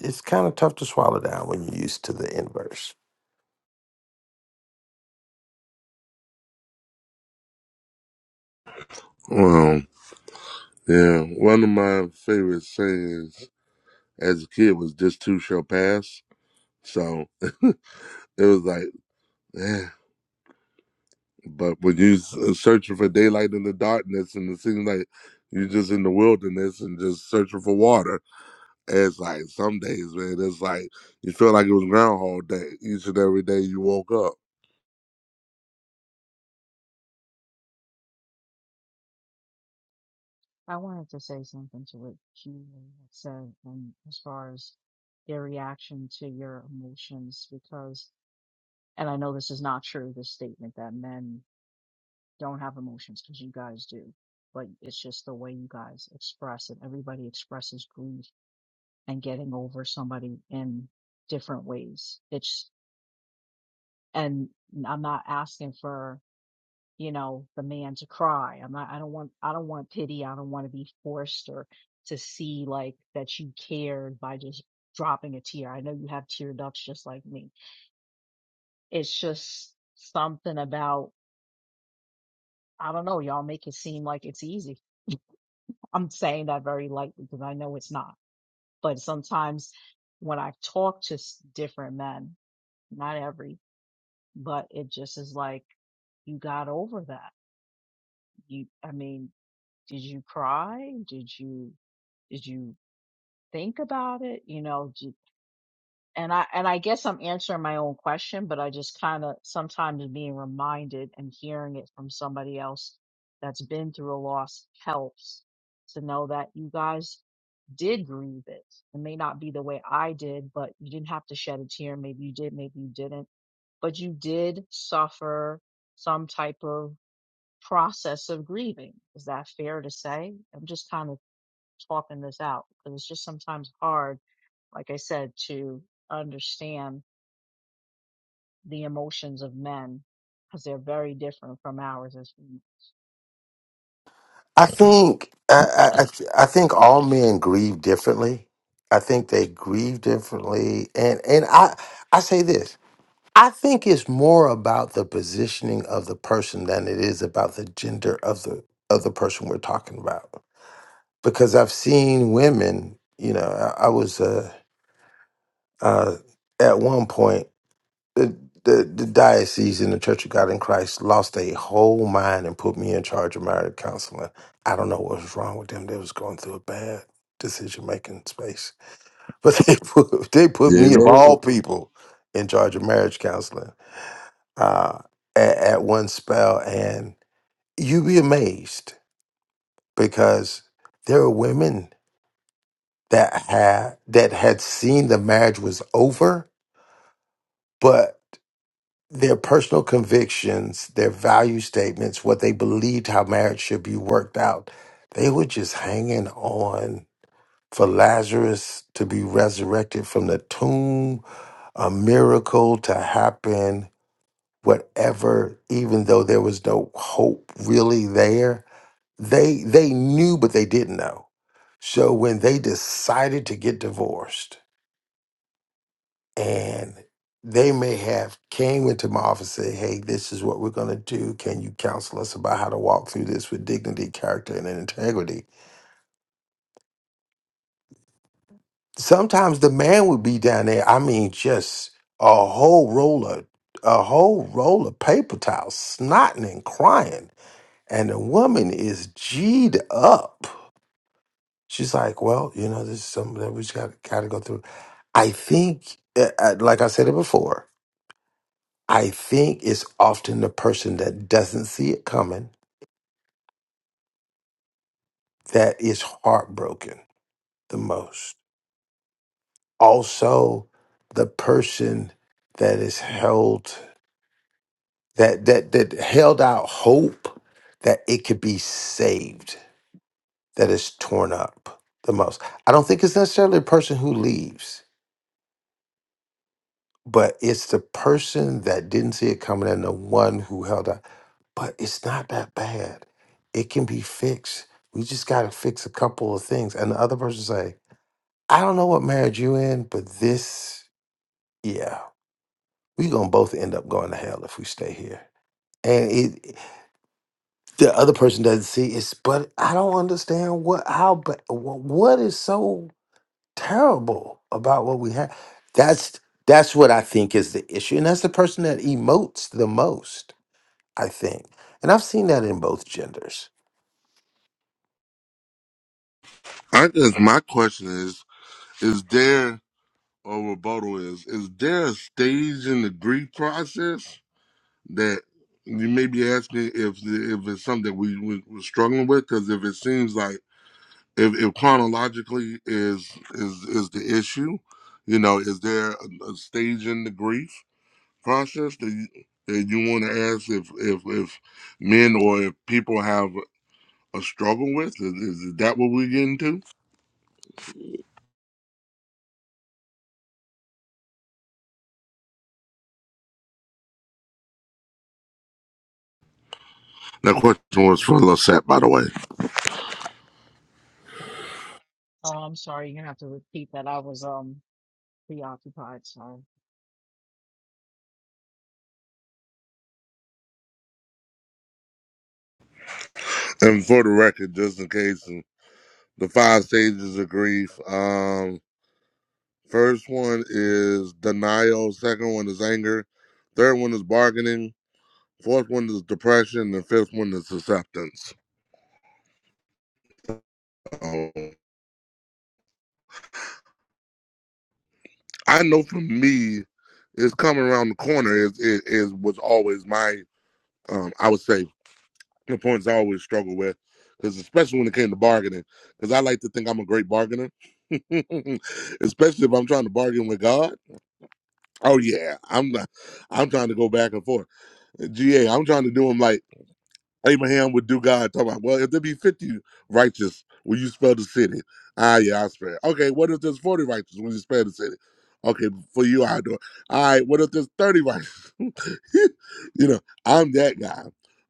it's kind of tough to swallow down when you're used to the inverse.
well, yeah, one of my favorite sayings as a kid was "This too shall pass." So [laughs] it was like, eh. but when you s- uh, searching for daylight in the darkness, and it seems like you're just in the wilderness and just searching for water. It's like some days, man, it's like you feel like it was Groundhog Day each and every day you woke up.
I wanted to say something to what you had said, and as far as their reaction to your emotions, because, and I know this is not true, this statement that men don't have emotions, because you guys do, but it's just the way you guys express it. Everybody expresses grief and getting over somebody in different ways. It's, and I'm not asking for you know, the man to cry. I'm not, I don't want, I don't want pity. I don't want to be forced or to see like that you cared by just dropping a tear. I know you have tear ducts just like me. It's just something about, I don't know, y'all make it seem like it's easy. I'm saying that very lightly because I know it's not. But sometimes when I talk to s- different men, not every, but it just is like, you got over that. You, I mean, did you cry? Did you? did you think about it, you know, j- and I and I guess I'm answering my own question, but I just kind of sometimes being reminded and hearing it from somebody else that's been through a loss helps to know that you guys did grieve it. It may not be the way I did, but you didn't have to shed a tear. Maybe you did, maybe you didn't, but you did suffer some type of process of grieving. Is that fair to say? I'm just kind of talking this out because it's just sometimes hard like I said, to understand the emotions of men because they're very different from ours. As women.
I think I, I, I th- I think all men grieve differently. I think they grieve differently, and and I I say this. I think it's more about the positioning of the person than it is about the gender of the of the person we're talking about. Because I've seen women, you know, I, I was uh, uh, at one point. the, the the diocese in the Church of God in Christ lost their whole mind and put me in charge of marriage counseling. I don't know what was wrong with them. They was going through a bad decision making space, but [laughs] they put they put
Yeah,
me of all
over.
people in charge of marriage counseling uh, at, at one spell, and you'd be amazed because there were women that had that had seen the marriage was over, but their personal convictions, their value statements, what they believed how marriage should be worked out. They were just hanging on for Lazarus to be resurrected from the tomb, a miracle to happen, whatever, even though there was no hope really there. They they knew but they didn't know. So when they decided to get divorced, and they may have came into my office and said, "Hey, this is what we're going to do. Can you counsel us about how to walk through this with dignity, character, and integrity?" Sometimes the man would be down there. I mean, just a whole roll of a whole roll of paper towels, snotting and crying, and the woman is g'd up. She's like, "Well, you know, this is something that we just got got to go through." I think, uh, uh, like I said it before, I think it's often the person that doesn't see it coming that is heartbroken the most. Also, the person that is held that that that held out hope that it could be saved that is torn up the most. I don't think it's necessarily the person who leaves, but it's the person that didn't see it coming and the one who held out. but it's not that bad. It can be fixed. We just got to fix a couple of things. And the other person say, I don't know what marriage you in, but this, yeah, we gonna both end up going to hell if we stay here. And it, the other person doesn't see it's, but I don't understand what, how, but what is so terrible about what we have? That's that's what I think is the issue, and that's the person that emotes the most. I think, and I've seen that in both genders
I guess my question is: Is there a rebuttal? Is is there a stage in the grief process that you may be asking if if it's something we, we we're struggling with? Because if it seems like if, if chronologically is is is the issue, you know, is there a, a stage in the grief? process that you, that you want to ask if if if men or if people have a struggle with? Is, is that what we get into? That question was for Lissette, by the way.
oh, I'm sorry, you're gonna have to repeat that. I was um preoccupied. Sorry.
And for the record, just in case, uh, the five stages of grief. Um, first one is denial. Second one is anger. Third one is bargaining. Fourth one is depression. And the fifth one is acceptance. Um, I know for me, it's coming around the corner is is, is was always my um, I would say the points I always struggle with, because especially when it came to bargaining, because I like to think I'm a great bargainer, [laughs] especially if I'm trying to bargain with God. Oh yeah, I'm not. I'm trying to go back and forth. Ga, I'm trying to do him like Abraham would do God. Talking about, well, if there be fifty righteous, will you spell the city? Ah, yeah, I spell. it. Okay, what if there's forty righteous? Will you spell the city? Okay, for you, I do it. All right, what if there's thirty [laughs] righteous? [laughs] you know, I'm that guy,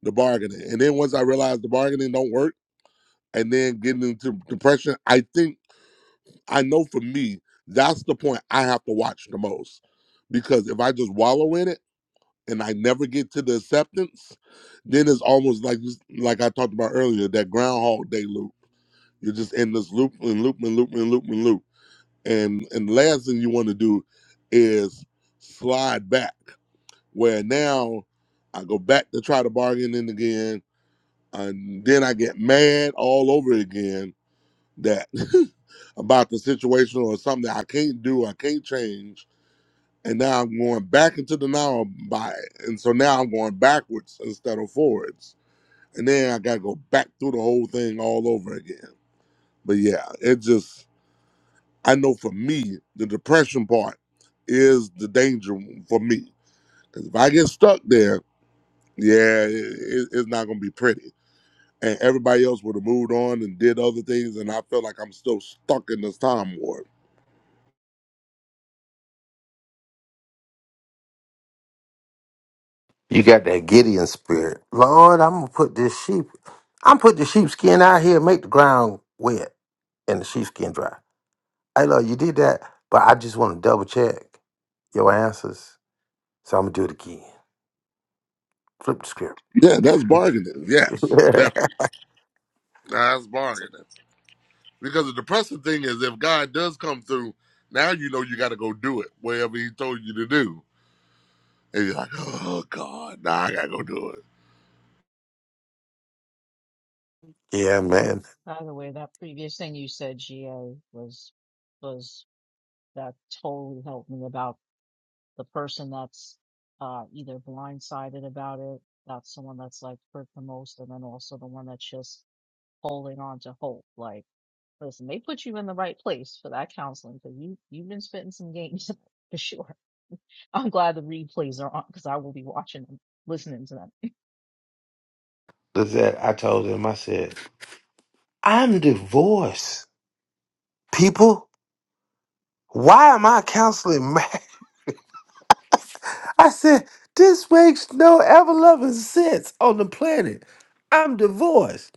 the bargaining. And then once I realized the bargaining don't work and then getting into depression, I think I know for me, that's the point I have to watch the most. Because if I just wallow in it and I never get to the acceptance, then it's almost like like I talked about earlier, that groundhog day loop. You're just in this loop and loop and loop and loop and loop. And and the last thing you want to do is slide back where now I go back to try to bargain in again, and then I get mad all over again that [laughs] about the situation or something that I can't do, I can't change, and now I'm going back into the now by, and so now I'm going backwards instead of forwards, and then I gotta go back through the whole thing all over again. But yeah, it just I know for me the depression part is the danger for me because if I get stuck there yeah, it, it's not gonna be pretty. And everybody else would have moved on and did other things, and I feel like I'm still stuck in this time warp.
You got that Gideon spirit. Lord, I'm gonna put this sheep. I'm put the sheepskin out here, make the ground wet and the sheepskin dry. Hey Lord, you did that, but I just want to double check your answers. So I'm gonna do it again. Flip the script.
Yeah, that's bargaining.
[laughs]
Yes, definitely. That's bargaining. Because the depressing thing is, if God does come through, now you know you got to go do it, whatever He told you to do. And you're like, oh God, now I gotta go do it.
yeah, man.
By the way, that previous thing you said, GA, was was that totally helped me about the person that's uh either blindsided about it. That's the one that's like hurt the most, and then also the one that's just holding on to hope, like. Listen, they put you in the right place for that counseling because you you've been spitting some games [laughs] for sure. I'm glad the replays are on because I will be watching them, listening to them.
Look at that. I told him, I said, I'm divorced. People, why am I counseling man? [laughs] I said, this makes no ever loving sense on the planet. I'm divorced.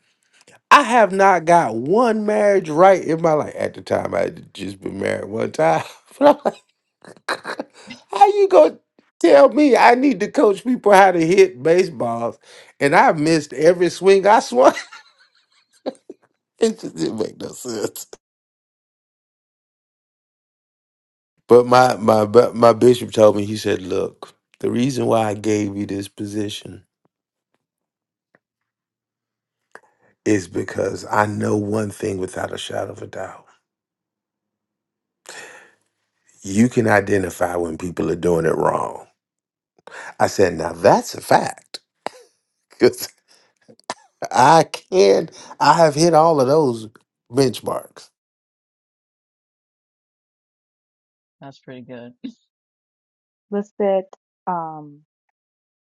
I have not got one marriage right in my life. At the time, I had just been married one time. [laughs] But I'm like, [laughs] how you gonna tell me I need to coach people how to hit baseballs, and I missed every swing I swung? [laughs] It just didn't make no sense. But my my bu- my bishop told me he said, "Look, the reason why I gave you this position is because I know one thing without a shadow of a doubt: you can identify when people are doing it wrong." I said, "Now that's a fact." Because I can, I have hit all of those benchmarks.
That's pretty good. [laughs]
Lisette, um,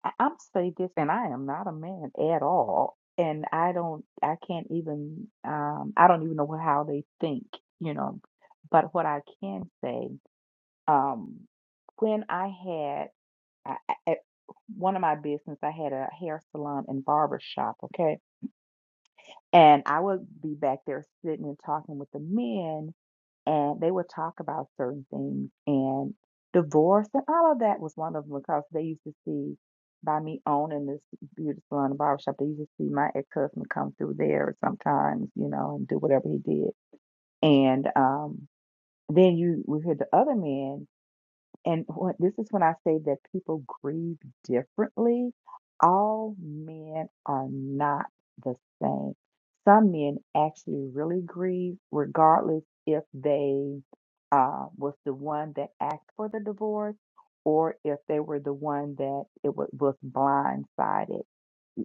I- I'm say this, and I am not a man at all, and I don't, I can't even, um, I don't even know how they think, you know. But what I can say, um, when I had I, I, at one of my business, I had a hair salon and barber shop, okay, and I would be back there sitting and talking with the men, and they would talk about certain things and divorce and all of that was wonderful because they used to see by me owning this beauty salon and barbershop, they used to see my ex husband come through there sometimes, you know, and do whatever he did. And um, then you would hear the other men and what this is when I say that people grieve differently. All men are not the same. Some men actually really grieve, regardless if they uh, was the one that asked for the divorce or if they were the one that it was, was blindsided.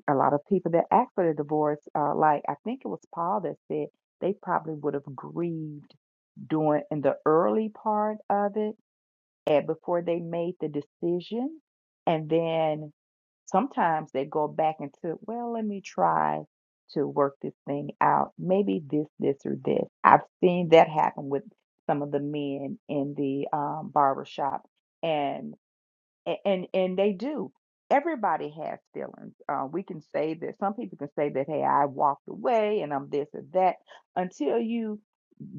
A lot of people that asked for the divorce, uh, like I think it was Paul that said, they probably would have grieved during in the early part of it and before they made the decision. And then sometimes they go back into, well, let me try to work this thing out. Maybe this, this, or this. I've seen that happen with some of the men in the um, barber shop, and and and they do. Everybody has feelings. Uh, we can say that some people can say that, hey, I walked away and I'm this or that until you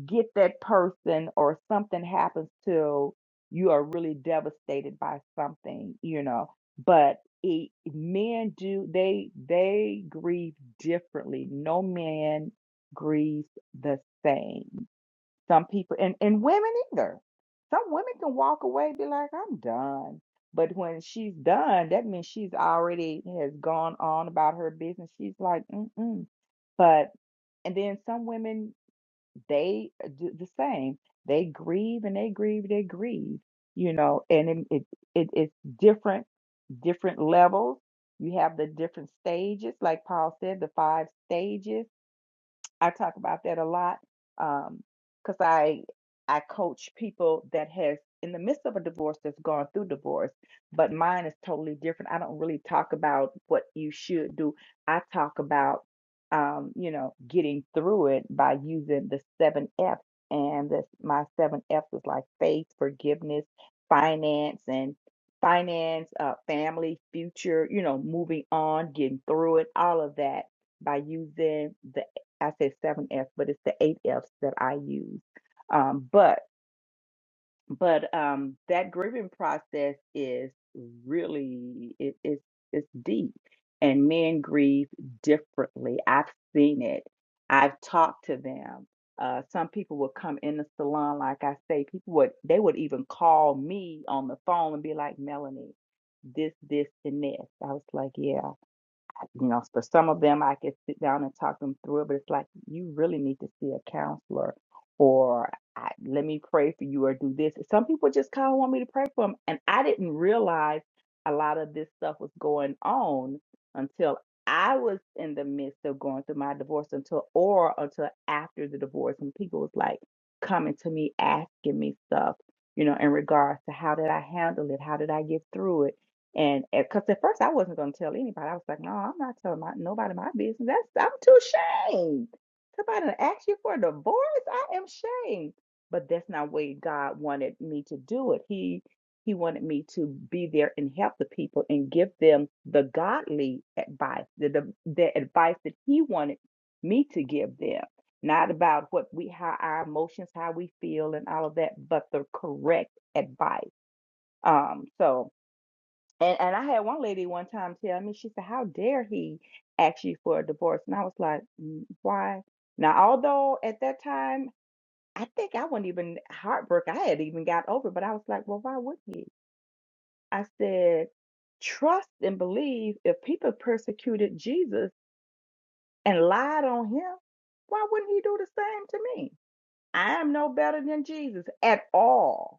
get that person or something happens to you are really devastated by something you know but it, men do they they grieve differently no man grieves the same some people and and women either some women can walk away be like i'm done but when she's done that means she's already has gone on about her business she's like mm-mm but and then some women they uh, do the same. They grieve and they grieve, they grieve, you know, and it, it, it it's different, different levels. You have the different stages, like Paul said, the five stages I talk about that a lot um, cause I I coach people that has in the midst of a divorce that's gone through divorce, but mine is totally different. I don't really talk about what you should do. I talk about um, you know getting through it by using the seven F's, and this my seven F's is like faith, forgiveness, finance, and finance, uh, family, future. You know, moving on, getting through it, all of that by using the I said seven F's, but it's the eight F's that I use. Um, but but um, that grieving process is really it, it's it's deep, and men grieve differently. I've seen it. I've talked to them. Uh, some people would come in the salon, like I say, people would they would even call me on the phone and be like, Melanie, this, this, and this. I was like, yeah you know, for some of them, I could sit down and talk them through it, but it's like you really need to see a counselor, or I, let me pray for you, or do this. Some people just kind of want me to pray for them, and I didn't realize a lot of this stuff was going on until I was in the midst of going through my divorce, until or until after the divorce, and people was like coming to me asking me stuff, you know, in regards to how did I handle it, how did I get through it and because at first I wasn't going to tell anybody. I was like, no, I'm not telling my, nobody my business. That's I'm too ashamed. Somebody to ask you for a divorce. I am ashamed. But that's not the way God wanted me to do it. He he wanted me to be there and help the people and give them the godly advice, the, the, the advice that he wanted me to give them. Not about what we how our emotions, how we feel and all of that, but the correct advice. Um, so and and I had one lady one time tell me, she said, "How dare he ask you for a divorce?" And I was like, "Mm, "Why?" Now, although at that time I think I wasn't even heartbroken, I had even got over, but I was like, "Well, why would he?" I said, "Trust and believe. If people persecuted Jesus and lied on him, why wouldn't he do the same to me? I am no better than Jesus at all."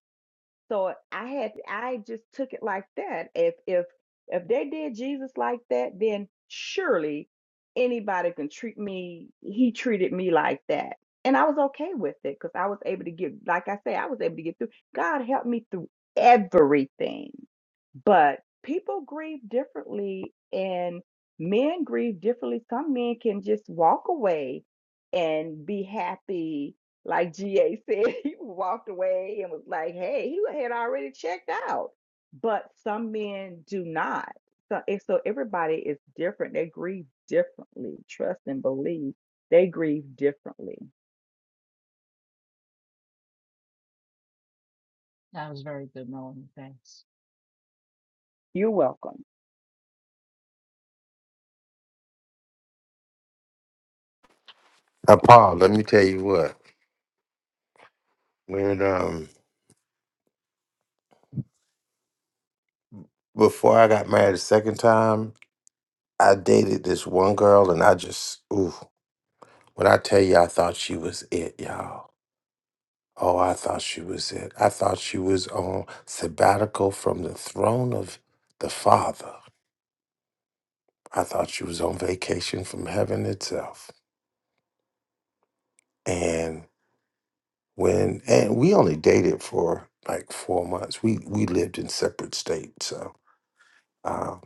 So I had I just took it like that. If if if they did Jesus like that, then surely anybody can treat me. He treated me like that. And I was okay with it because I was able to get, like I say, I was able to get through. God helped me through everything. But people grieve differently, and men grieve differently. Some men can just walk away and be happy like GA said, [laughs] he walked away and was like, hey, he had already checked out. But some men do not. So, and so everybody is different. They grieve differently. Trust and believe they grieve differently.
That was very good, Melanie. Thanks.
You're welcome.
Now, Paul, let me tell you what. When um, before I got married the second time, I dated this one girl, and I just, ooh, when I tell you, I thought she was it, y'all. Oh, I thought she was it. I thought she was on sabbatical from the throne of the Father. I thought she was on vacation from heaven itself. when and we only dated for like four months. We we lived in separate states, so um,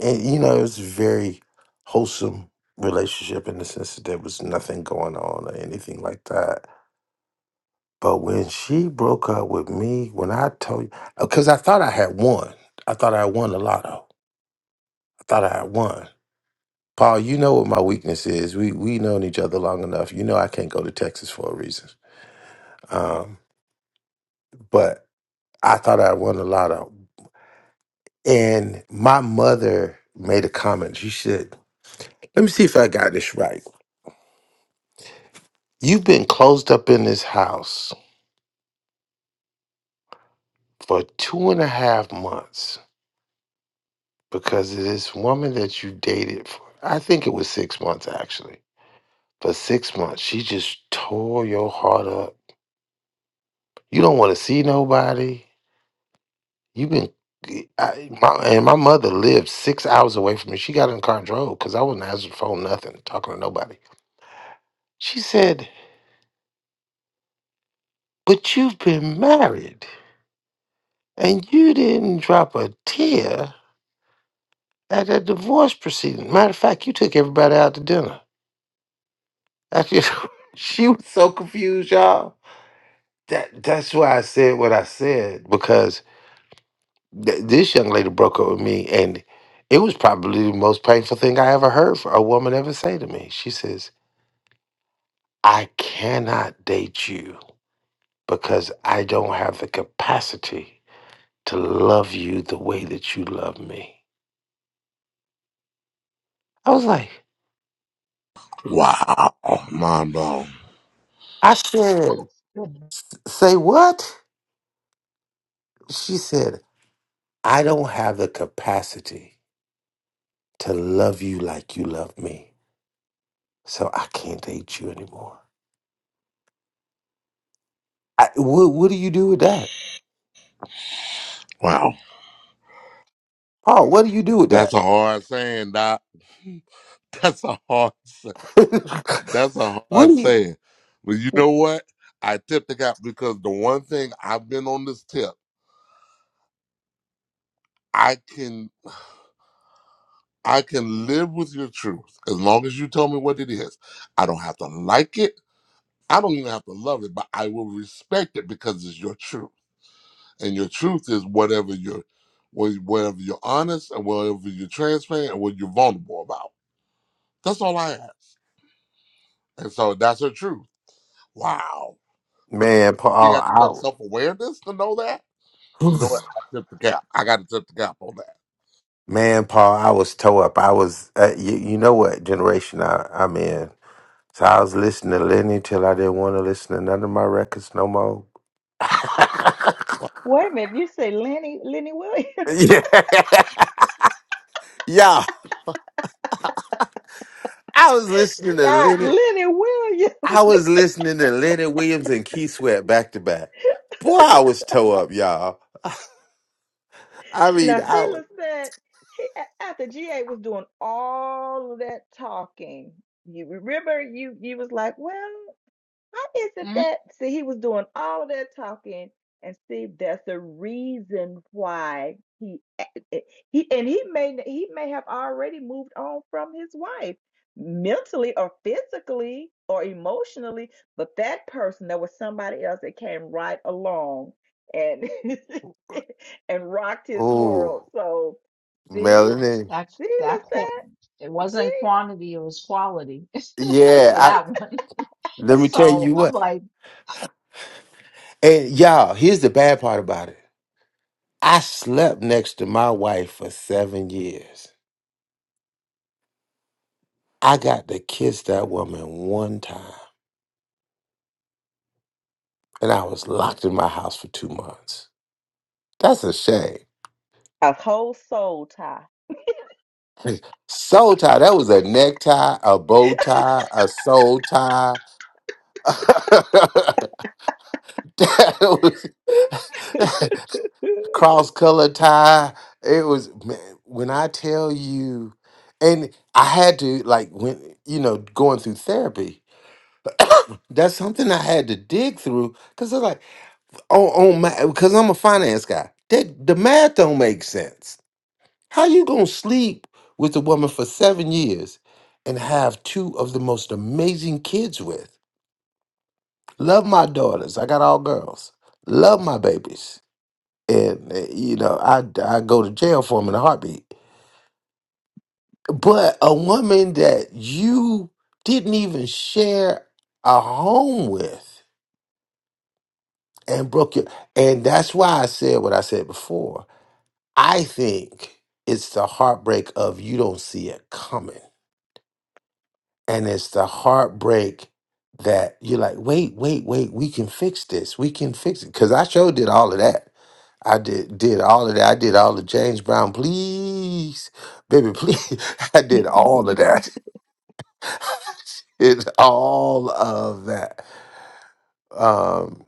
and you know it was a very wholesome relationship in the sense that there was nothing going on or anything like that. But when she broke up with me, when I told you, because I thought I had won, I thought I had won the lotto. I thought I had won. Paul, you know what my weakness is. We we known each other long enough. You know I can't go to Texas for a reason. Um, but I thought I won the lotto. And my mother made a comment. She said, let me see if I got this right. You've been closed up in this house for two and a half months because of this woman that you dated for, I think it was six months actually. For six months, she just tore your heart up. You don't want to see nobody. You've been, I, my, and my mother lived six hours away from me. She got in the car and drove because I wasn't answering the phone, nothing, talking to nobody. She said, But you've been married. And you didn't drop a tear at that divorce proceeding. Matter of fact, you took everybody out to dinner. I [laughs] she was so confused, y'all. That that's why I said what I said because th- this young lady broke up with me, and it was probably the most painful thing I ever heard for a woman ever say to me. She says, "I cannot date you because I don't have the capacity to love you the way that you love me." I was like,
Wow, mind blown.
I said.
Ooh, good.
Say what? She said, I don't have the capacity to love you like you love me. So I can't date you anymore. I, what, what do you do with that?
Wow,
Paul, what do you do with
that's
that?
a hard saying, Doc. [laughs] That's a hard saying.
[laughs]
That's a
what
hard
do you?
saying. But you know what? I tip the cap because the one thing I've been on this tip, I can I can live with your truth as long as you tell me what it is. I don't have to like it. I don't even have to love it, but I will respect it because it's your truth. And your truth is whatever you're wh- whatever you're honest and whatever you're transparent and what you're vulnerable about. That's all I ask. And so that's her truth. Wow. But
Man,
you have to
Paul,
self awareness to know that?
I, [sighs]
You know what? I tipped the cap. I got to tip the cap on that.
man, Paul, I was toe up. I was, uh, you, you know what generation I, I'm in. So I was listening to Lenny till I didn't want to listen to none of my records no more. [laughs]
Well,
Wait a minute, you say Lenny Lenny Williams?
yeah. [laughs] Yeah. I was listening
[laughs]
to
Not
Leonard.
Lenny Williams. [laughs]
I was listening to Leonard Williams and Key Sweat back to back. Boy, I was toe up, y'all. I mean,
Now
I
Sheila
was-
said he, a- after GA was doing all of that talking, you remember you you was like, well. Why isn't
Mhm.
that? See, he was doing all of that talking, and see, that's the reason why he a- he and he may he may have already moved on from his wife mentally or physically or emotionally, but that person there was somebody else that came right along and [laughs] and rocked his world.
oh
So see,
Melanie.
That
see,
that qu-
LaFette,
it wasn't quantity, it was quality [laughs]
Yeah,
for
see,
I
that one. [laughs]
let me tell
So
you
I'm
what.
like,
And y'all, here's the bad part about it. I slept next to my wife for seven years. I got to kiss that woman one time, and I was locked in my house for two months. That's a shame.
[laughs] a whole soul tie.
Soul tie. That was a necktie, a bow tie, a soul tie. [laughs] that was [laughs] cross color tie. It was man, when I tell you, and I had to like when you know going through therapy. [coughs] that's something I had to dig through because I was like, oh, oh my because I'm a finance guy. That the math don't make sense How you gonna sleep with a woman for seven years and have two of the most amazing kids with? Love my daughters. I got all girls. Love my babies. And uh, you know, I I go to jail for them in a heartbeat. But a woman that you didn't even share a home with and broke your and that's why I said what I said before. I think it's the heartbreak of you don't see it coming And it's the heartbreak that you're like, wait, wait, wait, we can fix this. We can fix it. Cause I sure did all of that. I did did all of that. I did all the James Brown, please, baby, please. [laughs] I did
[laughs]
all of that. [laughs] It's all of that. Um,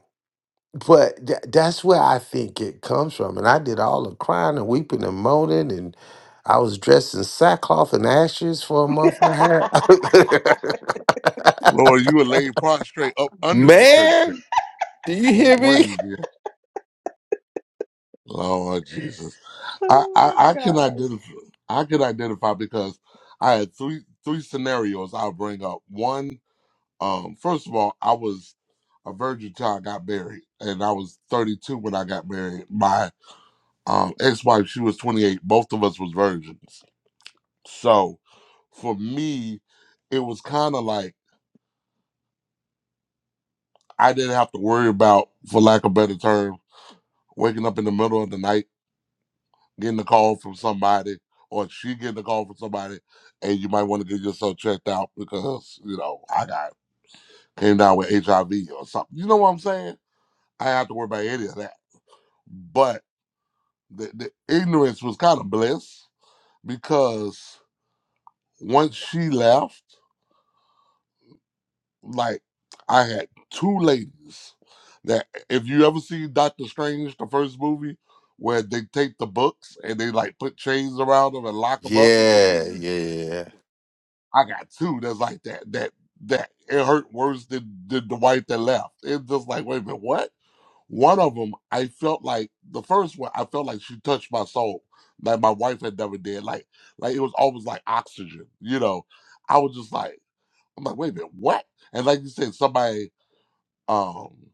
but tha- that's where I think it comes from. And I did all the crying and weeping and moaning, and I was dressed in sackcloth and ashes for a month and a
[laughs]
half.
Lord, you were laid prostrate up
[laughs]
under the church
Man,
bench.
Do you
One,
hear
one of
me?
you did. Lord Jesus, I,
oh
I,
my
I can
gosh.
identify. I can identify because I had three three scenarios I'll bring up. One, um, first of all, I was a virgin till I got married, and I was 32 when I got married. My um, ex-wife, she was 28. Both of us was virgins. So, for me, it was kind of like. I didn't have to worry about, for lack of better term, waking up in the middle of the night, getting a call from somebody, or she getting a call from somebody, and you might want to get yourself checked out because, you know, I got came down with HIV or something. You know what I'm saying? I didn't have to worry about any of that. But the, the ignorance was kind of bliss because once she left, like I had two ladies that if you ever see Doctor Strange, the first movie where they take the books and they like put chains around them and lock them up.
Yeah,
[laughs]
yeah,
I got two that's like that. That that it hurt worse than, than the wife that left. It's just like wait a minute, what? One of them, I felt like the first one, I felt like she touched my soul, like my wife had never did. Like like it was almost like oxygen, you know. I was just like, I'm like, wait a minute, what? And like you said, somebody um,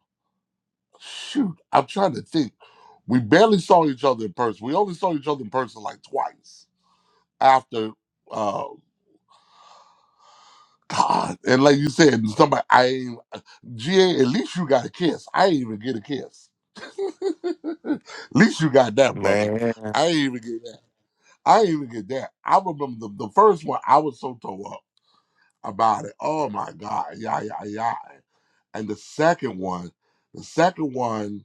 shoot, I'm trying to think. We barely saw each other in person. We only saw each other in person like twice after. Uh, [laughs] God, and like you said, somebody I ain't GA. At least you got a kiss. I ain't even get a kiss. [laughs] at least you got that, brother.
man.
I ain't even get that. I ain't even get that. I remember the, the first one. I was so tore up about it. Oh my God, yeah, yeah, yeah. And the second one, the second one.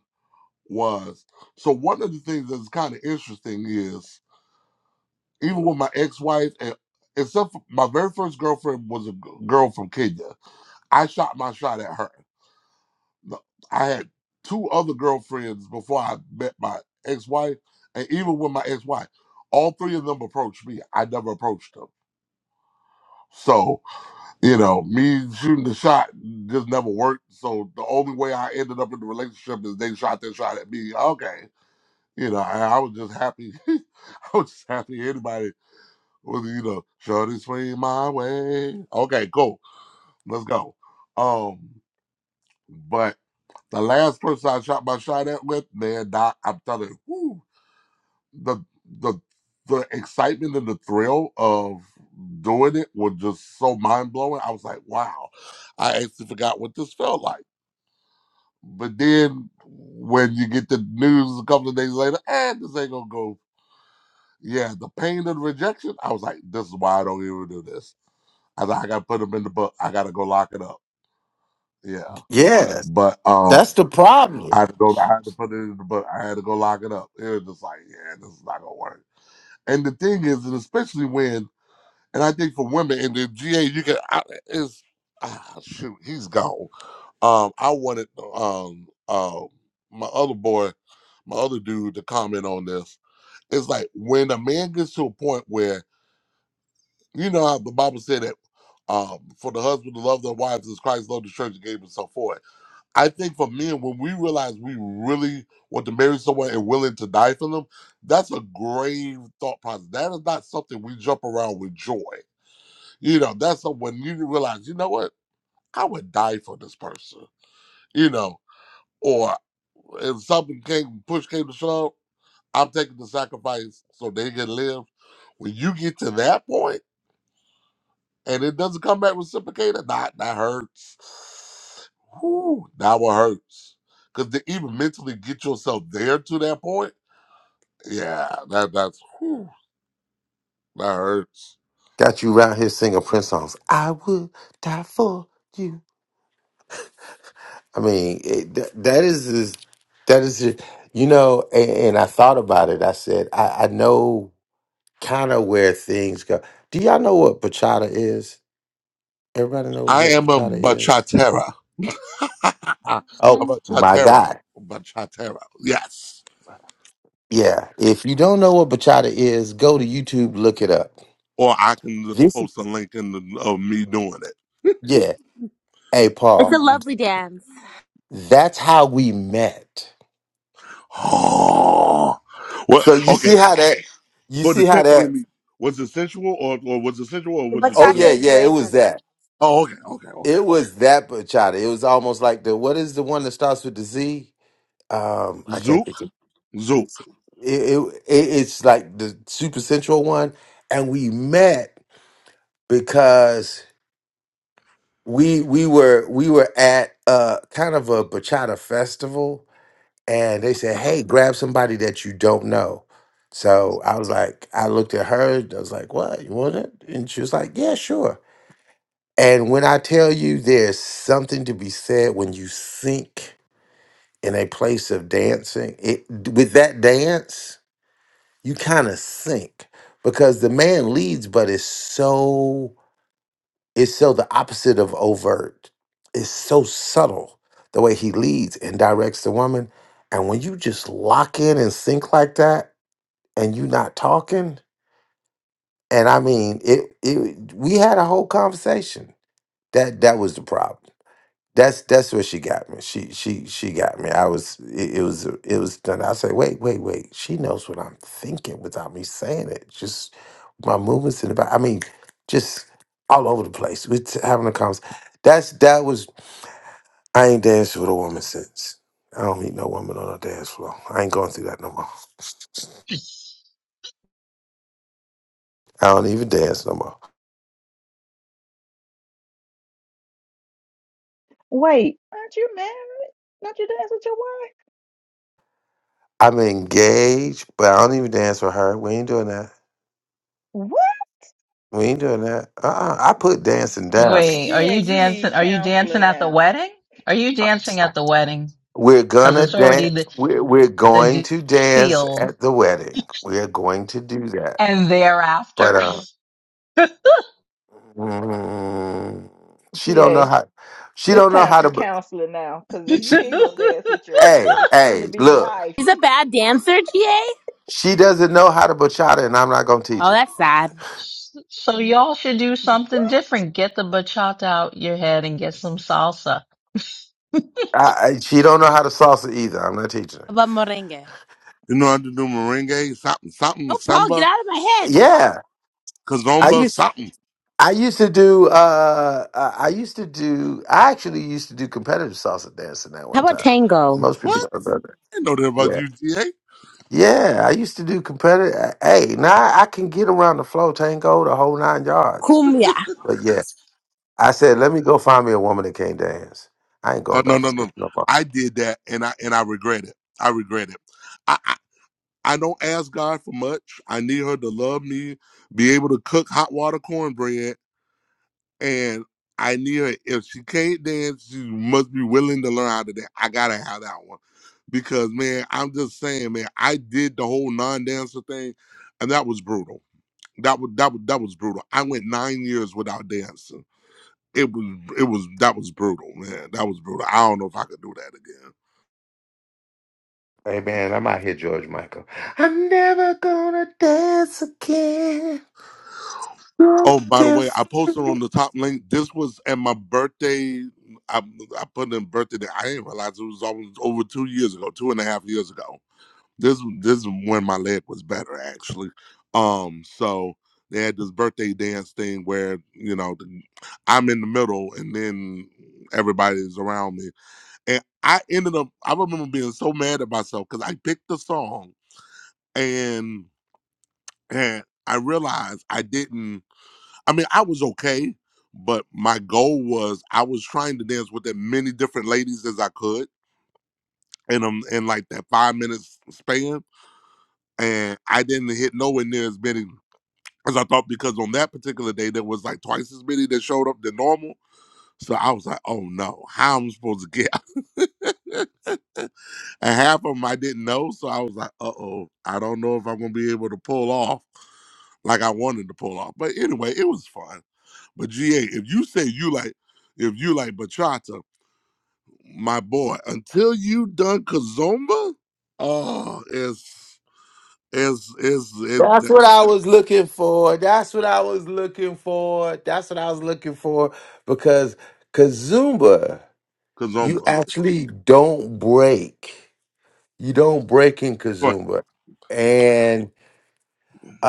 was. So one of the things that's kind of interesting is even with my ex-wife and except for my very first girlfriend was a g- girl from Kenya. I shot my shot at her. No, I had two other girlfriends before I met my ex-wife, and even with my ex-wife, all three of them approached me. I never approached them. So, you know, me shooting the shot just never worked. So the only way I ended up in the relationship is they shot their shot at me. Okay You know, and I was just happy. [laughs] I was just happy anybody was, you know, shorty swing my way. Okay, cool. Let's go. Um, but the last person I shot my shot at with, man, Doc, I'm telling you, whew, the the the excitement and the thrill of doing it was just so mind blowing. I was like, wow, I actually forgot what this felt like. But then when you get the news a couple of days later, eh, this ain't gonna go yeah, the pain of rejection. I was like, this is why I don't even do this. I thought I gotta put them in the book. I gotta go lock it up. Yeah,
Yeah, Yes.
but um,
that's the problem.
I had to go. I had to put it in the book. I had to go lock it up. It was just like, yeah, this is not gonna work. And the thing is, and especially when, and I think for women in the GA, you can I, is ah, shoot, he's gone. Um, I wanted um um my other boy, my other dude, to comment on this. It's like when a man gets to a point where you know how the Bible said that um, for the husband to love their wives as Christ loved the church and gave himself for it. I think for men, when we realize we really want to marry someone and willing to die for them, that's a grave thought process. That is not something we jump around with joy. You know, that's some- when you realize, you know what, I would die for this person. You know, or if something came, push came to shove, I'm taking the sacrifice so they can live. When you get to that point and it doesn't come back reciprocated, that that hurts. Whew, that one hurts. Cause to even mentally get yourself there to that point, yeah, that that's whew, that hurts.
Got you around here singing Prince songs. I would die for you. I mean, it, that, that is is- that is it. you know. And, and I thought about it. I said, I, I know kind of where things go. Do y'all know what bachata is? Everybody knows
I
what
am a
bachata is.
bachatera. [laughs] a
Oh
mhm.
my
bachatero.
God!
Bachatero. Yes.
Yeah, if you don't know what bachata is, go to YouTube, look it up.
Or I can just
This,
post a link in the, of me doing it.
yeah, Hey,
It's a
Paul,
lovely dance.
that's how we met.
[gasps] Oh, what?
So you see
Okay.
how that, you
For the
see how
tech in
that,
me, was it sensual or, or was it sensual or was it
oh yeah,
Bachata
traditional?
is
yeah, it
very
was
sensual.
that.
Oh, okay, okay, okay.
It was that bachata. It was almost like the, what is the one that starts with the Z? Um, I
Zook.
can't think of
Zook.
it. It, it. It's like the super central one. And we met because we, we were, we were at a kind of a bachata festival and they said, "Hey, grab somebody that you don't know." So I was like, I looked at her. I was like, "What you want it?" And she was like, "Yeah, sure." And when I tell you, there's something to be said when you sink in a place of dancing. It with that dance, you kind of sink because the man leads, but it's so it's so the opposite of overt. It's so subtle the way he leads and directs the woman. And when you just lock in and sink like that and you not talking, and I mean it it we had a whole conversation. That that was the problem. That's that's where she got me. She she she got me. I was it, it was it was done. I said, wait wait wait. She knows what I'm thinking without me saying it. Just my movements in the back. I mean, just all over the place. We're t- having a conversation. That's that was. I ain't danced with a woman since. I don't meet no woman on a dance floor. I ain't going through that no more. I don't even dance no more.
Wait, aren't you married? Don't you dance with your wife?
I'm engaged, but I don't even dance with her. We ain't doing that.
What?
We ain't doing that. Uh-uh. I put dancing down.
Wait, are
Yeah,
you
you
dancing?
need
Are you dancing
counseling
at the
now.
wedding? Are you dancing at the wedding?
We're
Because
gonna
it's already
dance.
the
We're, we're going
the
to dance
deal.
at the wedding. We're going to do that.
and
But
thereafter.
uh,
[laughs]
mm, she don't know
GA,
how. She
it's
don't know
time
how
for
to. b-
counseling now. Cause if you
She,
ain't gonna dance with your
hey,
your soon to
hey,
be
look.
wife,
He's a bad dancer, GA.
She doesn't know how to bachata, and I'm not gonna teach
Oh,
her.
that's sad.
so y'all should do something different. Get the bachata out your head and get some salsa.
I, I, she don't know how to salsa either. I'm not teaching her.
How about merengue?
You know how to do merengue, something, something,
Oh, Paul, get
samba,
out of my head.
Yeah, I
kazomba,
used.
something.
I used to do. Uh, uh, I used to do. I actually used to do competitive salsa dancing at one time. Most people
What?
don't know that.
I didn't know that about
Yeah.
UGA.
Yeah, I used to do competitive. uh, Hey, now I I can get around the flow tango the whole nine yards. But yeah, I said, let me go find me a woman that can't dance. I ain't
Oh
going
no,
back
no,
to this
no.
no more.
I did that and I and I regret it. I regret it. I, I I don't ask God for much. I need her to love me, be able to cook hot water cornbread, and I need her if she can't dance, she must be willing to learn how to dance. I gotta have that one. Because man, I'm just saying, man, I did the whole non-dancer thing and that was brutal That was that was that was brutal. I went nine years without dancing. It was it was that was brutal, man. That was brutal. I don't know if I could do that again.
Hey man, I'm out here, George Michael. I'm never gonna dance again. You're
Oh, by the way, I posted on the top link. This was at my birthday. I, I put in birthday. Day. I didn't realize it was almost over two years ago, two and a half years ago. This this is when my leg was better actually. Um, so they had this birthday dance thing where you know the, I'm in the middle, and then everybody's around me And I ended up, I remember being so mad at myself because I picked the song and, and I realized I didn't, I mean, I was okay, but my goal was I was trying to dance with as many different ladies as I could in, um, in like that five minutes span. And I didn't hit nowhere near as many as I thought because on that particular day, there was like twice as many that showed up than normal. So I was like, oh no, how am I supposed to get [laughs] and half of them I didn't know. So I was like, uh oh, I don't know if I'm gonna be able to pull off like I wanted to pull off. But anyway, it was fun. But GA, if you say you like, if you like bachata, my boy, until you done kazomba, oh, it's it's it's it
That's
that-
what I was looking for. That's what I was looking for. That's what I was looking for. Because Kazumba, you
kazomba.
actually don't break. you don't break in
Go
Kazumba, and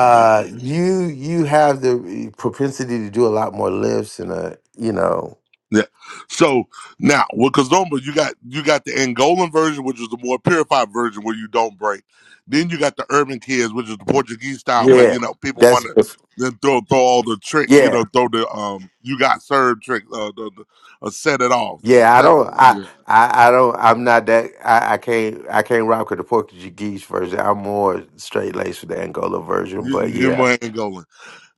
ahead.
you you have the eh, propensity to do a lot more lifts and a you know
Yeah. So now with Kazomba, you got you got the Angolan version, which is the more purified version where you don't break. Then you got the urban kids, which is the Portuguese style where
yeah
you know people want
that's
to then throw throw all the tricks. You
yeah
know, throw the um you got served trick, uh, the, the uh, set it off
yeah I
step.
don't I
Yeah.
I, I don't I'm not that I, I can't I can't rock with the Portuguese version I'm more straight laced with the Angola version
You,
but
you're
yeah
more Angolan.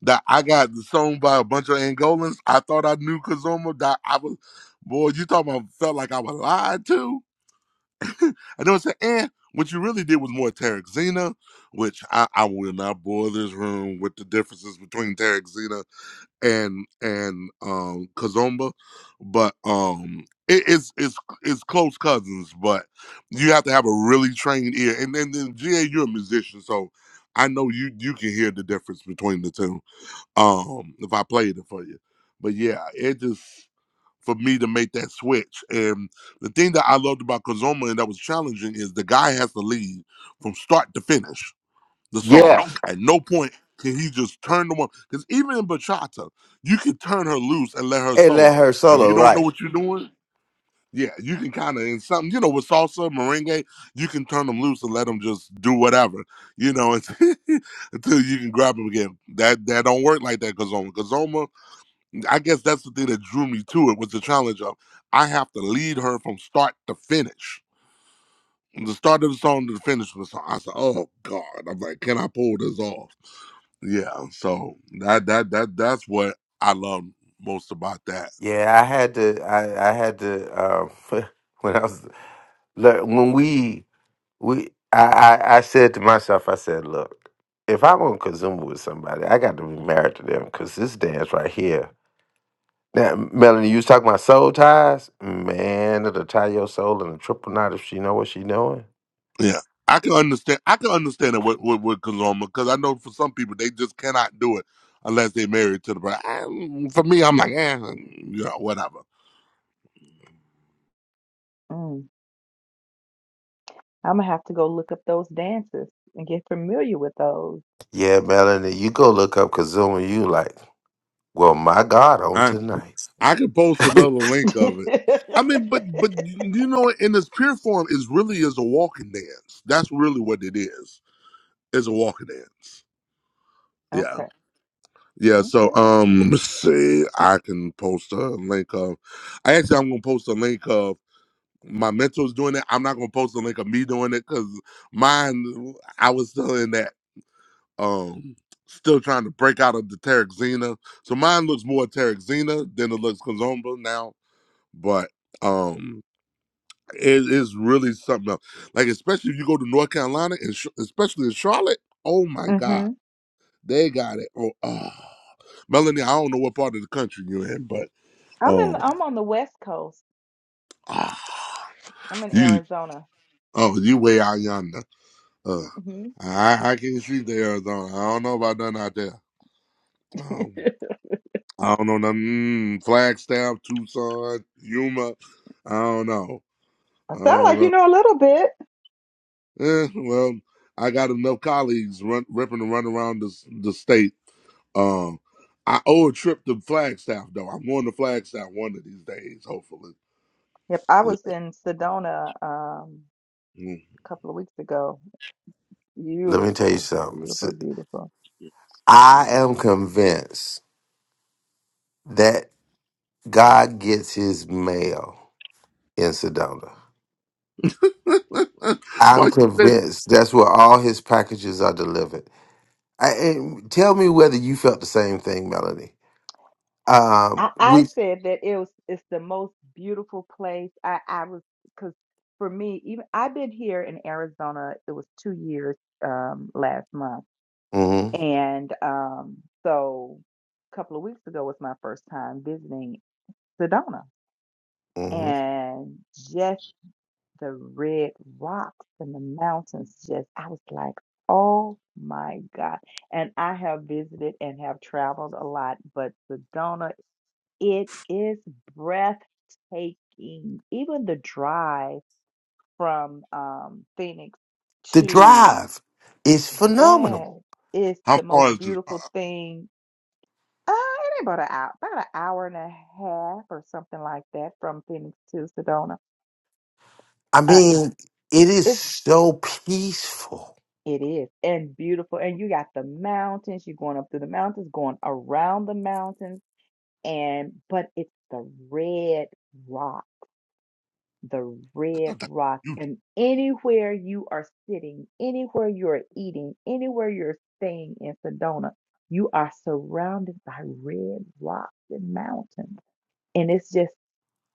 That I got sung by a bunch of Angolans. I thought I knew Kazomba. That I was, boy, you talking about felt like I was lied to. And they would say, eh, what you really did was more Tarek Zena, which I, I will not bore this room with the differences between Tarek Zena and and um Kazomba. But um it, it's it's it's close cousins, but you have to have a really trained ear. And then then GA, you're a musician, so I know you you can hear the difference between the two. Um if I played it for you. But yeah, it just for me to make that switch. And the thing that I loved about Kazoma and that was challenging is the guy has to lead from start to finish the song.
yeah
At no point can he just turn the one because even in bachata, you can turn her loose and let her
and let
solo.
her
If you
solo
don't know
right
what you're doing, yeah, you can kind of in something, you know, with salsa, merengue, you can turn them loose and let them just do whatever, you know, [laughs] until, until you can grab them again. That that don't work like that, Kazoma. Kazoma I guess that's the thing that drew me to it was the challenge of I have to lead her from start to finish. From the start of the song to the finish of the song. I said, Oh God. I'm like, can I pull this off? Yeah. So that that that that's what I love most about that.
yeah I had to I I had to um [laughs] when I was le- when we we I, I I said to myself, I said, look, if I'm on Kazuma with somebody, I got to be married to them because this dance right here. Now, Melanie, you was talking about soul ties, man. It'll tie your soul in a triple knot if she know what she knowing.
Yeah. I can understand I can understand it with with, with Kazoma because I know for some people they just cannot do it unless they're married to the bride. I- For me, I'm like, eh, you know, whatever.
mm, I'm gonna have to go look up those dances and get familiar with those.
Yeah, Melanie, you go look up Kazuma. You like, well, my God, on
I
tonight.
I could post
[laughs]
another link of it. I mean, but
[laughs]
but you know, in its pure form, is really is a walking dance. That's really what it is. It's a walking dance. Yeah,
Okay.
yeah. So
Okay.
um, let me see. I can post a link of. I actually I'm gonna post a link of my mentors doing it. I'm not gonna post a link of me doing it because mine. I was still in that um. Still trying to break out of the Tarek Zena. So mine looks more Tarek Zena than it looks Kazomba now but um it is really something else like especially if you go to north carolina and sh- especially in charlotte oh my god
hmm
they got it oh ah. melanie i don't know what part of the country you're in but
I'm in
oh
I'm on the West Coast.
ah,
I'm in
you
Arizona.
oh you way out yonder uh
hmm
i i can't see the arizona i don't know about nothing out there
[laughs]
um, i don't know nothing mm, flagstaff tucson yuma i don't
I sound like
know
you know a little bit.
Eh, well, I got enough colleagues run, ripping to run around the, the state. Um, I owe a trip to Flagstaff though. I'm going to Flagstaff one of these days, hopefully.
Yep, I
Yeah.
was in Sedona um a couple of weeks ago.
Let me tell you
Beautiful,
something. S-
beautiful, beautiful.
I am
Mm.
convinced that God gets His mail in Sedona.
[laughs] Why
I'm
you say that?
convinced that's where all his packages are delivered. I, and tell me whether you felt the same thing, Melanie. Um,
I, I
we,
said that it was it's the most beautiful place. I I was because for me even I've been here in Arizona. It was two years um last month,
hmm
and um so a couple of weeks ago was my first time visiting, Sedona.
hmm
And just the red rocks and the mountains, just, I was like, oh my God. And I have visited and have traveled a lot, but Sedona, it is breathtaking. Even the drive from um, Phoenix
the
to,
drive is
yeah,
phenomenal.
it's
How
the
far
most
is this?
beautiful thing. Uh, it ain't about an hour, about an hour and a half or something like that from Phoenix to Sedona.
I
Uh,
mean, it is so peaceful.
It is. And beautiful. And you got the mountains. You're going up through the mountains, going around the mountains. And, but it's the red rock, the
I
red
thought that
rock.
you.
And anywhere you are sitting, anywhere you're eating, anywhere you're staying in Sedona, you are surrounded by red rocks and mountains. And it's just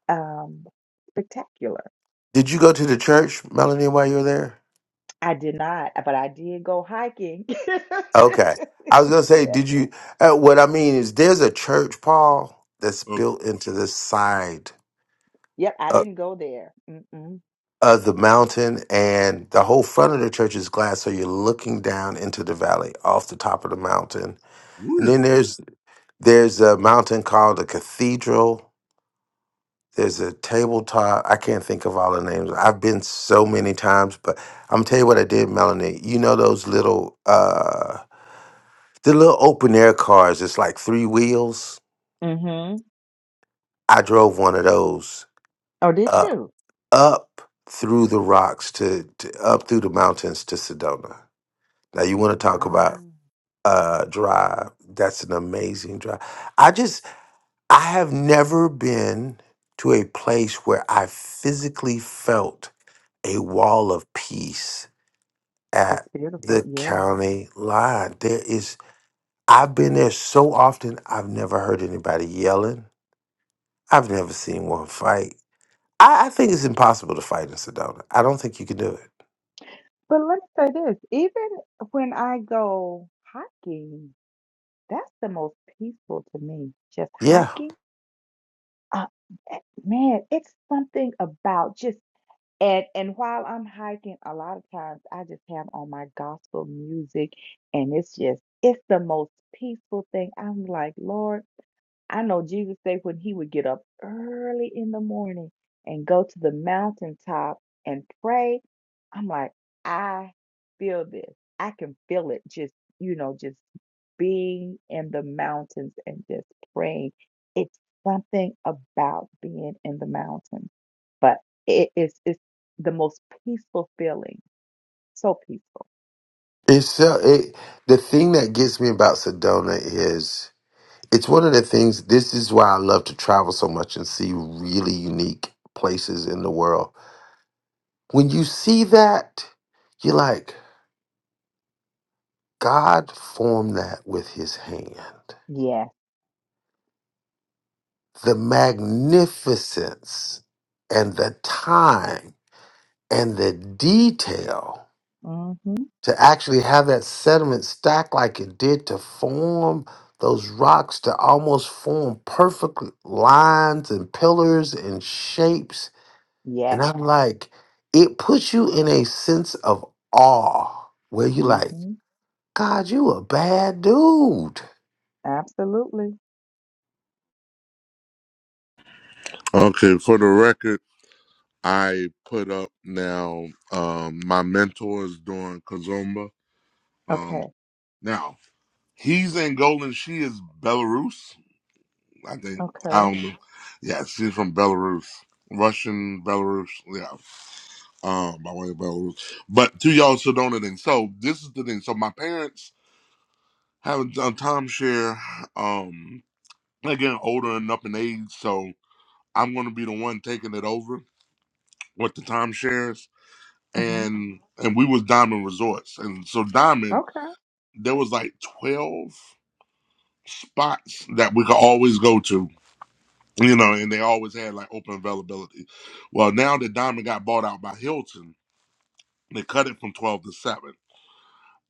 um, spectacular.
Did you go to the church, Melanie, while you were there?
I did not, but I did go hiking.
Okay. I was gonna
[laughs] yeah,
say, did you? Uh, what I mean is, there's a church, Paul, that's
uh,
built into the side.
Yep, I didn't go there. Mm-mm.
of the mountain and the whole front of the church is glass so you're looking down into the valley off the top of the mountain and
really?
then there's there's a mountain called a cathedral there's a tabletop i can't think of all the names i've been so many times but i'm gonna tell you what i did melanie you know those little uh the little open air cars it's like three wheels
Mm-hmm.
i drove one of those
Oh, did
uh,
you?
up through the rocks to, to up through the mountains to sedona now you want to talk about
Wow,
uh, drive. That's an amazing drive. I just, I have never been to a place where I physically felt a wall of peace
it's
at
beautiful.
the
Yeah.
county line. There is, I've been there so often, I've never heard anybody yelling. I've never seen one fight. I, I think it's impossible to fight in Sedona. I don't think you can do it.
But let me say this, even when I go hiking, that's the most peaceful to me. Just
Yeah.
hiking. Uh, eh, man, it's something about just and and while I'm hiking, a lot of times I just have on my gospel music and it's just it's the most peaceful thing. I'm like, Lord. I know Jesus said when he would get up early in the morning and go to the mountaintop and pray, I'm like, I feel this. I can feel it just, you know, just being in the mountains and just praying. It's something about being in the mountains, but it is it's the most peaceful feeling. So peaceful.
It's so, it, the thing that gets me about Sedona is it's one of the things this is why i love to travel so much and see really unique places in the world when you see that you're like god formed that with his hand
Yes.
the magnificence and the time and the detail
Mm-hmm.
to actually have that sediment stack like it did to form those rocks to almost form perfect lines and pillars and shapes And
Yes.
I'm like, it puts you in a sense of awe where you like,
Mm-hmm.
God, you a bad dude.
Absolutely.
Okay, for the record, I put up now. Um, my mentor is doing Kazumba. Um,
Okay.
now he's Angolan. She is Belarus. I think. I
Okay.
don't know. Yeah, she's from Belarus, Russian Belarus. Yeah, um, by way of Belarus. But to y'all still don't know the thing. So this is the thing. So my parents haven't done timeshare. Um, they're getting older and up in age, so I'm gonna be the one taking it over with the timeshares.
Mm-hmm.
And and we was Diamond Resorts, and so Diamond
Okay.
there was like twelve spots that we could always go to you know, and they always had like open availability. Well, now that Diamond got bought out by Hilton, they cut it from twelve to seven,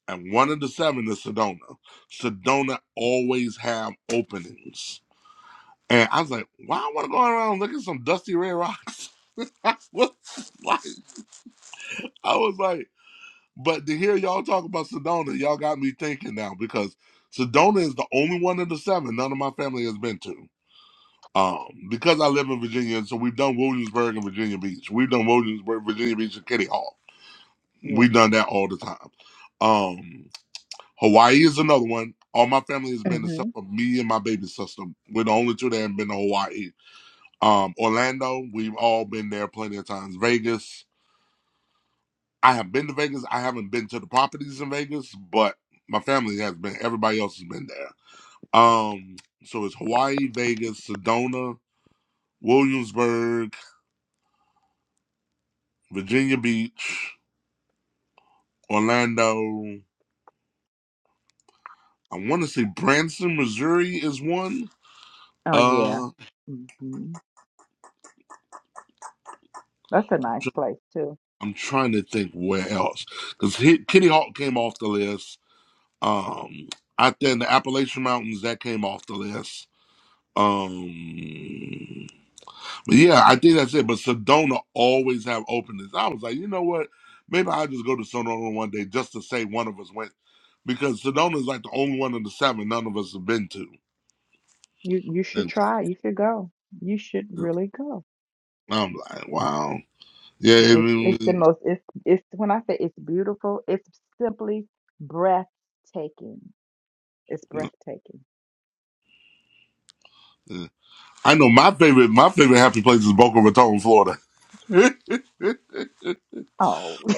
and one of the seven is Sedona. Sedona always have openings, and I was like, "Why I want to go around looking some dusty red rocks?" [laughs] I was like, I was like, but to hear y'all talk about Sedona, y'all got me thinking now because Sedona is the only one of the seven none of my family has been to. Um, because I live in Virginia, and so we've done Williamsburg and Virginia Beach. We've done Williamsburg, Virginia Beach, and Kitty Hawk.
Yeah.
We've done that all the time. Um, Hawaii is another one. All my family has been except
hmm
for me and my baby sister. We're the only two that haven't been to Hawaii. Um, Orlando, we've all been there plenty of times. Vegas, I have been to Vegas. I haven't been to the properties in Vegas, but my family has been. Everybody else has been there. Um, so it's Hawaii, Vegas, Sedona, Williamsburg. Virginia Beach, Orlando. I want to say Branson, Missouri is one.
Oh yeah.
Uh,
hmm That's a nice place too.
I'm trying to think where else because Kitty Hawk came off the list. Um, out there in the Appalachian Mountains, that came off the list. Um, but yeah, I think that's it. But Sedona always have openings. I was like, you know what? Maybe I'll just go to Sedona one day just to say one of us went because Sedona is like the only one of the seven none of us have been to.
You you should
And
try. You should go. You should really go.
I'm like, wow. Yeah, I,
It's it's the
mean,
most it's it's when I say it's beautiful, it's simply breathtaking. It's breathtaking.
I know my favorite. My favorite happy place is Boca Raton, Florida. [laughs]
Oh. [laughs]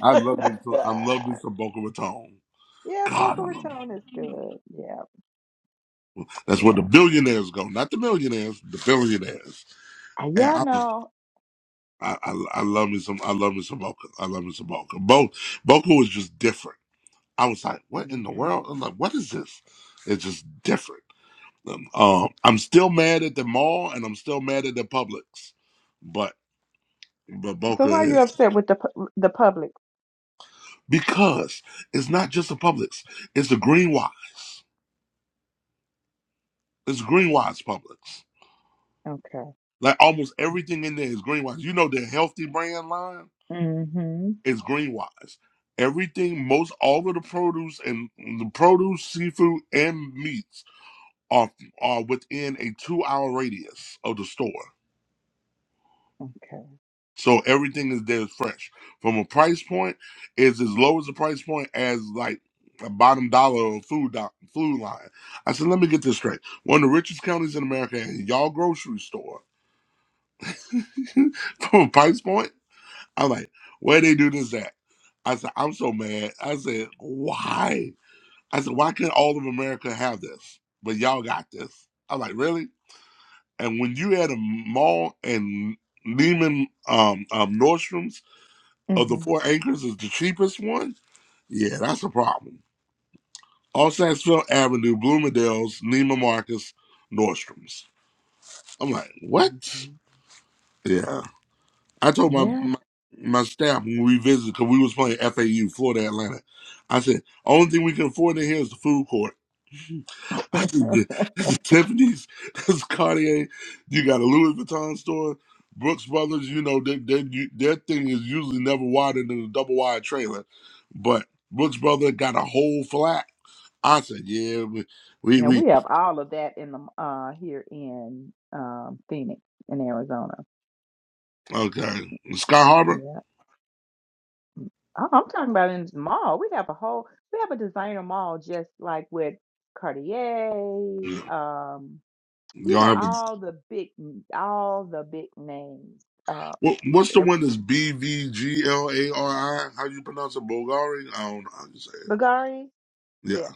I love it. so- I love me some Boca Raton.
yeah,
God, I
Boca
love it.
Raton is good. Yeah.
That's where the
Yeah.
billionaires go, not the millionaires, the billionaires.
Uh,
And
Yeah, I
I, was-
know.
I, I, I love me some. I love me some Boca. I love me some Boca. Bo, Boca was just different. I was like, what in the
hmm
world? I'm like, what is this? It's just different. Um, I'm still mad at the mall and I'm still mad at the Publix, but but
So
Boca
why are you
is
upset with the pu- the public?
because it's not just the Publix; it's the Greenwise. It's Greenwise Publix.
Okay.
Like almost everything in there is Greenwise. You know the healthy brand line
hmm
is Greenwise. Everything, most all of the produce and the produce, seafood, and meats are are within a two hour radius of the store.
Okay.
So everything is there is fresh. From a price point, it's as low as a price point as like a bottom dollar of food do- food line. I said, let me get this straight. One of the richest counties in America, and y'all grocery store [laughs] from a price point. I'm like, where they do this at? I said, I'm so mad. I said, why? I said, why can't all of America have this? But y'all got this. I'm like, really? And when you had a mall and Lehman, um, um, Nordstrom's of the
hmm
four acres is the cheapest one? Yeah, that's a problem. All Saxville Avenue, Bloomingdale's, Neiman Marcus, Nordstrom's. I'm like, what?
hmm
Yeah. I told my
Yeah. [laughs]
my, my staff when we visited, because we was playing FAU, Florida Atlantic. I said, only thing we can afford in here is the food court. I see good. This is Tiffany's. [laughs] This is Cartier. You got a Louis Vuitton store. Brooks Brothers. You know they, they you- their thing is usually never wider than a double wide trailer, but Brooks Brothers got a whole flat. I said, yeah, we we,
Now
we
we have all of that in the uh here in um Phoenix in Arizona.
okay. Sky Harbor.
Yeah. Mm. I- I'm talking about in the mall. We have a whole we have a designer mall just like with Cartier,
Yeah.
um, you
Y'all
know,
have a,
all the big all the big names. Uh
what, what's the one
ev-
that's B V G L A R I? How you pronounce it? Bulgari? I don't know how you say it.
Bulgari,
Yeah,
yeah.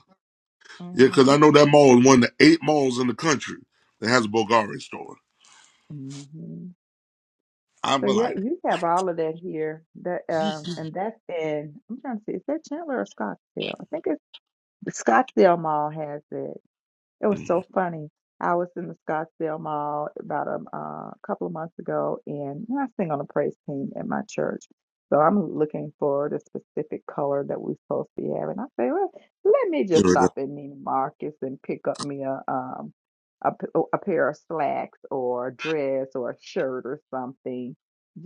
yeah, because I
hmm
know that mall is one of the eight malls in the country that has a Bulgari store.
hmm
I
So
was
yeah,
like,
you have
what?
all of that here. That um and that's in I'm trying to see, is that Chandler or Scottsdale? I think it's. Scottsdale Mall has it. It was
Mhm.
so funny. I was in the Scottsdale Mall about a uh, couple of months ago, and I sing on the praise team at my church. So I'm looking for the specific color that we're supposed to be having. I say, well, let me just
Yeah,
stop at Neiman Marcus and pick up me a um a, p- a pair of slacks or a dress or a shirt or something,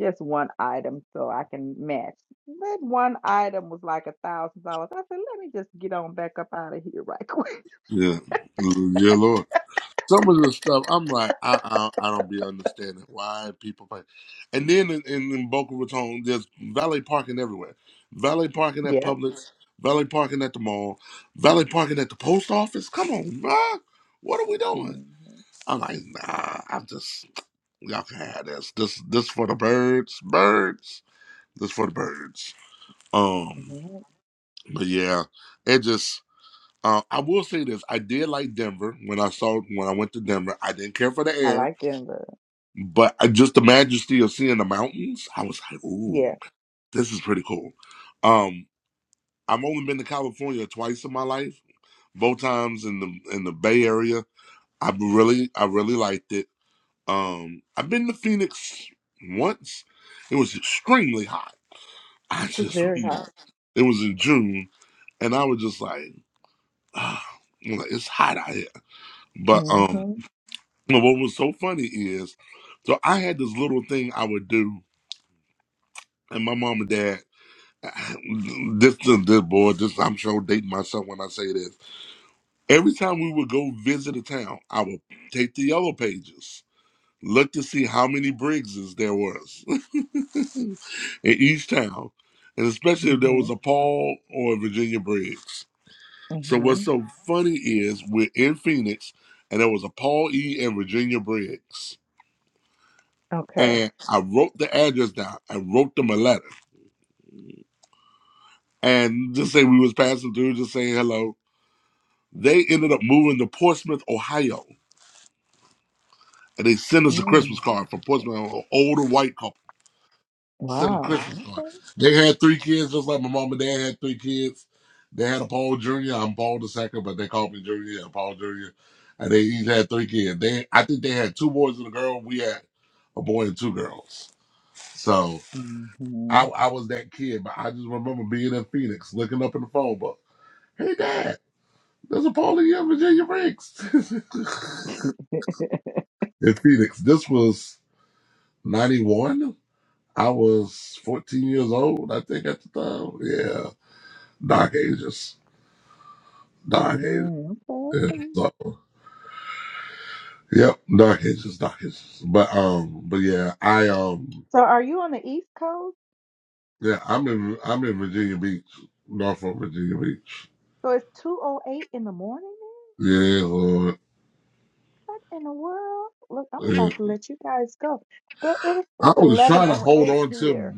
just one item so I can match. That one item was like a thousand dollars. I said, let me just get on back up out of here right [laughs] quick.
yeah, yeah, Lord. Some of the stuff I'm like, I I, I don't be understanding why people pay. And then in, in, in Boca Raton, there's valet parking everywhere. Valet parking
Yeah.
at Publix, valet parking at the mall, valet parking at the post office. Come on, bruh. What are we doing?
hmm
I'm like, nah, I'm just y'all can have this. This this for the birds. Birds. This for the birds. Um,
Yeah,
but yeah, it just Uh, I will say this: I did like Denver when I saw when I went to Denver. I didn't care for the
I
air,
like Denver.
but I, just the majesty of seeing the mountains. I was like, "Ooh,
Yeah,
this is pretty cool." Um, I've only been to California twice in my life, both times in the in the Bay Area. I really, I really liked it. Um, I've been to Phoenix once. It was extremely hot. I
it's
just [laughs]
very
remember
hot.
it was in June, and I was just like, ah, I'm like, "It's hot out here." But um.
Mm-hmm.
And what was so funny is, so I had this little thing I would do, and my mom and dad, [sighs] this this, this boy, this I'm sure dating myself when I say this. Every time we would go visit a town, I would take the yellow pages, look to see how many Briggses there was [laughs] in each town, and especially if there
Mm-hmm.
was a Paul or a Virginia Briggs. So what's
Mm-hmm.
so funny is we're in Phoenix, and there was a Paul E. and Virginia Briggs.
Okay.
and I wrote the address down. I wrote them a letter, and just say we was passing through, just saying hello. They ended up moving to Portsmouth, Ohio, and they sent us a
Mm.
Christmas card from Portsmouth, an older white couple. Sent a
Wow.
Christmas card.
Okay.
They had three kids, just like my mom and dad had three kids. They had a Paul Jr. I'm Paul the second, but they called me Jr. and Paul Jr. And they each had three kids. They, I think they had two boys and a girl. We had a boy and two girls. So
Mm-hmm.
I, I was that kid, but I just remember being in Phoenix, looking up in the phone book. Hey, Dad, there's a party here, in Virginia Breaks. [laughs]
[laughs]
in Phoenix, this was 91. I was 14 years old, I think, at the time. Yeah, dark ages. Dark ages.
mm, okay.
Yeah,
Okay.
so, yep, dark ages, dark ages. But, um, but yeah, I, um,
So, are you on the East Coast?
yeah, I'm in, I'm in Virginia Beach, Norfolk, Virginia Beach.
So it's two oh eight in the morning. Man?
Yeah, Lord.
What in the world? Look, I'm
Yeah.
about to let you guys go, but it's
I
it's
was
eleven
trying to
oh
hold
eight
on to.
here.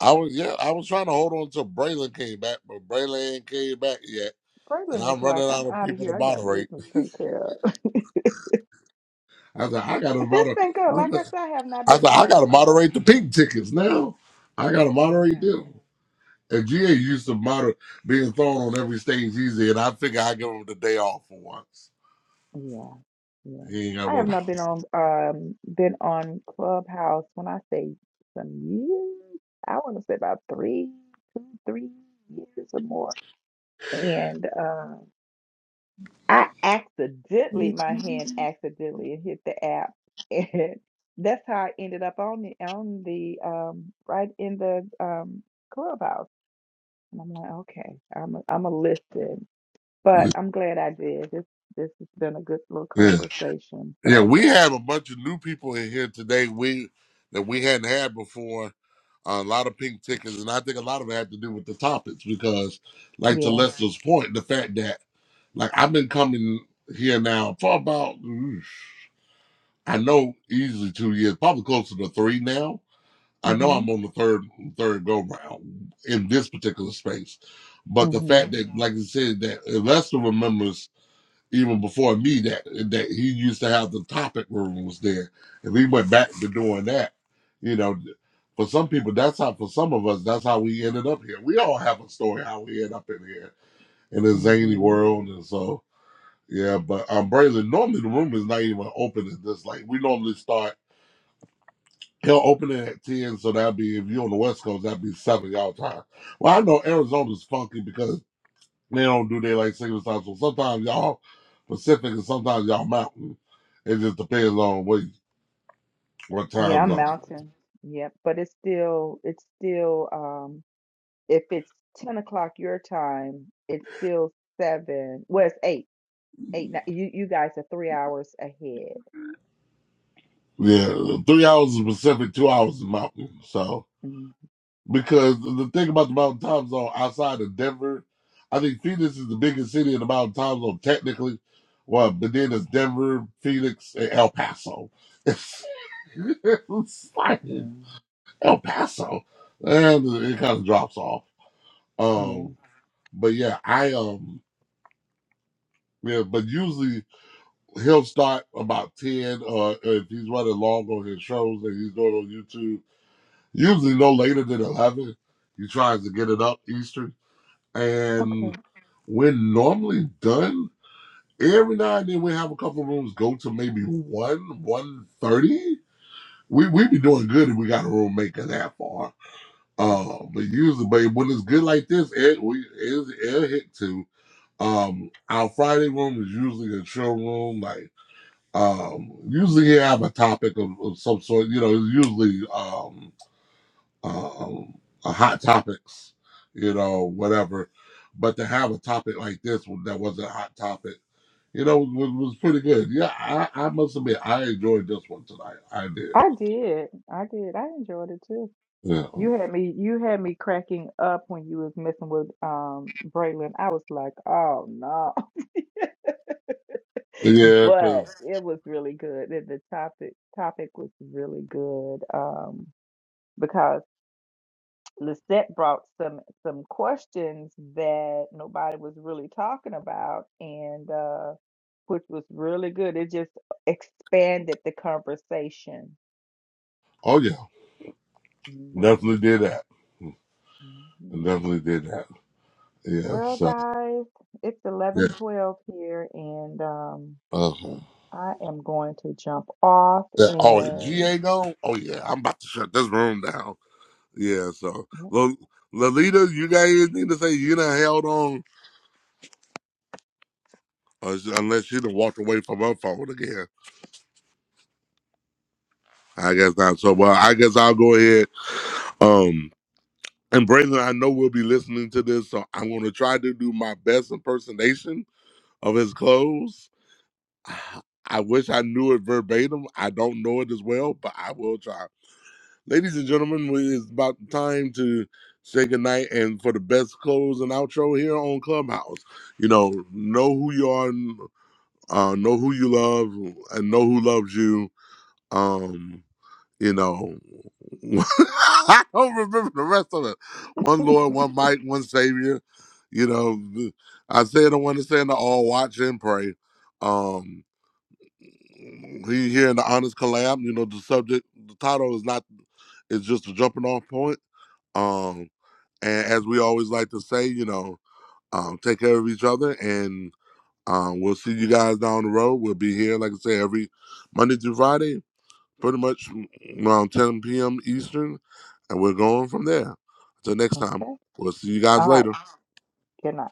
I was yeah. I was trying to hold on till Braylon came back, but Braylon ain't came back yet, and
Franklin is
I'm running
like, I'm
out of
out of
people to
here. I got business
moderate.
to take care of. [laughs]
I said I gotta
But this
moderate.
been good. Like I
I
said, I have not been
said I
on.
gotta moderate
um.
the pink tickets now. I gotta
I
moderate
know.
them. And GA used to moderate being thrown on every stage easy, and I figure I give him the day off for once.
Yeah. Yeah.
He ain't got to
I
worry
have not been on um been on Clubhouse when I say some years. I want to say about three, two, three years or more. And uh, I accidentally
about.
my hand accidentally hit the app and [laughs] that's how I ended up on the on the um right in the um Clubhouse. And I'm like, okay, I'm i I'm a listen. But
it. [laughs]
I'm glad I did. This this has been a good little
Yeah,
conversation.
yeah.
So
We have a bunch of new people in here today. We that we hadn't had before a lot of pink tickets, and I think a lot of it had to do with the topics because, like to
yeah.
Lester's point, the fact that like I've been coming here now for about oof, I know easily two years, probably closer to three now. I know
Mhm.
I'm on the third third go round in this particular space, but the fact
Mhm.
that, like you said, that Lester remembers even before me that that he used to have the topic rooms there. and we went back to doing that, you know, for some people that's how for some of us that's how we ended up here. We all have a story how we end up in here in a zany
Mhm.
world and so yeah, but um Braylon, normally the room is not even open at this like we normally start he'll open it at ten, so that'd be if you're on the West Coast, that'd be seven y'all time. Well I know Arizona's funky because they don't do daylight savings time. So sometimes y'all Pacific and sometimes y'all Mountain. It just depends on what what
Yeah,
time
I'm
zone.
mountain. Yep. But it's still it's still um if it's ten o'clock your time, it's still seven. Well, it's eight. Eight. ni- You you guys are three hours ahead.
Yeah, three hours is Pacific, two hours is Mountain. So
Mm,
because the thing about the Mountain time zone outside of Denver, I think Phoenix is the biggest city in the Mountain time zone technically. Well, but then it's Denver, Phoenix, and El Paso. [laughs] It's, like
yeah.
El Paso, and it kind of drops off.
Yeah.
Um, but yeah, I um. Yeah, but usually he'll start about ten, or if he's running long on his shows that he's doing on YouTube, usually no later than eleven. He tries to get it up Eastern, and
Okay.
when normally done, every now and then we have a couple of rooms go to maybe one, one thirty. We we be doing good if we got a room making that far. Uh, but usually, babe, when it's good like this, it we it, it hit to. Um, our Friday room is usually a chill room, like Um, usually you have a topic of, of some sort, you know, it's usually um, um, a hot topics, you know, whatever. But to have a topic like this one that was a hot topic, you know, was, was pretty good. Yeah, I, I must admit, I enjoyed this one tonight. I did.
I did. I did. I enjoyed it too.
Yeah,
You had me you had me cracking up when you was messing with um Braylon. I was like, oh no. [laughs]
yeah,
But
because,
it was really good. The the topic topic was really good. Um because Lisette brought some some questions that nobody was really talking about and uh which was really good. It just expanded the conversation.
oh, yeah,
hmm
definitely did that.
hmm
Definitely did that. Yeah,
Well,
so,
guys, it's
yeah.
eleven twelve here, and um,
Uh-huh.
I am going to jump off.
Yeah. Oh, and
And
GA go. Oh yeah, I'm about to shut this room down. Yeah, so
yeah,
Lo- Lolita, you got anything to say? You done held on, uh, unless she done walked away from her phone again. I guess not. So, well, I guess I'll go ahead. Um, and Brandon, I know we'll be listening to this, so I'm gonna try to do my best impersonation of his clothes. [sighs] I wish I knew it verbatim. I don't know it as well, but I will try. Ladies and gentlemen, we- it's about time to say goodnight and for the best close and outro here on Clubhouse. You know, know who you are, uh, know who you love, and know who loves you. Um, you know, [laughs] I don't remember the rest of it. One
[laughs]
Lord, one might, one Savior. You know, I said I want to say in the all watch and pray. Um, we here in the Honest Collab. You know, the subject, the title is not. It's just a jumping off point um, and as we always like to say, you know, um, take care of each other, and um, we'll see you guys down the road. We'll be here, like I say, every Monday through Friday, pretty much around 10 p.m. Eastern, and we're going from there. Until next time,
okay,
we'll see you guys
all right.
later.
Good night.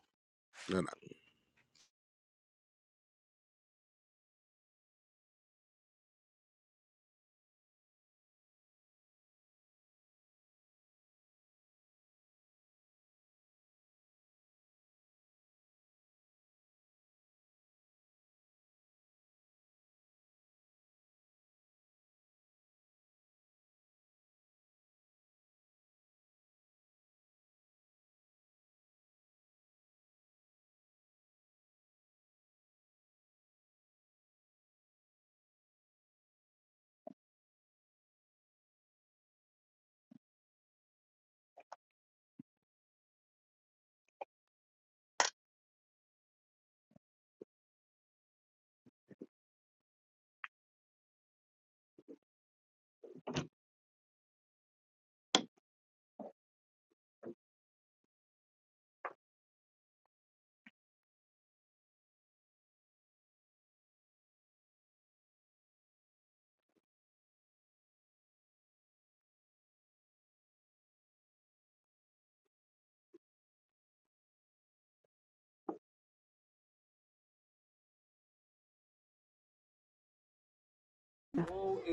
Yeah.